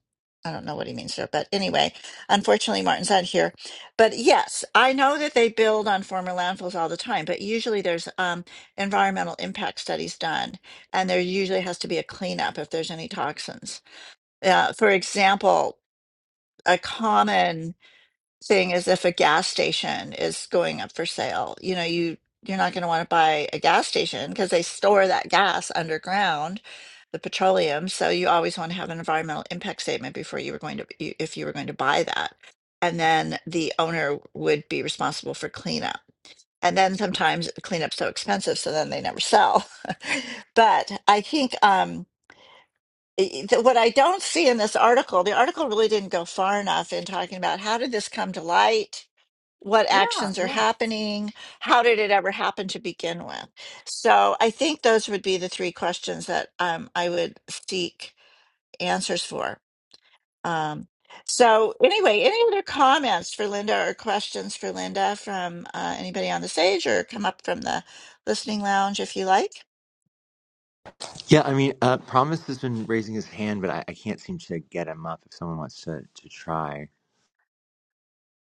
S7: I don't know what he means there, but anyway, unfortunately, Martin's not here. But yes, I know that they build on former landfills all the time, but usually there's um, environmental impact studies done, and there usually has to be a cleanup if there's any toxins. Uh, for example, a common thing is if a gas station is going up for sale, you know, you you're not going to want to buy a gas station because they store that gas underground, the petroleum. So you always want to have an environmental impact statement before you were going to you- if you were going to buy that. And then the owner would be responsible for cleanup. And then sometimes cleanup's so expensive, so then they never sell. but I think um, i- i- what I don't see in this article, the article really didn't go far enough in talking about how did this come to light what
S8: yeah
S7: actions are
S8: yeah
S7: happening how did it ever happen to begin with so i think those would be the three questions that um, i would seek answers for um, so anyway any other comments for linda or questions for linda from uh, anybody on the stage or come up from the listening lounge if you like
S2: Yeah, I mean, uh, Promise has been raising his hand, but I, I can't seem to get him up. If someone wants to, to try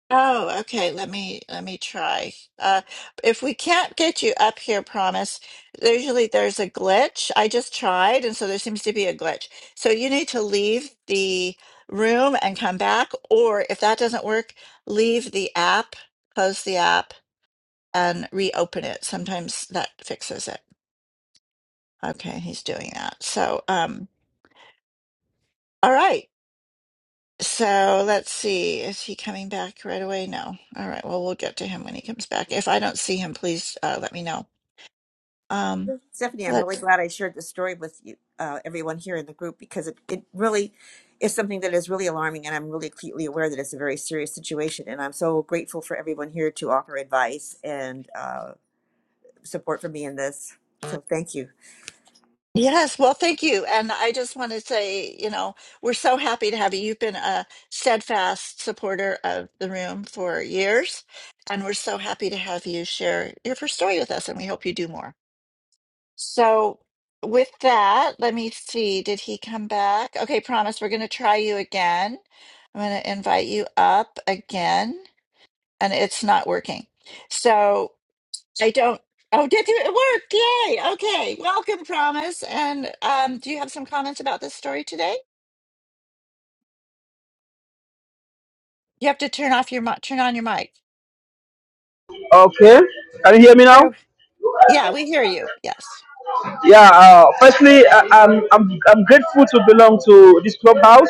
S7: Oh, okay. Let me let me try. Uh, if we can't get you up here, promise. Usually there's a glitch. I just tried, and so there seems to be a glitch. So you need to leave the room and come back, or if that doesn't work, leave the app, close the app, and reopen it. Sometimes that fixes it. Okay, he's doing that. So, um, all right. So let's see. Is he coming back right away? No. All right. Well, we'll get to him when he comes back. If I don't see him, please uh, let me know. Um,
S8: Stephanie, I'm really
S7: let
S8: glad I shared this story with you, uh, everyone here in the group, because it, it really is something that is really alarming, and I'm really acutely aware that it's a very serious situation. And I'm so grateful for everyone here to offer advice and uh, support for me in this. So thank you.
S7: yes. Well, thank you. And I just want to say, you know, we're so happy to have you. You've been a steadfast supporter of the room for years, and we're so happy to have you share your first story with us. And we hope you do more. So, with that, let me see. Did he come back? Okay, promise we're going to try you again. I'm going to invite you up again, and it's not working. So, I don't. Oh, did you? It worked. Yay. Okay. Welcome, promise. And um, do you have some comments about this story today? You have to turn off your mi- turn on your mic.
S9: Okay. Can you hear me now?
S7: There. Yeah, we hear you. Yes.
S9: Yeah. Uh, firstly, I, I'm I'm I'm grateful to belong to this clubhouse,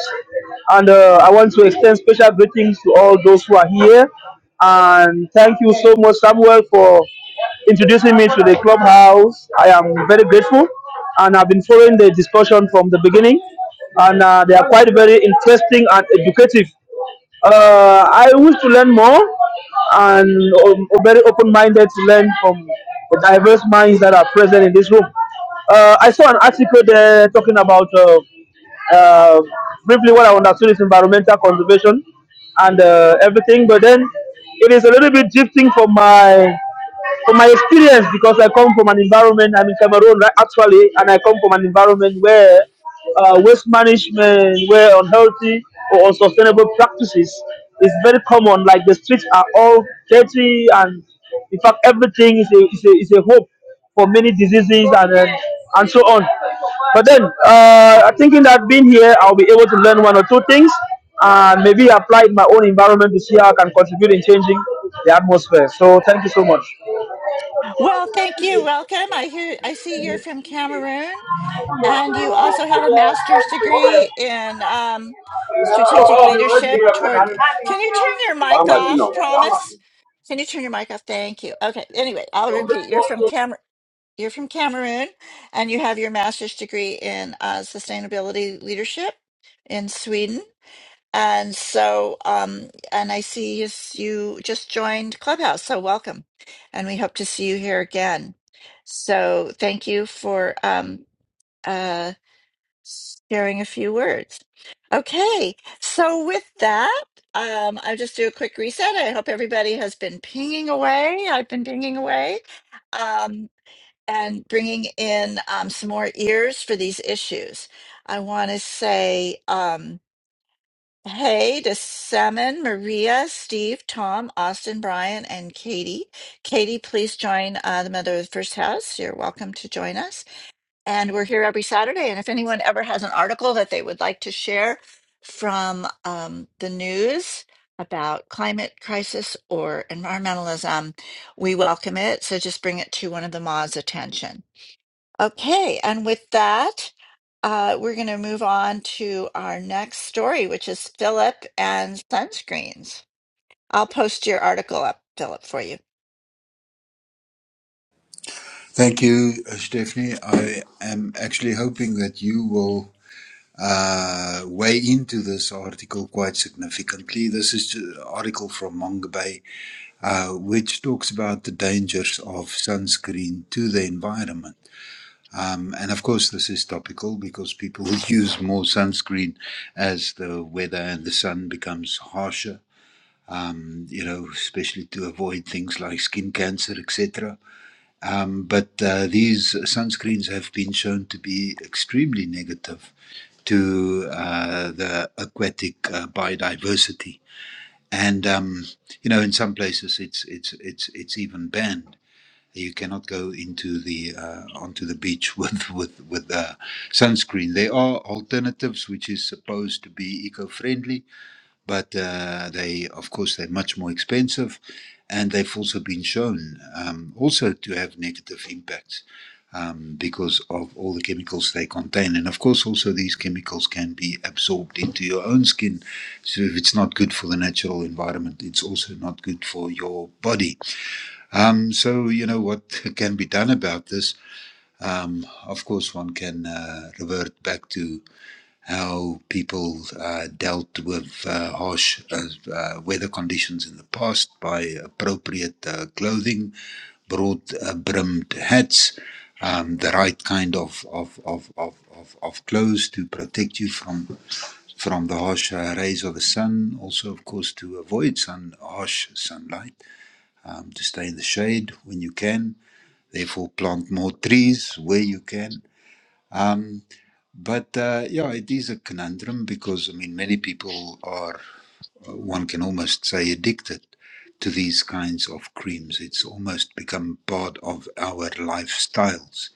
S9: and uh, I want to extend special greetings to all those who are here. And thank you so much, Samuel, for introducing me to the clubhouse. I am very grateful, and I've been following the discussion from the beginning, and uh, they are quite very interesting and educative. Uh, I wish to learn more and um, very open minded to learn from the diverse minds that are present in this room. Uh, I saw an article there talking about uh, uh, briefly what I understood is environmental conservation and uh, everything, but then it is a little bit drifting from my from my experience, because I come from an environment, I'm in Cameroon right, actually, and I come from an environment where uh, waste management, where unhealthy or unsustainable practices is very common. Like the streets are all dirty, and in fact, everything is a, is a, is a hope for many diseases and then, and so on. But then, uh, thinking that being here, I'll be able to learn one or two things and maybe apply it in my own environment to see how I can contribute in changing the atmosphere. So, thank you so much.
S7: Well, thank you. Welcome. I hear I see you're from Cameroon. And you also have a master's degree in um, strategic leadership toward. Can you turn your mic off, promise? Can you turn your mic off? Thank you. Okay. Anyway, I'll repeat. You're from Camer. You're from Cameroon, and you have your master's degree in uh, sustainability leadership in Sweden. And so, um, and I see you, you just joined Clubhouse. So welcome, and we hope to see you here again. So thank you for um, uh, sharing a few words. Okay, so with that, um, I'll just do a quick reset. I hope everybody has been pinging away. I've been pinging away um, and bringing in um, some more ears for these issues. I want to say um, hey to Salmon, Maria, Steve, Tom, Austin, Brian, and Katie. Katie, please join uh, the Mother of the First House. You're welcome to join us. And we're here every Saturday. And if anyone ever has an article that they would like to share from um, the news about climate crisis or environmentalism, we welcome it. So just bring it to one of the Ma's attention. Okay. And with that, uh, we're going to move on to our next story, which is Philip and sunscreens. I'll post your article up, Philip, for you.
S4: Thank you, uh, Stephanie. I am actually hoping that you will uh, weigh into this article quite significantly. This is an article from Mongabay uh, which talks about the dangers of sunscreen to the environment. Um, and of course, this is topical because people use more sunscreen as the weather and the sun becomes harsher. Um, you know, especially to avoid things like skin cancer, etc. Um, but uh, these sunscreens have been shown to be extremely negative to uh, the aquatic uh, biodiversity, and um, you know, in some places it's it's it's it's even banned. You cannot go into the uh, onto the beach with with with uh, sunscreen. There are alternatives which is supposed to be eco-friendly, but uh, they, of course, they're much more expensive, and they've also been shown um, also to have negative impacts um, because of all the chemicals they contain. And of course, also these chemicals can be absorbed into your own skin. So if it's not good for the natural environment, it's also not good for your body. Um, so, you know, what can be done about this? Um, of course, one can uh, revert back to how people uh, dealt with uh, harsh uh, uh, weather conditions in the past by appropriate uh, clothing, broad uh, brimmed hats, um, the right kind of, of, of, of, of, of clothes to protect you from from the harsh uh, rays of the sun. Also, of course, to avoid sun harsh sunlight, um, to stay in the shade when you can. Therefore, plant more trees where you can. But uh, yeah, it is a conundrum because I mean, many people are, uh, one can almost say, addicted to these kinds of creams. It's almost become part of our lifestyles.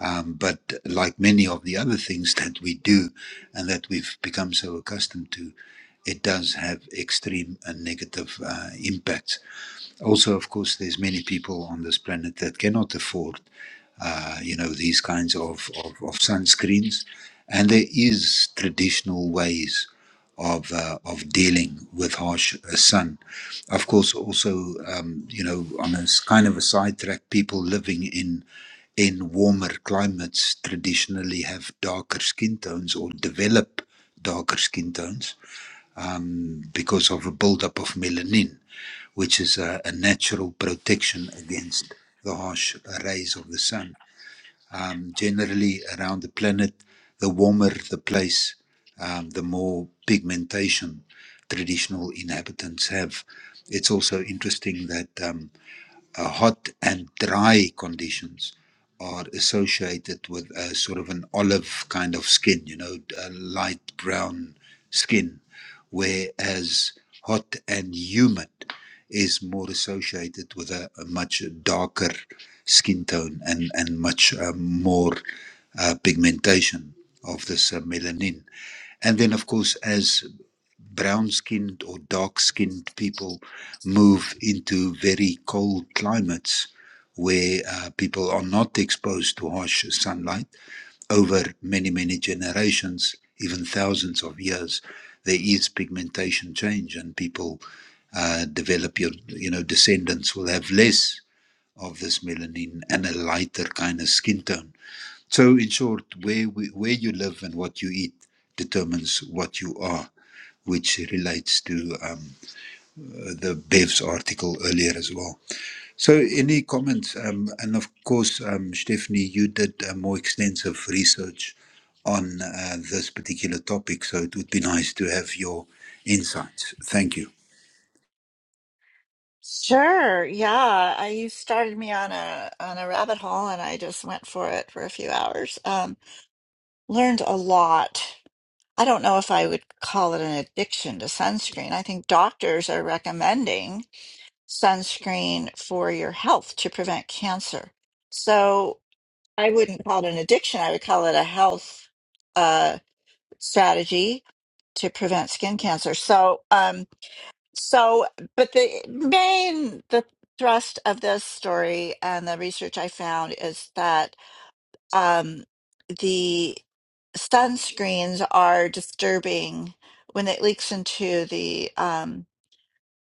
S4: Um, but like many of the other things that we do and that we've become so accustomed to, it does have extreme and negative uh, impacts. Also, of course, there's many people on this planet that cannot afford uh, you know, these kinds of, of, of sunscreens. And there is traditional ways of, uh, of dealing with harsh uh, sun. Of course, also, um, you know, on a s- kind of a sidetrack, people living in in warmer climates traditionally have darker skin tones or develop darker skin tones um, because of a buildup of melanin, which is a, a natural protection against the harsh rays of the sun um, generally around the planet, the warmer the place, um, the more pigmentation traditional inhabitants have. It's also interesting that. um, uh, hot and dry conditions are associated with a sort of an olive kind of skin, you know, a light brown skin, whereas hot and humid is more associated with a, a much darker skin tone and, and much uh, more uh, pigmentation of this uh, melanin. And then, of course, as brown skinned or dark skinned people move into very cold climates where uh, people are not exposed to harsh sunlight over many, many generations, even thousands of years, there is pigmentation change and people uh, develop your, you know, descendants will have less of this melanin and a lighter kind of skin tone. So in short, where, we, where you live and what you eat determines what you are which relates to um, uh, the Bev's article earlier as well. So, any comments? Um, and of course, um, Stephanie, you did uh, more extensive research on uh, this particular topic, so it would be nice to have your insights. Thank you.
S7: Sure. Yeah. I you started me on a on a rabbit hole and I just went for it for a few hours. Um, learned a lot. I don't know if I would call it an addiction to sunscreen. I think doctors are recommending sunscreen for your health to prevent cancer. So I wouldn't call it an addiction. I would call it a health uh, strategy to prevent skin cancer. So, um, so, but the main the thrust of this story and the research I found is that um, the sunscreens are disturbing when it leaks into the um,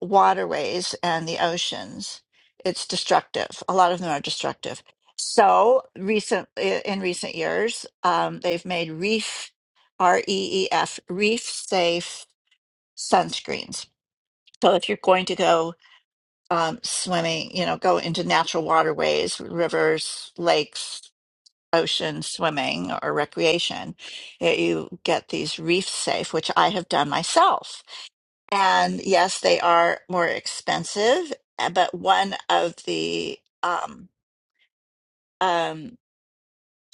S7: waterways and the oceans. It's destructive. A lot of them are destructive. So, recent in recent years, um, they've made reef R E E F reef safe sunscreens. So, if you're going to go um, swimming, you know, go into natural waterways, rivers, lakes, ocean swimming or recreation, that you get these reef safe, which I have done myself. And yes, they are more expensive, uh, but one of the um, um,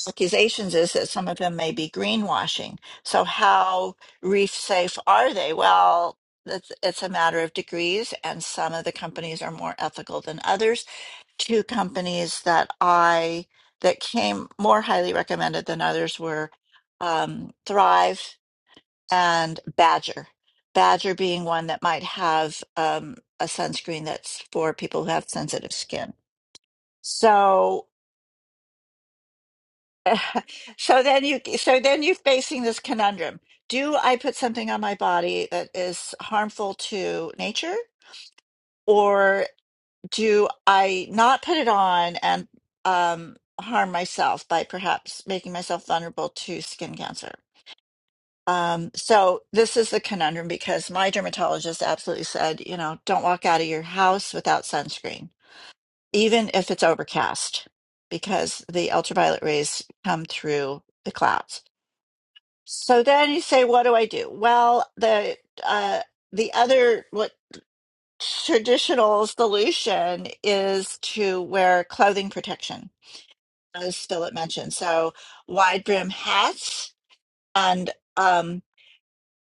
S7: accusations is that some of them may be greenwashing. So, how reef safe are they? Well, it's, it's a matter of degrees, and some of the companies are more ethical than others two companies that I that came more highly recommended than others were um, Thrive and Badger. Badger being one that might have um, a sunscreen that's for people who have sensitive skin. So, so then you so then you're facing this conundrum: Do I put something on my body that is harmful to nature? do I not put it on and um, harm myself by perhaps making myself vulnerable to skin cancer? Um, so this is the conundrum because my dermatologist absolutely said, you know, don't walk out of your house without sunscreen, even if it's overcast, because the ultraviolet rays come through the clouds. So then you say, what do I do? Well, the uh, the other what traditional solution is to wear clothing protection, as Philip mentioned. So wide brim hats and um,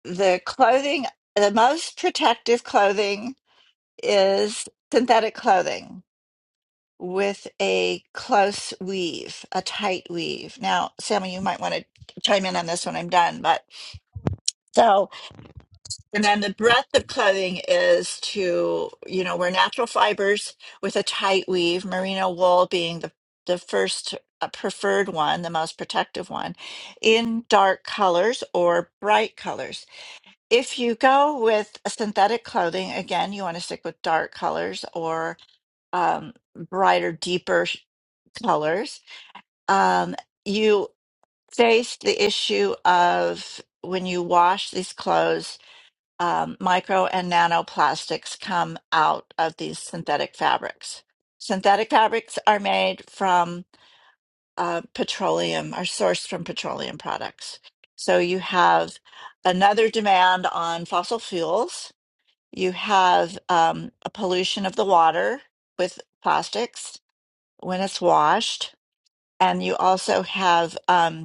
S7: the clothing, the most protective clothing is synthetic clothing with a close weave, a tight weave. Now, Sammy, you might want to chime in on this when I'm done, but so And then the breadth of clothing is to, you know, wear natural fibers with a tight weave, merino wool being the, the first uh, preferred one, the most protective one, in dark colors or bright colors. If you go with synthetic clothing, again, you want to stick with dark colors or um, brighter, deeper sh- colors. Um, you face the issue of when you wash these clothes um, micro and nanoplastics come out of these synthetic fabrics. Synthetic fabrics are made from uh, petroleum, are sourced from petroleum products. So you have another demand on fossil fuels. You have um, a pollution of the water with plastics when it's washed. And you also have um,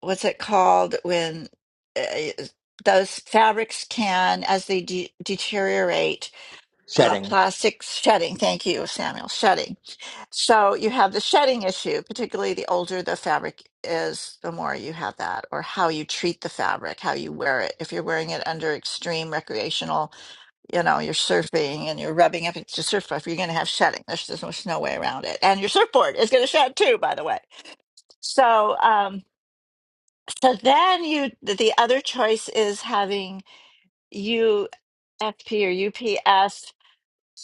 S7: what's it called when uh, those fabrics can, as they de- deteriorate, uh,
S2: shedding,
S7: plastic shedding. Thank you, Samuel. Shedding. So you have the shedding issue, particularly the older the fabric is, the more you have that, or how you treat the fabric, how you wear it. If you're wearing it under extreme recreational, you know, you're surfing and you're rubbing up against a surfboard, you're going to have shedding. There's, there's no way around it. And your surfboard is going to shed too, by the way. So, um, so then you the other choice is having UFP or UPS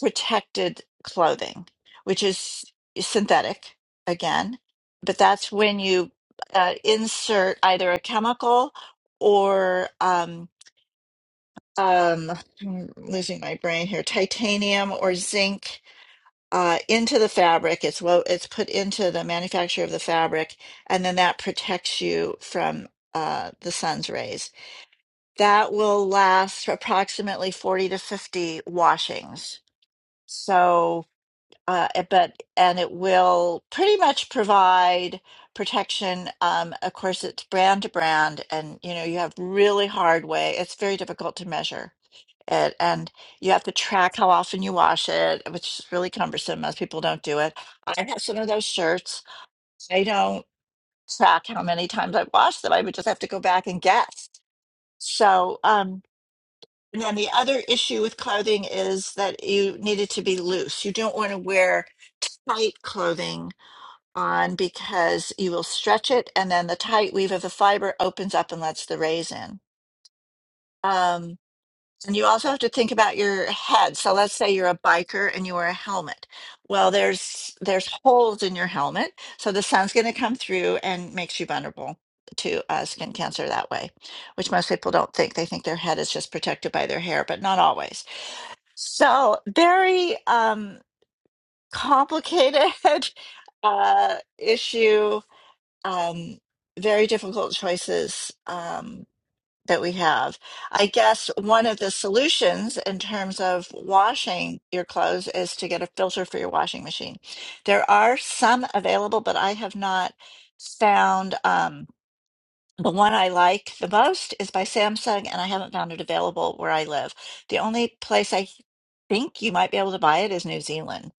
S7: protected clothing, which is synthetic again, but that's when you uh, insert either a chemical or um, um, I'm losing my brain here, titanium or zinc uh, into the fabric. It's wo- it's put into the manufacture of the fabric, and then that protects you from uh, the sun's rays That will last approximately 40 to 50 washings. So, uh, it- but, and it will pretty much provide protection. Um, of course, it's brand to brand, and you know, you have really hard way. It's very difficult to measure it, and you have to track how often you wash it, which is really cumbersome. Most people don't do it. I have some of those shirts. I don't track how many times I've washed them. I would just have to go back and guess. So, um, and then the other issue with clothing is that you need it to be loose. You don't want to wear tight clothing on because you will stretch it, and then the tight weave of the fiber opens up and lets the rays in. Um, and you also have to think about your head. So let's say you're a biker and you wear a helmet. Well, there's there's holes in your helmet, so the sun's going to come through and makes you vulnerable to uh, skin cancer that way, which most people don't think. They think their head is just protected by their hair, but not always. So, very um, complicated uh, issue, um, very difficult choices um, that we have. I guess one of the solutions in terms of washing your clothes is to get a filter for your washing machine. There are some available, but I have not found. Um, the one I like the most is by Samsung, and I haven't found it available where I live. The only place I think you might be able to buy it is New Zealand,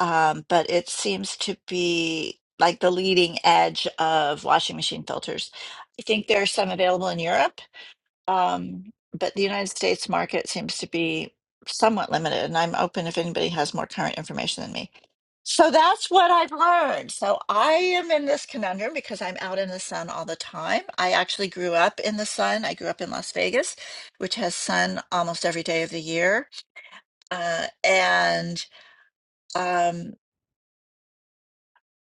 S7: um, but it seems to be like the leading edge of washing machine filters. I think there are some available in Europe, um, but the United States market seems to be somewhat limited, and I'm open if anybody has more current information than me. So that's what I've learned. So I am in this conundrum because I'm out in the sun all the time. I actually grew up in the sun. I grew up in Las Vegas, which has sun almost every day of the year. Uh, and um,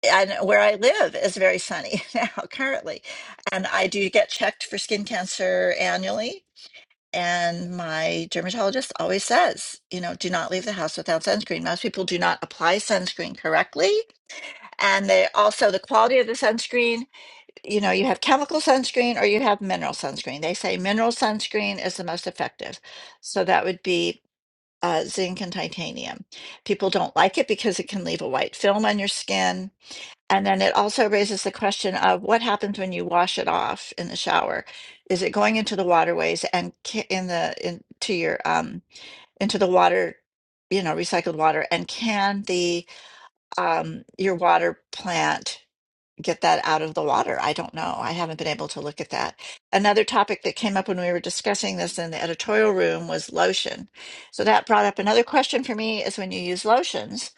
S7: and where I live is very sunny now currently. And I do get checked for skin cancer annually. And my dermatologist always says, you know, do not leave the house without sunscreen. Most people do not apply sunscreen correctly and they also the quality of the sunscreen you know you have chemical sunscreen or you have mineral sunscreen they say mineral sunscreen is the most effective so that would be uh, zinc and titanium people don't like it because it can leave a white film on your skin and then it also raises the question of what happens when you wash it off in the shower is it going into the waterways and ca- in the into your um into the water you know recycled water and can the um your water plant get that out of the water. I don't know. I haven't been able to look at that. Another topic that came up when we were discussing this in the editorial room was lotion. So that brought up another question for me is when you use lotions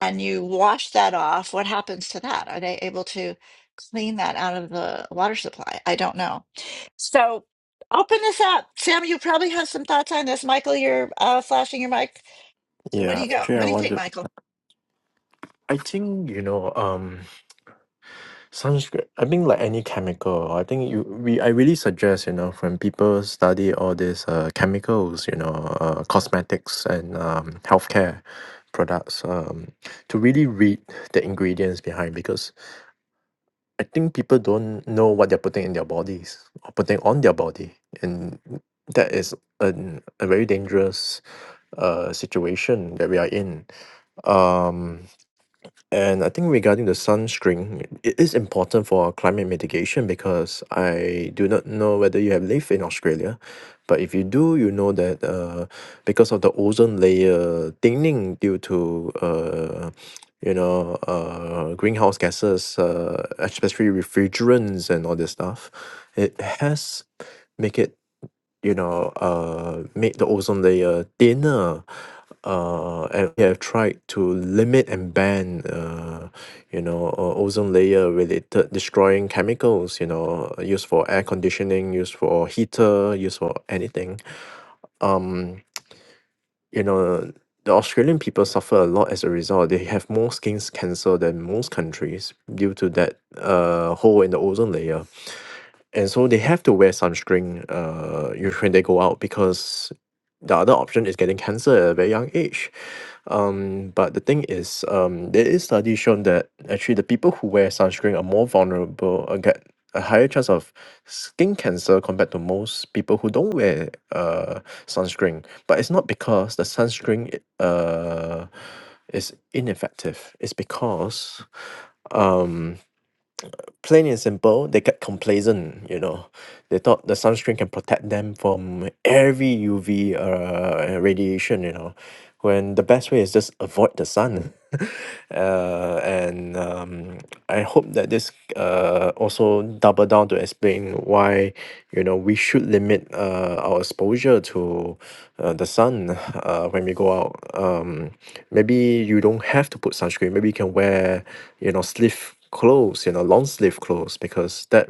S7: and you wash that off, what happens to that? Are they able to clean that out of the water supply? I don't know. So open this up. Sam, you probably have some thoughts on this. Michael, you're uh, flashing your mic. So what
S10: Yeah,
S7: do you go?
S10: actually,
S7: What
S10: I
S7: do you think,
S10: wonder.
S7: Michael?
S10: I think you know, um, sunscreen. I think like any chemical. I think you we. I really suggest you know when people study all these uh chemicals, you know, uh, cosmetics and um healthcare products, um, to really read the ingredients behind because I think people don't know what they're putting in their bodies or putting on their body, and that is an, a very dangerous uh situation that we are in. Um And I think regarding the sunscreen, it is important for climate mitigation because I do not know whether you have lived in Australia, but if you do, you know that uh, because of the ozone layer thinning due to uh, you know uh, greenhouse gases, uh, especially refrigerants and all this stuff, it has make it you know, uh, make the ozone layer thinner. Uh, and we have tried to limit and ban, uh, you know, uh, ozone layer related destroying chemicals, you know, used for air conditioning, used for heater, used for anything. Um, you know, the Australian people suffer a lot as a result. They have more skin cancer than most countries due to that uh, hole in the ozone layer and so they have to wear sunscreen uh, usually when they go out because the other option is getting cancer at a very young age. Um, but the thing is, um, there is studies shown that actually the people who wear sunscreen are more vulnerable and get a higher chance of skin cancer compared to most people who don't wear uh, sunscreen. But it's not because the sunscreen uh, is ineffective. It's because plain and simple, they get complacent, you know. They thought the sunscreen can protect them from every UV uh, radiation, you know, when the best way is just avoid the sun. uh, and um, I hope that this uh, also double down to explain why, you know, we should limit uh, our exposure to uh, the sun uh, when we go out. Um, maybe you don't have to put sunscreen. Maybe you can wear, you know, sleeve clothes you know long sleeve clothes because that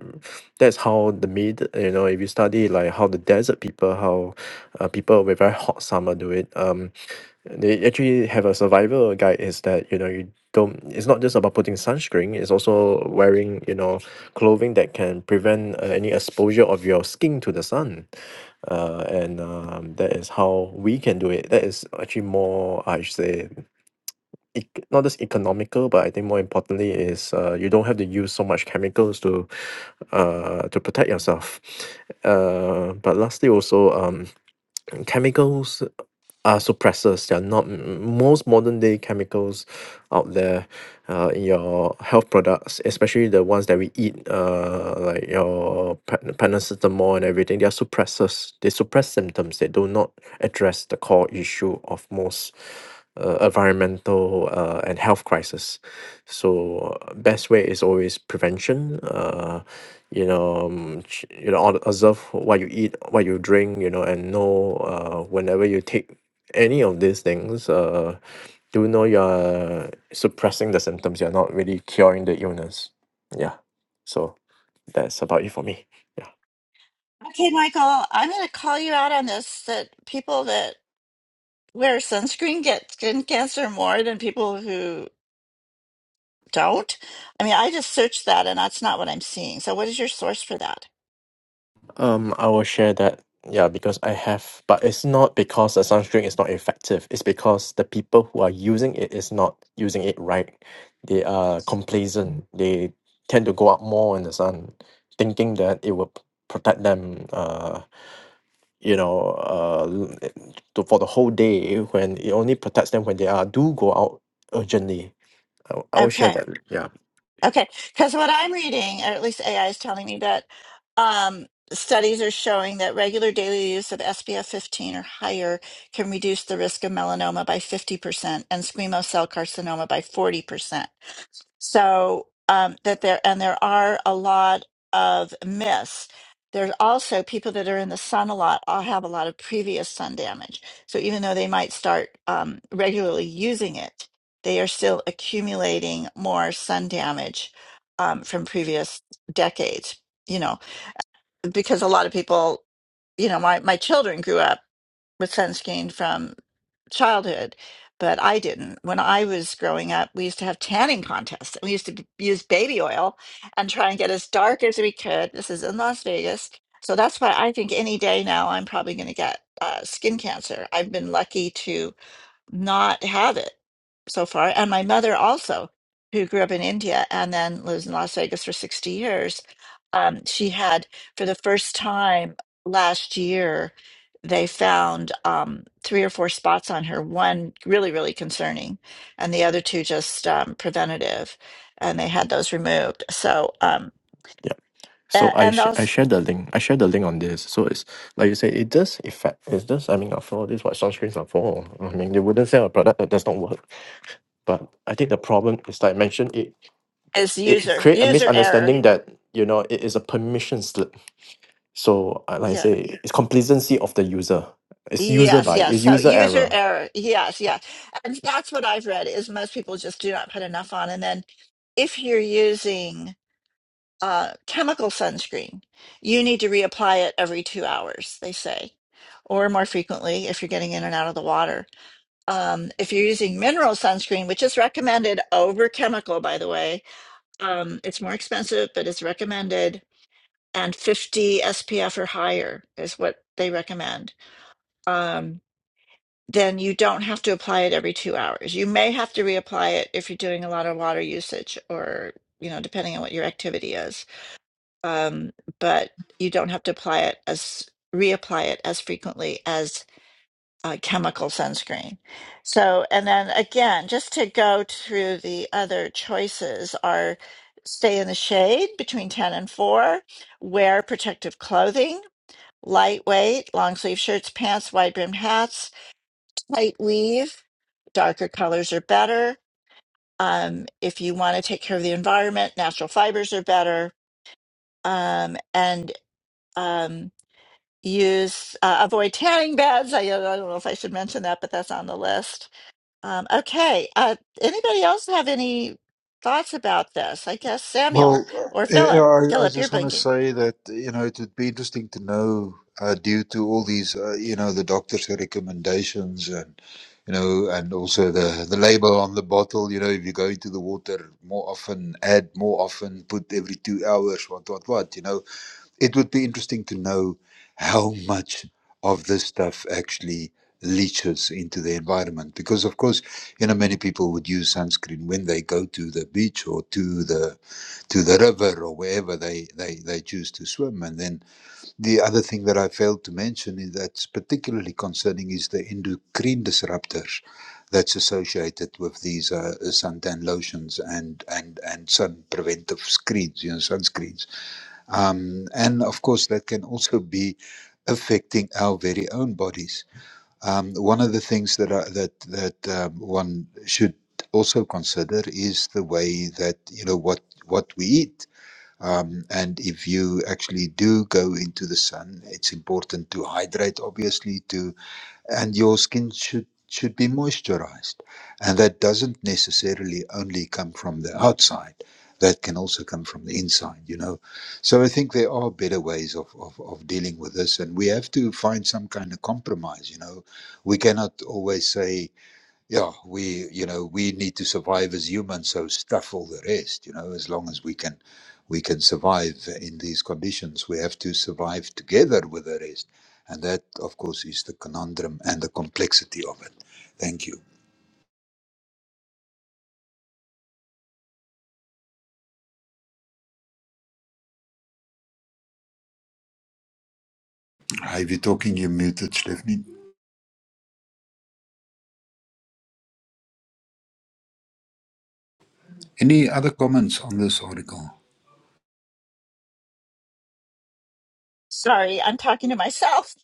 S10: that's how the mid you know if you study like how the desert people how uh, people with very hot summer do it um they actually have a survival guide is that you know you don't it's not just about putting sunscreen it's also wearing you know clothing that can prevent uh, any exposure of your skin to the sun uh, and um, that is how we can do it that is actually more i should say ec~ not just economical, but I think more importantly is uh, you don't have to use so much chemicals to uh, to protect yourself. Uh, but lastly, also um, chemicals are suppressors. They are not m- most modern day chemicals out there uh, in your health products, especially the ones that we eat, uh, like your pan- paracetamol and everything. They are suppressors. They suppress symptoms. They do not address the core issue of most uh, environmental uh, and health crisis. So uh, best way is always prevention. Uh, you know, um, ch- you know, all- observe what you eat, what you drink. You know, and know uh, whenever you take any of these things, uh, do know you're suppressing the symptoms. You're not really curing the illness. Yeah. So that's about it for me. Yeah.
S7: Okay, Michael, I'm going to call you out on this that people that where sunscreen gets skin cancer more than people who don't? I mean, I just searched that and that's not what I'm seeing. So, what is your source for that?
S10: Um, I will share that. Yeah, because I have, but it's not because the sunscreen is not effective. It's because the people who are using it is not using it right. They are complacent. They tend to go out more in the sun, thinking that it will p- protect them. Uh, you know, uh, l- to, for the whole day when it only protects them when they are do go out urgently. I, will- I will share
S7: Okay.
S10: that. yeah.
S7: Okay. Because what I'm reading, or at least AI is telling me that um, studies are showing that regular daily use of SPF 15 or higher can reduce the risk of melanoma by 50% and squamous cell carcinoma by 40%. so um, that there and there are a lot of myths there's also people that are in the sun a lot all have a lot of previous sun damage so even though they might start um, regularly using it they are still accumulating more sun damage um, from previous decades you know because a lot of people you know my, my children grew up with sunscreen from childhood, but I didn't. When I was growing up, we used to have tanning contests. We used to b- use baby oil and try and get as dark as we could. This is in Las Vegas. So that's why I think any day now I'm probably going to get uh, skin cancer. I've been lucky to not have it so far. And my mother also, who grew up in India and then lives in Las Vegas for 60 years, um, she had for the first time last year, they found um, three or four spots on her, one really, really concerning, and the other two just um, preventative. And they had those removed. So, um,
S10: Yeah. So
S7: a-
S10: I
S7: and
S10: sh- I
S7: also
S10: share the link. I share the link on this. So it's like you say, it does affect. It does. I mean, after all, this is what sunscreens are for. I mean, they wouldn't sell a product that does not work. But I think the problem is, like I mentioned, it
S7: is
S10: it
S7: user,
S10: create a
S7: user error.
S10: misunderstanding that you know it is a permission slip. So I- like I
S7: yeah.
S10: say, it's complacency of the user. It's user
S7: Yes,
S10: by.
S7: yes.
S10: It's
S7: So
S10: user
S7: user
S10: error.
S7: error. Yes, yes. And that's what I've read is most people just do not put enough on. And then if you're using uh, chemical sunscreen, you need to reapply it every two hours, they say, or more frequently if you're getting in and out of the water. Um, if you're using mineral sunscreen, which is recommended over chemical, by the way, um, it's more expensive, but it's recommended, and 50 SPF or higher is what they recommend. Um, then you don't have to apply it every two hours. You may have to reapply it if you're doing a lot of water usage or, you know, depending on what your activity is. Um, but you don't have to apply it as reapply it as frequently as uh, chemical sunscreen. So, and then again, just to go through the other choices are stay in the shade between 10 and 4, wear protective clothing, lightweight, long sleeve shirts, pants, wide brimmed hats, light weave. Darker colors are better. Um, if you want to take care of the environment, natural fibers are better. Um, and um, use uh, avoid tanning beds. I, I don't know if I should mention that, but that's on the list. Um, okay. Uh, anybody else have any thoughts about this? I guess Samuel
S4: Well,
S7: or
S4: uh, yeah,
S7: Philip.
S4: I, I
S7: Philip, you're
S4: just want to
S7: blinking.
S4: say that you know it would be interesting to know, uh, due to all these uh, you know the doctor's recommendations and you know and also the the label on the bottle. You know, if you go into the water more often, add more often, put every two hours, what what what. You know, it would be interesting to know how much of this stuff actually leaches into the environment. Because, of course, you know, many people would use sunscreen when they go to the beach or to the to the river or wherever they, they, they choose to swim. And then the other thing that I failed to mention is that's particularly concerning is the endocrine disruptors that's associated with these uh, suntan lotions and, and, and sun preventive screens, you know, sunscreens um, and of course, that can also be affecting our very own bodies. Um, one of the things that I, that that um, one should also consider is the way that you know what what we eat. Um, and if you actually do go into the sun, it's important to hydrate, obviously, to and your skin should should be moisturized and that doesn't necessarily only come from the outside that can also come from the inside you know so i think there are better ways of, of, of dealing with this and we have to find some kind of compromise you know we cannot always say yeah, we, you know, we need to survive as humans. So stuff all the rest, you know, as long as we can, we can survive in these conditions. We have to survive together with the rest, and that, of course, is the conundrum and the complexity of it. Thank you. I've talking. You muted, Stephanie. Any other comments on this article?
S7: Sorry, I'm talking to myself.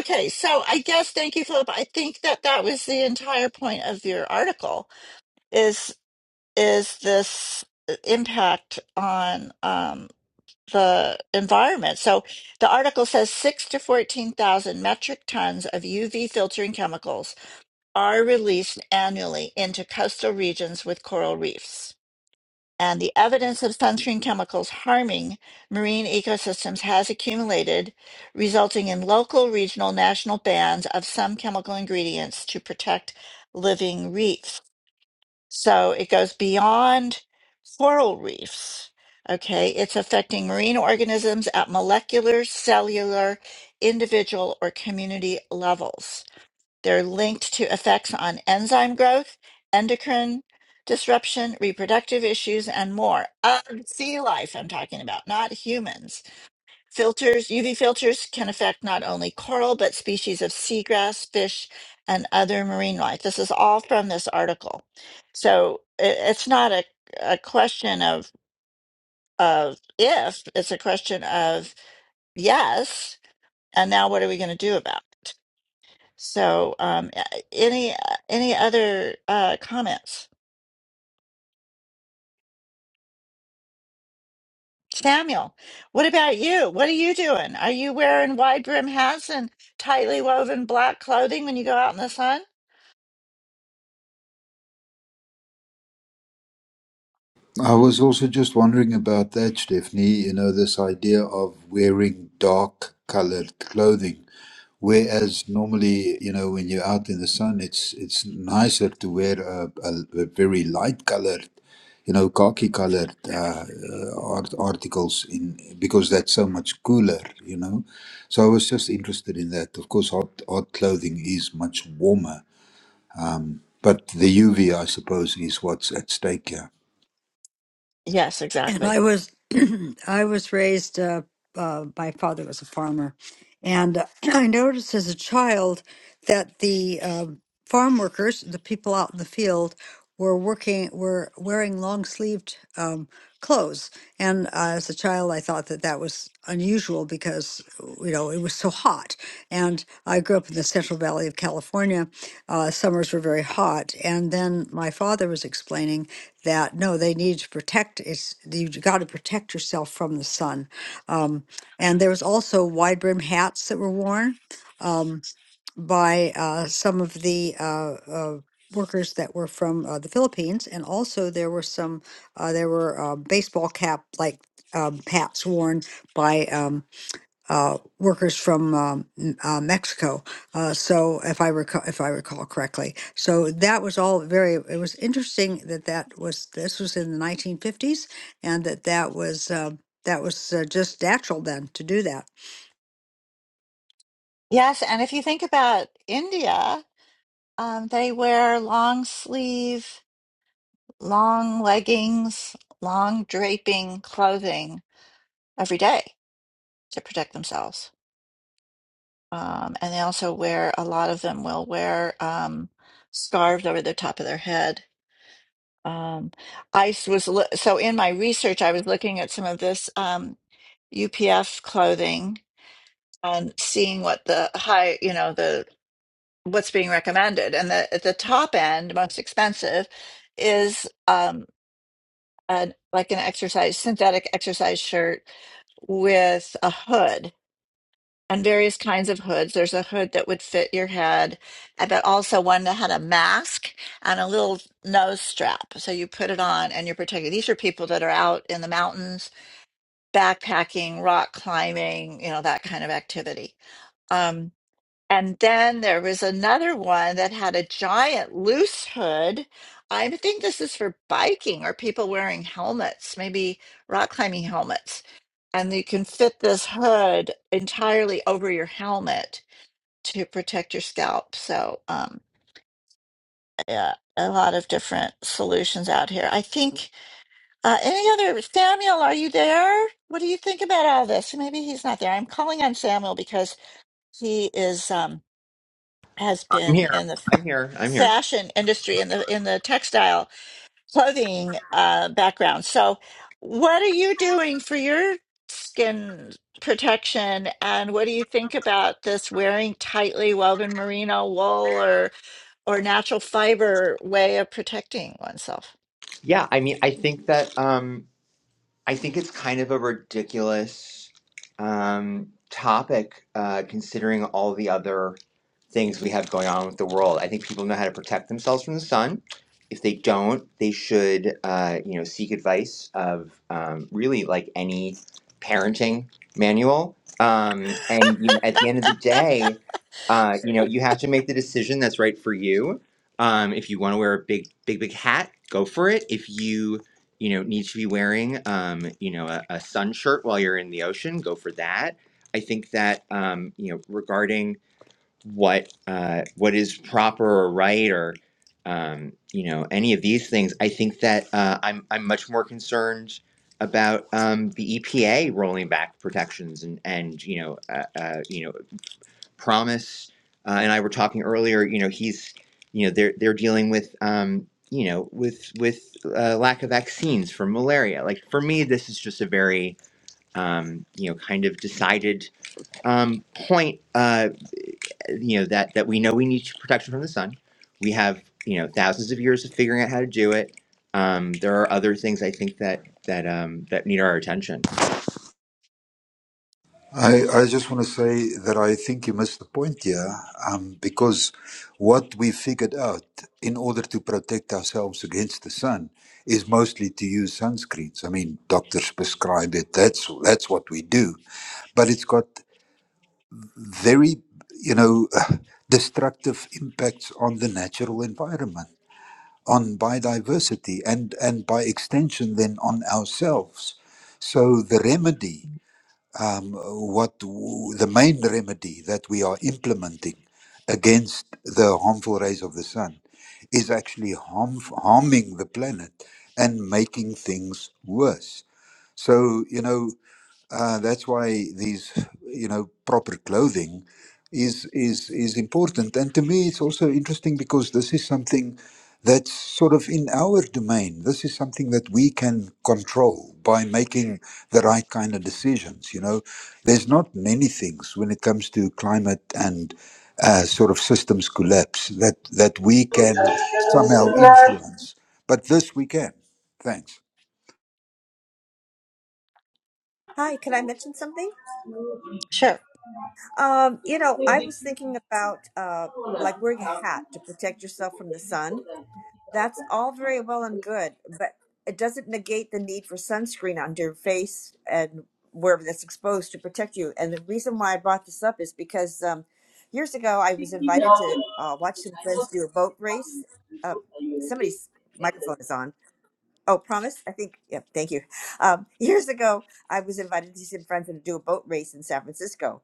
S7: Okay, so I guess thank you, Philip. I think that that was the entire point of your article. Is is this uh, impact on um, the environment? So the article says six to 14,000 metric tons of UV filtering chemicals are released annually into coastal regions with coral reefs. And the evidence of sunscreen chemicals harming marine ecosystems has accumulated, resulting in local, regional, national bans of some chemical ingredients to protect living reefs. So it goes beyond coral reefs. Okay, it's affecting marine organisms at molecular, cellular, individual, or community levels. They're linked to effects on enzyme growth, endocrine disruption, reproductive issues, and more. Of sea life, I'm talking about, not humans. Filters, UV filters can affect not only coral, but species of seagrass, fish, and other marine life. This is all from this article. So it, it's not a, a question of, of if, it's a question of yes. And now what are we going to do about it? So um, a- any, any other uh, comments? Samuel, what about you? What are you doing? Are you wearing wide brim hats and tightly woven black clothing when you go out in the sun?
S4: I was also just wondering about that, Stephanie. You know, this idea of wearing dark colored clothing Whereas normally, you know, when you're out in the sun, it's it's nicer to wear a, a, a very light colored, you know, khaki colored uh, uh, art, articles in because that's so much cooler, you know. So I was just interested in that. Of course, hot hot clothing is much warmer, um, but the UV, I suppose, is what's at stake here.
S7: Yes,
S3: and I
S7: exactly.
S3: was I was raised. Uh, uh, my father was a farmer, and uh, I noticed as a child that the um farm workers, the people out in the field, were working were wearing long sleeved um, clothes. And uh, as a child, I thought that that was unusual because you know it was so hot. And I grew up in the Central Valley of California. Uh, summers were very hot, and then my father was explaining that no, they need to protect it's you got to protect yourself from the sun. Um, and there was also wide brim hats that were worn um, by uh, some of the uh, uh, workers that were from uh, the Philippines, and also there were some uh, there were uh, baseball cap like um, hats worn by. um, uh, workers from um, m- uh, Mexico. Uh, so, if I recall, if I recall correctly, so that was all very. It was interesting that that was this was in the 1950s, and that that was uh, that was uh, just natural then to do that.
S7: Yes, and if you think about India, um, they wear long sleeve, long leggings, long draping clothing every day to protect themselves. Um, and they also wear, a lot of them will wear um, scarves over the top of their head. Um, I s- was, lo- so in my research, I was looking at some of this um, UPF clothing and seeing what the high, you know, the what's being recommended and the at the top end most expensive is um an like an exercise synthetic exercise shirt with a hood and various kinds of hoods there's a hood that would fit your head uh, but also one that had a mask and a little nose strap so you put it on and you're protected these are people that are out in the mountains backpacking rock climbing you know that kind of activity Um, and then there was another one that had a giant loose hood. I think this is for biking or people wearing helmets, maybe rock climbing helmets. And you can fit this hood entirely over your helmet to protect your scalp. So, um, yeah, a lot of different solutions out here. I think, uh, any other, Samuel, are you there? What do you think about all this? Maybe he's not there. I'm calling on Samuel because he is, um, has
S2: I'm
S7: been
S2: here.
S7: in the
S2: I'm here. I'm here.
S7: fashion industry in the in the textile clothing uh, background. So, what are you doing for your skin protection? And what do you think about this wearing tightly woven merino wool or or natural fiber way of protecting oneself?
S2: Yeah, I mean, I think that. Um, I think it's kind of a ridiculous um, topic, uh, considering all the other things we have going on with the world. I think people know how to protect themselves from the sun. If they don't, they should, uh, you know, seek advice of um, really like any parenting manual. Um, and you know, at the end of the day, uh, you know, you have to make the decision that's right for you. Um, if you want to wear a big, big, big hat, go for it. If you you know need to be wearing um you know a, a sun shirt while you're in the ocean go for that i think that um you know regarding what uh what is proper or right or um you know any of these things i think that uh i'm i'm much more concerned about um the epa rolling back protections and and you know uh, uh you know Promise uh, and I were talking earlier. You know, he's you know they're they're dealing with um, you know with with uh, lack of vaccines for malaria. Like for me, this is just a very um, you know kind of decided um, point. Uh, you know that that we know we need protection from the sun. We have you know thousands of years of figuring out how to do it. Um, there are other things I think that that um, that need our attention.
S4: I, I just want to say that I think you missed the point here, um, because what we figured out in order to protect ourselves against the sun is mostly to use sunscreens. I mean, doctors prescribe it. That's that's what we do, but it's got very, you know, destructive impacts on the natural environment, on biodiversity, and and by extension, then on ourselves. So the remedy um, what w- the main remedy that we are implementing against the harmful rays of the sun is actually harm, harming the planet and making things worse. So, you know, uh, that's why these, you know, proper clothing is is is important. And to me, it's also interesting because this is something that's sort of in our domain. This is something that we can control by making the right kind of decisions. You know, there's not many things when it comes to climate and uh, sort of systems collapse that that we can somehow influence, but this we can. Thanks.
S8: Hi, can I mention something?
S7: Sure.
S8: Um, you know, I was thinking about uh, like wearing a hat to protect yourself from the sun That's all very well and good, but it doesn't negate the need for sunscreen on your face and wherever that's exposed to protect you. And the reason why I brought this up is because um, years ago I was invited to uh, watch some friends do a boat race. Uh, somebody's microphone is on Oh, promise? I think, yep, thank you. Um, years ago, I was invited to some friends to do a boat race in San Francisco.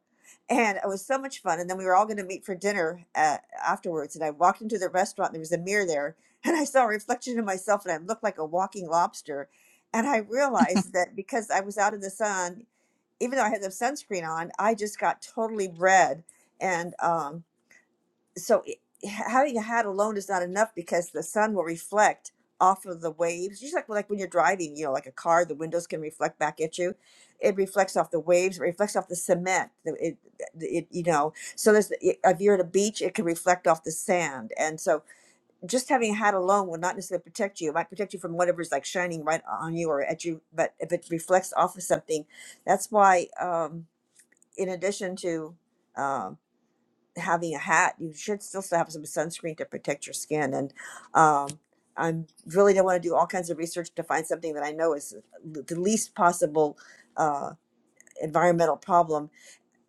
S8: And it was so much fun. And then we were all going to meet for dinner uh, afterwards. And I walked into the restaurant, and there was a mirror there. And I saw a reflection of myself, and I looked like a walking lobster. And I realized that because I was out in the sun, even though I had the sunscreen on, I just got totally red. And um, so it, having a hat alone is not enough because the sun will reflect off of the waves just like like when you're driving you know like a car the windows can reflect back at you it reflects off the waves it reflects off the cement the- it, it you know so there's if you're at a beach it can reflect off the sand and so just having a hat alone will not necessarily protect you it might protect you from whatever's like shining right on you or at you but if it reflects off of something that's why um in addition to um having a hat, you should still have some sunscreen to protect your skin. And um, I'm really don't want to do all kinds of research to find something that I know is the least possible uh, environmental problem.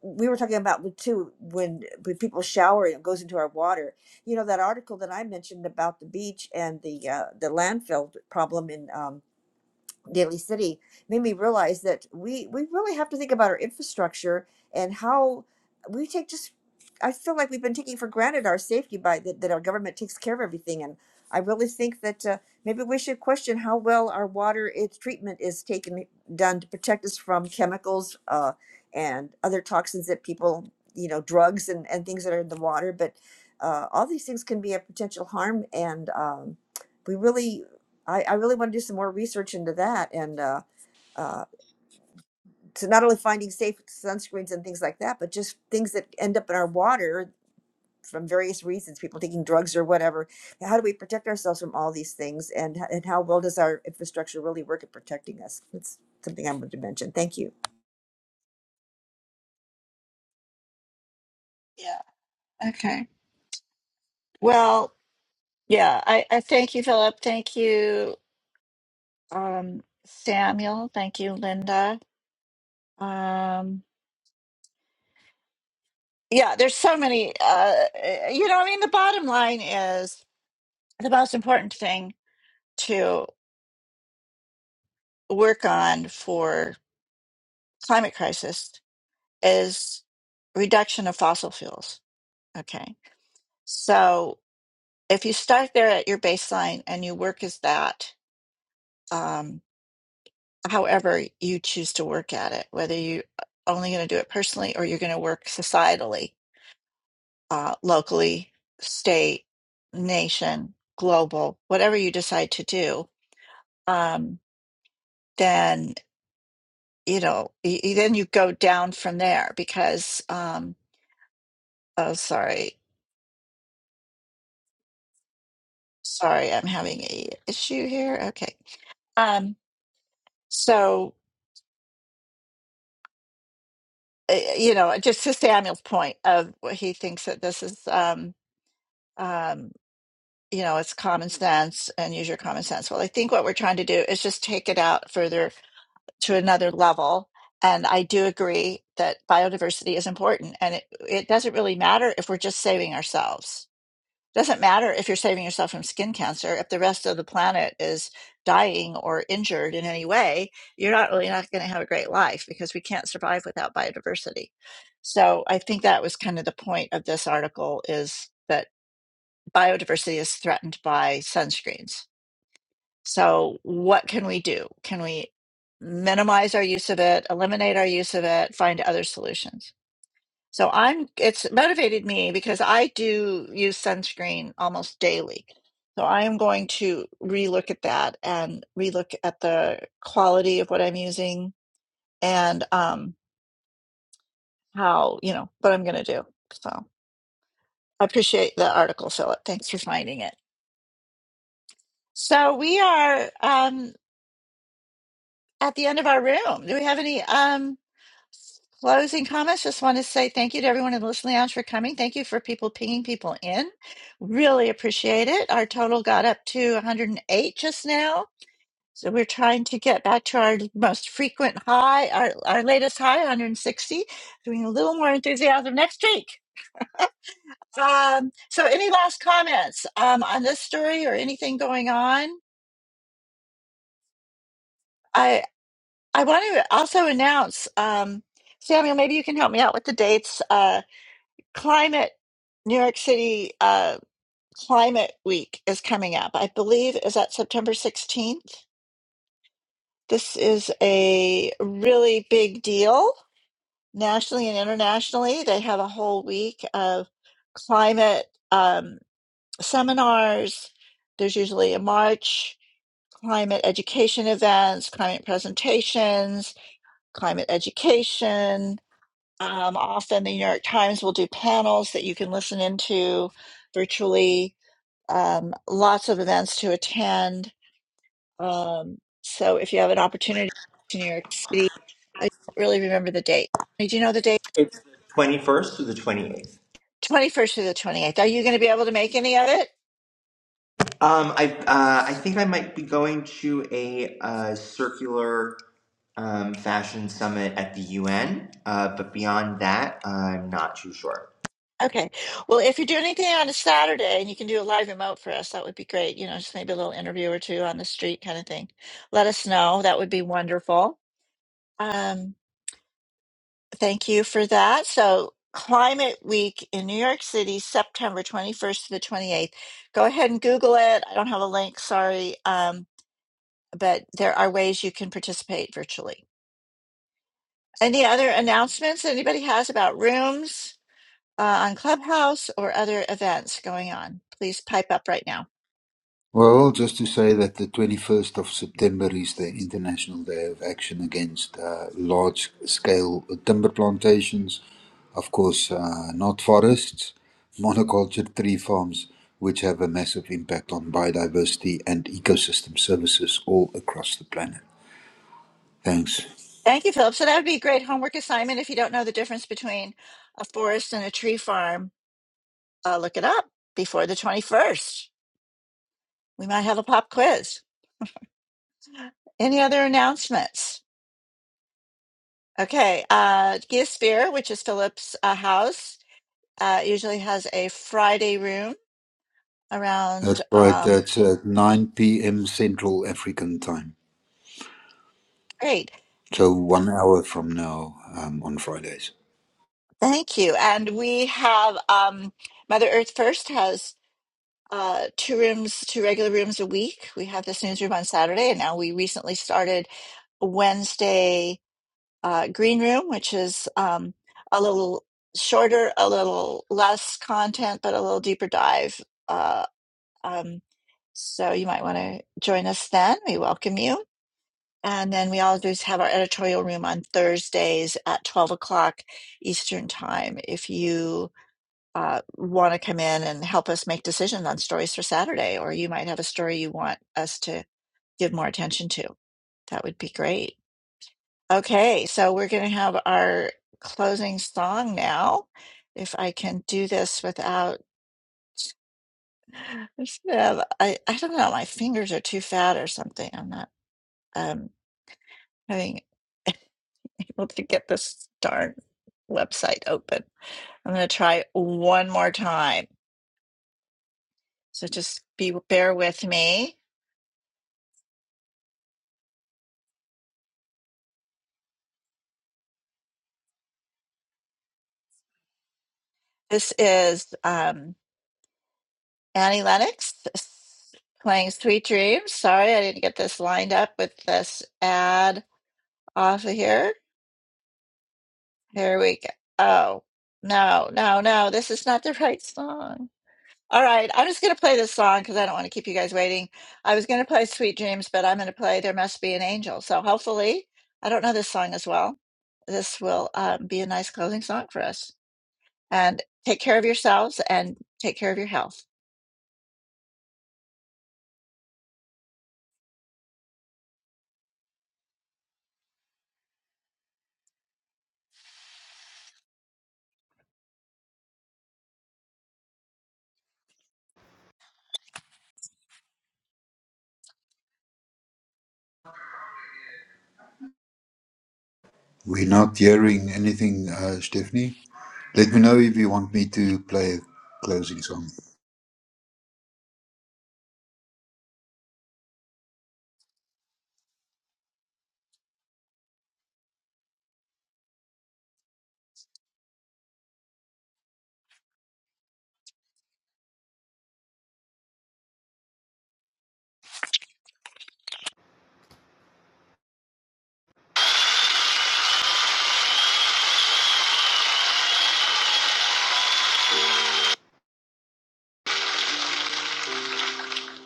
S8: We were talking about with, too when when people shower, it goes into our water. You know that article that I mentioned about the beach and the uh, the landfill problem in. Um, Daly City made me realize that we we really have to think about our infrastructure and how we take just I feel like we've been taking for granted our safety by that, that our government takes care of everything and I really think that uh, maybe we should question how well our water its treatment is taken done to protect us from chemicals uh, and other toxins that people you know drugs and, and things that are in the water but uh, all these things can be a potential harm and um, we really I, I really want to do some more research into that and uh, uh, to not only finding safe sunscreens and things like that, but just things that end up in our water from various reasons, people taking drugs or whatever. How do we protect ourselves from all these things and, h- and how well does our infrastructure really work at protecting us? That's something I wanted to mention. Thank you.
S7: Yeah. Okay. Well, yeah. I, I thank you, Philip. Thank you, um, Samuel. Thank you, Linda. Um, yeah there's so many uh eh, you know i mean the bottom line is the most important thing to work on for climate crisis is reduction of fossil fuels okay so if you start there at your baseline and you work as that um however you choose to work at it whether you are only going to do it personally or you're going to work societally uh locally state nation global whatever you decide to do um, then you know, y- y- then you go down from there because um, oh, sorry, sorry, I'm having a issue here. Okay, um, so uh, you know, just to Samuel's point of what he thinks that this is, um, um, you know, it's common sense and use your common sense. Well, I think what we're trying to do is just take it out further to another level. And I do agree that biodiversity is important, and it, it doesn't really matter if we're just saving ourselves Doesn't matter if you're saving yourself from skin cancer, if the rest of the planet is dying or injured in any way, you're not really not going to have a great life because we can't survive without biodiversity. So I think that was kind of the point of this article is that biodiversity is threatened by sunscreens. So what can we do? Can we minimize our use of it, eliminate our use of it, find other solutions? So I'm it's motivated me because I do use sunscreen almost daily. So I am going to relook at that and relook at the quality of what I'm using and um how, you know, what I'm going to do. So I appreciate the article, Philip. Thanks for finding it. So we are um at the end of our room. Do we have any um Closing comments. Just want to say thank you to everyone in the Listen Lounge for coming. Thank you for people pinging people in. Really appreciate it. Our total got up to 108 just now. So we're trying to get back to our most frequent high, our, our latest high, 160. Doing a little more enthusiasm next week. Um, so any last comments um, on this story or anything going on? I I want to also announce, um, Samuel, maybe you can help me out with the dates. Uh, climate new york city uh, climate week is coming up i believe is that september 16th this is a really big deal nationally and internationally they have a whole week of climate um, seminars there's usually a march climate education events climate presentations climate education um, often the new york times will do panels that you can listen into virtually um, lots of events to attend. Um, so if you have an opportunity to New York City, I don't really remember the date. Do you know the date?
S2: It's the twenty first to the twenty eighth.
S7: 21st through the 28th. Are you going to be able to make any of it?
S2: Um, I uh, I think I might be going to a uh, circular um, fashion summit at the UN, uh, but beyond that, I'm not too sure.
S7: Okay. Well, if you do anything on a Saturday and you can do a live remote for us, that would be great. You know, just maybe a little interview or two on the street kind of thing. Let us know. That would be wonderful. Um, Thank you for that. So, Climate Week in New York City, September 21st to the 28th. Go ahead and Google it. I don't have a link, sorry. Um, but there are ways you can participate virtually. Any other announcements anybody has about rooms uh, on Clubhouse or other events going on? Please pipe up right now.
S4: Well, just to say that the 21st of September is the International Day of Action Against uh, Large Scale Timber Plantations. Of course, uh, not forests, monoculture tree farms, which have a massive impact on biodiversity and ecosystem services all across the planet. Thanks.
S7: Thank you, Philip. So, that would be a great homework assignment. If you don't know the difference between a forest and a tree farm, uh, look it up before the 21st. We might have a pop quiz. Any other announcements? Okay, uh, Geosphere, which is Philip's uh, house, uh, usually has a Friday room around.
S4: That's right,
S7: Um,
S4: that's at 9 p.m. Central African time.
S7: great,
S4: So, one hour from now um, on Fridays.
S7: thank you. And we have um, Mother Earth First has uh, two rooms, two regular rooms a week. We have this newsroom on Saturday, and now we recently started Wednesday uh, green room, which is um, a little shorter, a little less content, but a little deeper dive Uh, Um, so you might want to join us then. We welcome you. And then we always have our editorial room on Thursdays at 12 o'clock Eastern Time. If you uh, want to come in and help us make decisions on stories for Saturday, or you might have a story you want us to give more attention to, that would be great. Okay, so we're going to have our closing song now. If I can do this without It's- Yeah, I, I don't know. My fingers are too fat or something. I'm not um, having able to get this darn website open. I'm going to try one more time. So just be bear with me. This is um, Annie Lennox s- playing Sweet Dreams. Sorry, I didn't get this lined up with this ad off of here. Here we go. Oh, no, no, no. This is not the right song. All right, I'm just going to play this song because I don't want to keep you guys waiting. I was going to play Sweet Dreams, but I'm going to play There Must Be an Angel. So hopefully, I don't know this song as well. This will uh, be a nice closing song for us. And take care of yourselves and take care of your health.
S4: We're not hearing anything, uh, Stephanie. Let me know if you want me to play a closing song.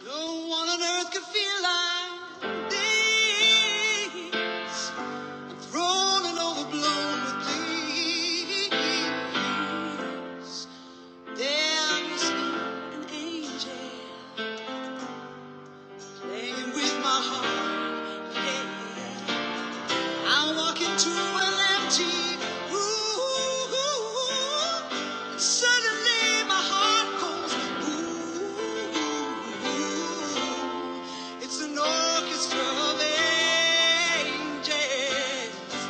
S7: No one on earth could feel like thee, thrown and overblown with thee. There must be an angel. And with my heart, yeah, I walk into an empty room. Suddenly my heart goes It's an orchestra of angels,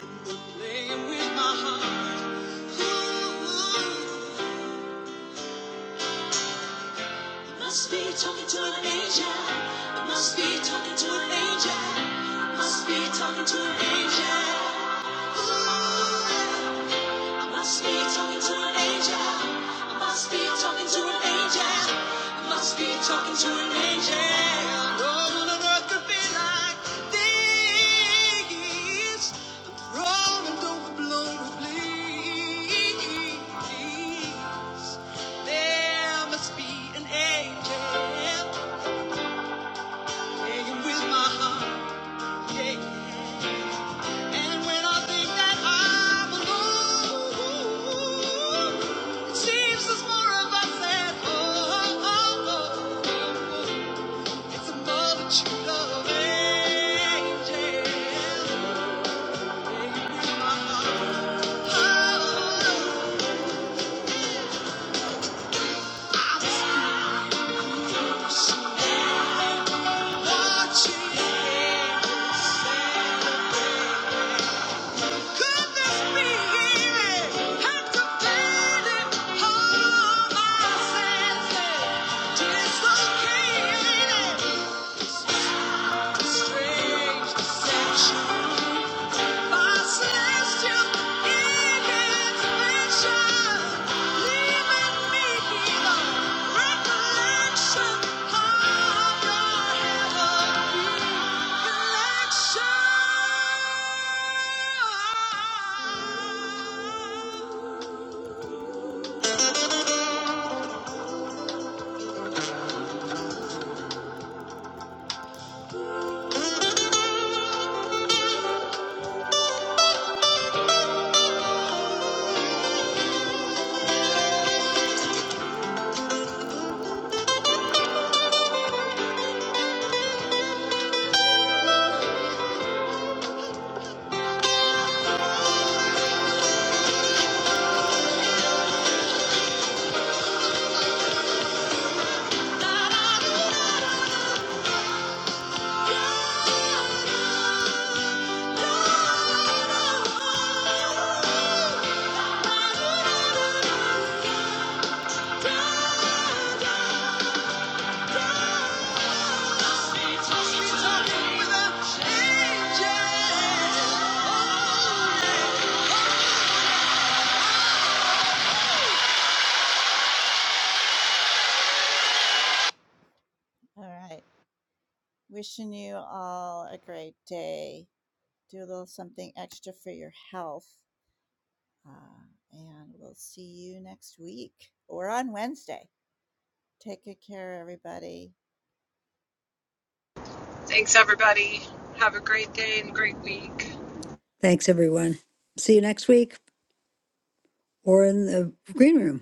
S7: and they're playing with my heart. Ooh. Must be talking to an angel. I Must be talking to an angel. I Must be talking to an angel. Ooh, I must be talking to an angel. I must be talking to an angel. I must be talking to an angel. No one on earth could be like this. I'm thrown and overblown with bleed. There must be an angel playing with my heart. Yeah. And when I think that I'm alone, it seems there's more of us than oh, oh, oh. It's a multitude of angels playing with my heart. Oh, Dislocated yeah. All right. Wishing you all a great day. Do a little something extra for your health. Uh, and we'll see you next week or on Wednesday. Take good care, everybody.
S1: Thanks, everybody. Have a great day and great week.
S3: Thanks, everyone. See you next week or in the green room.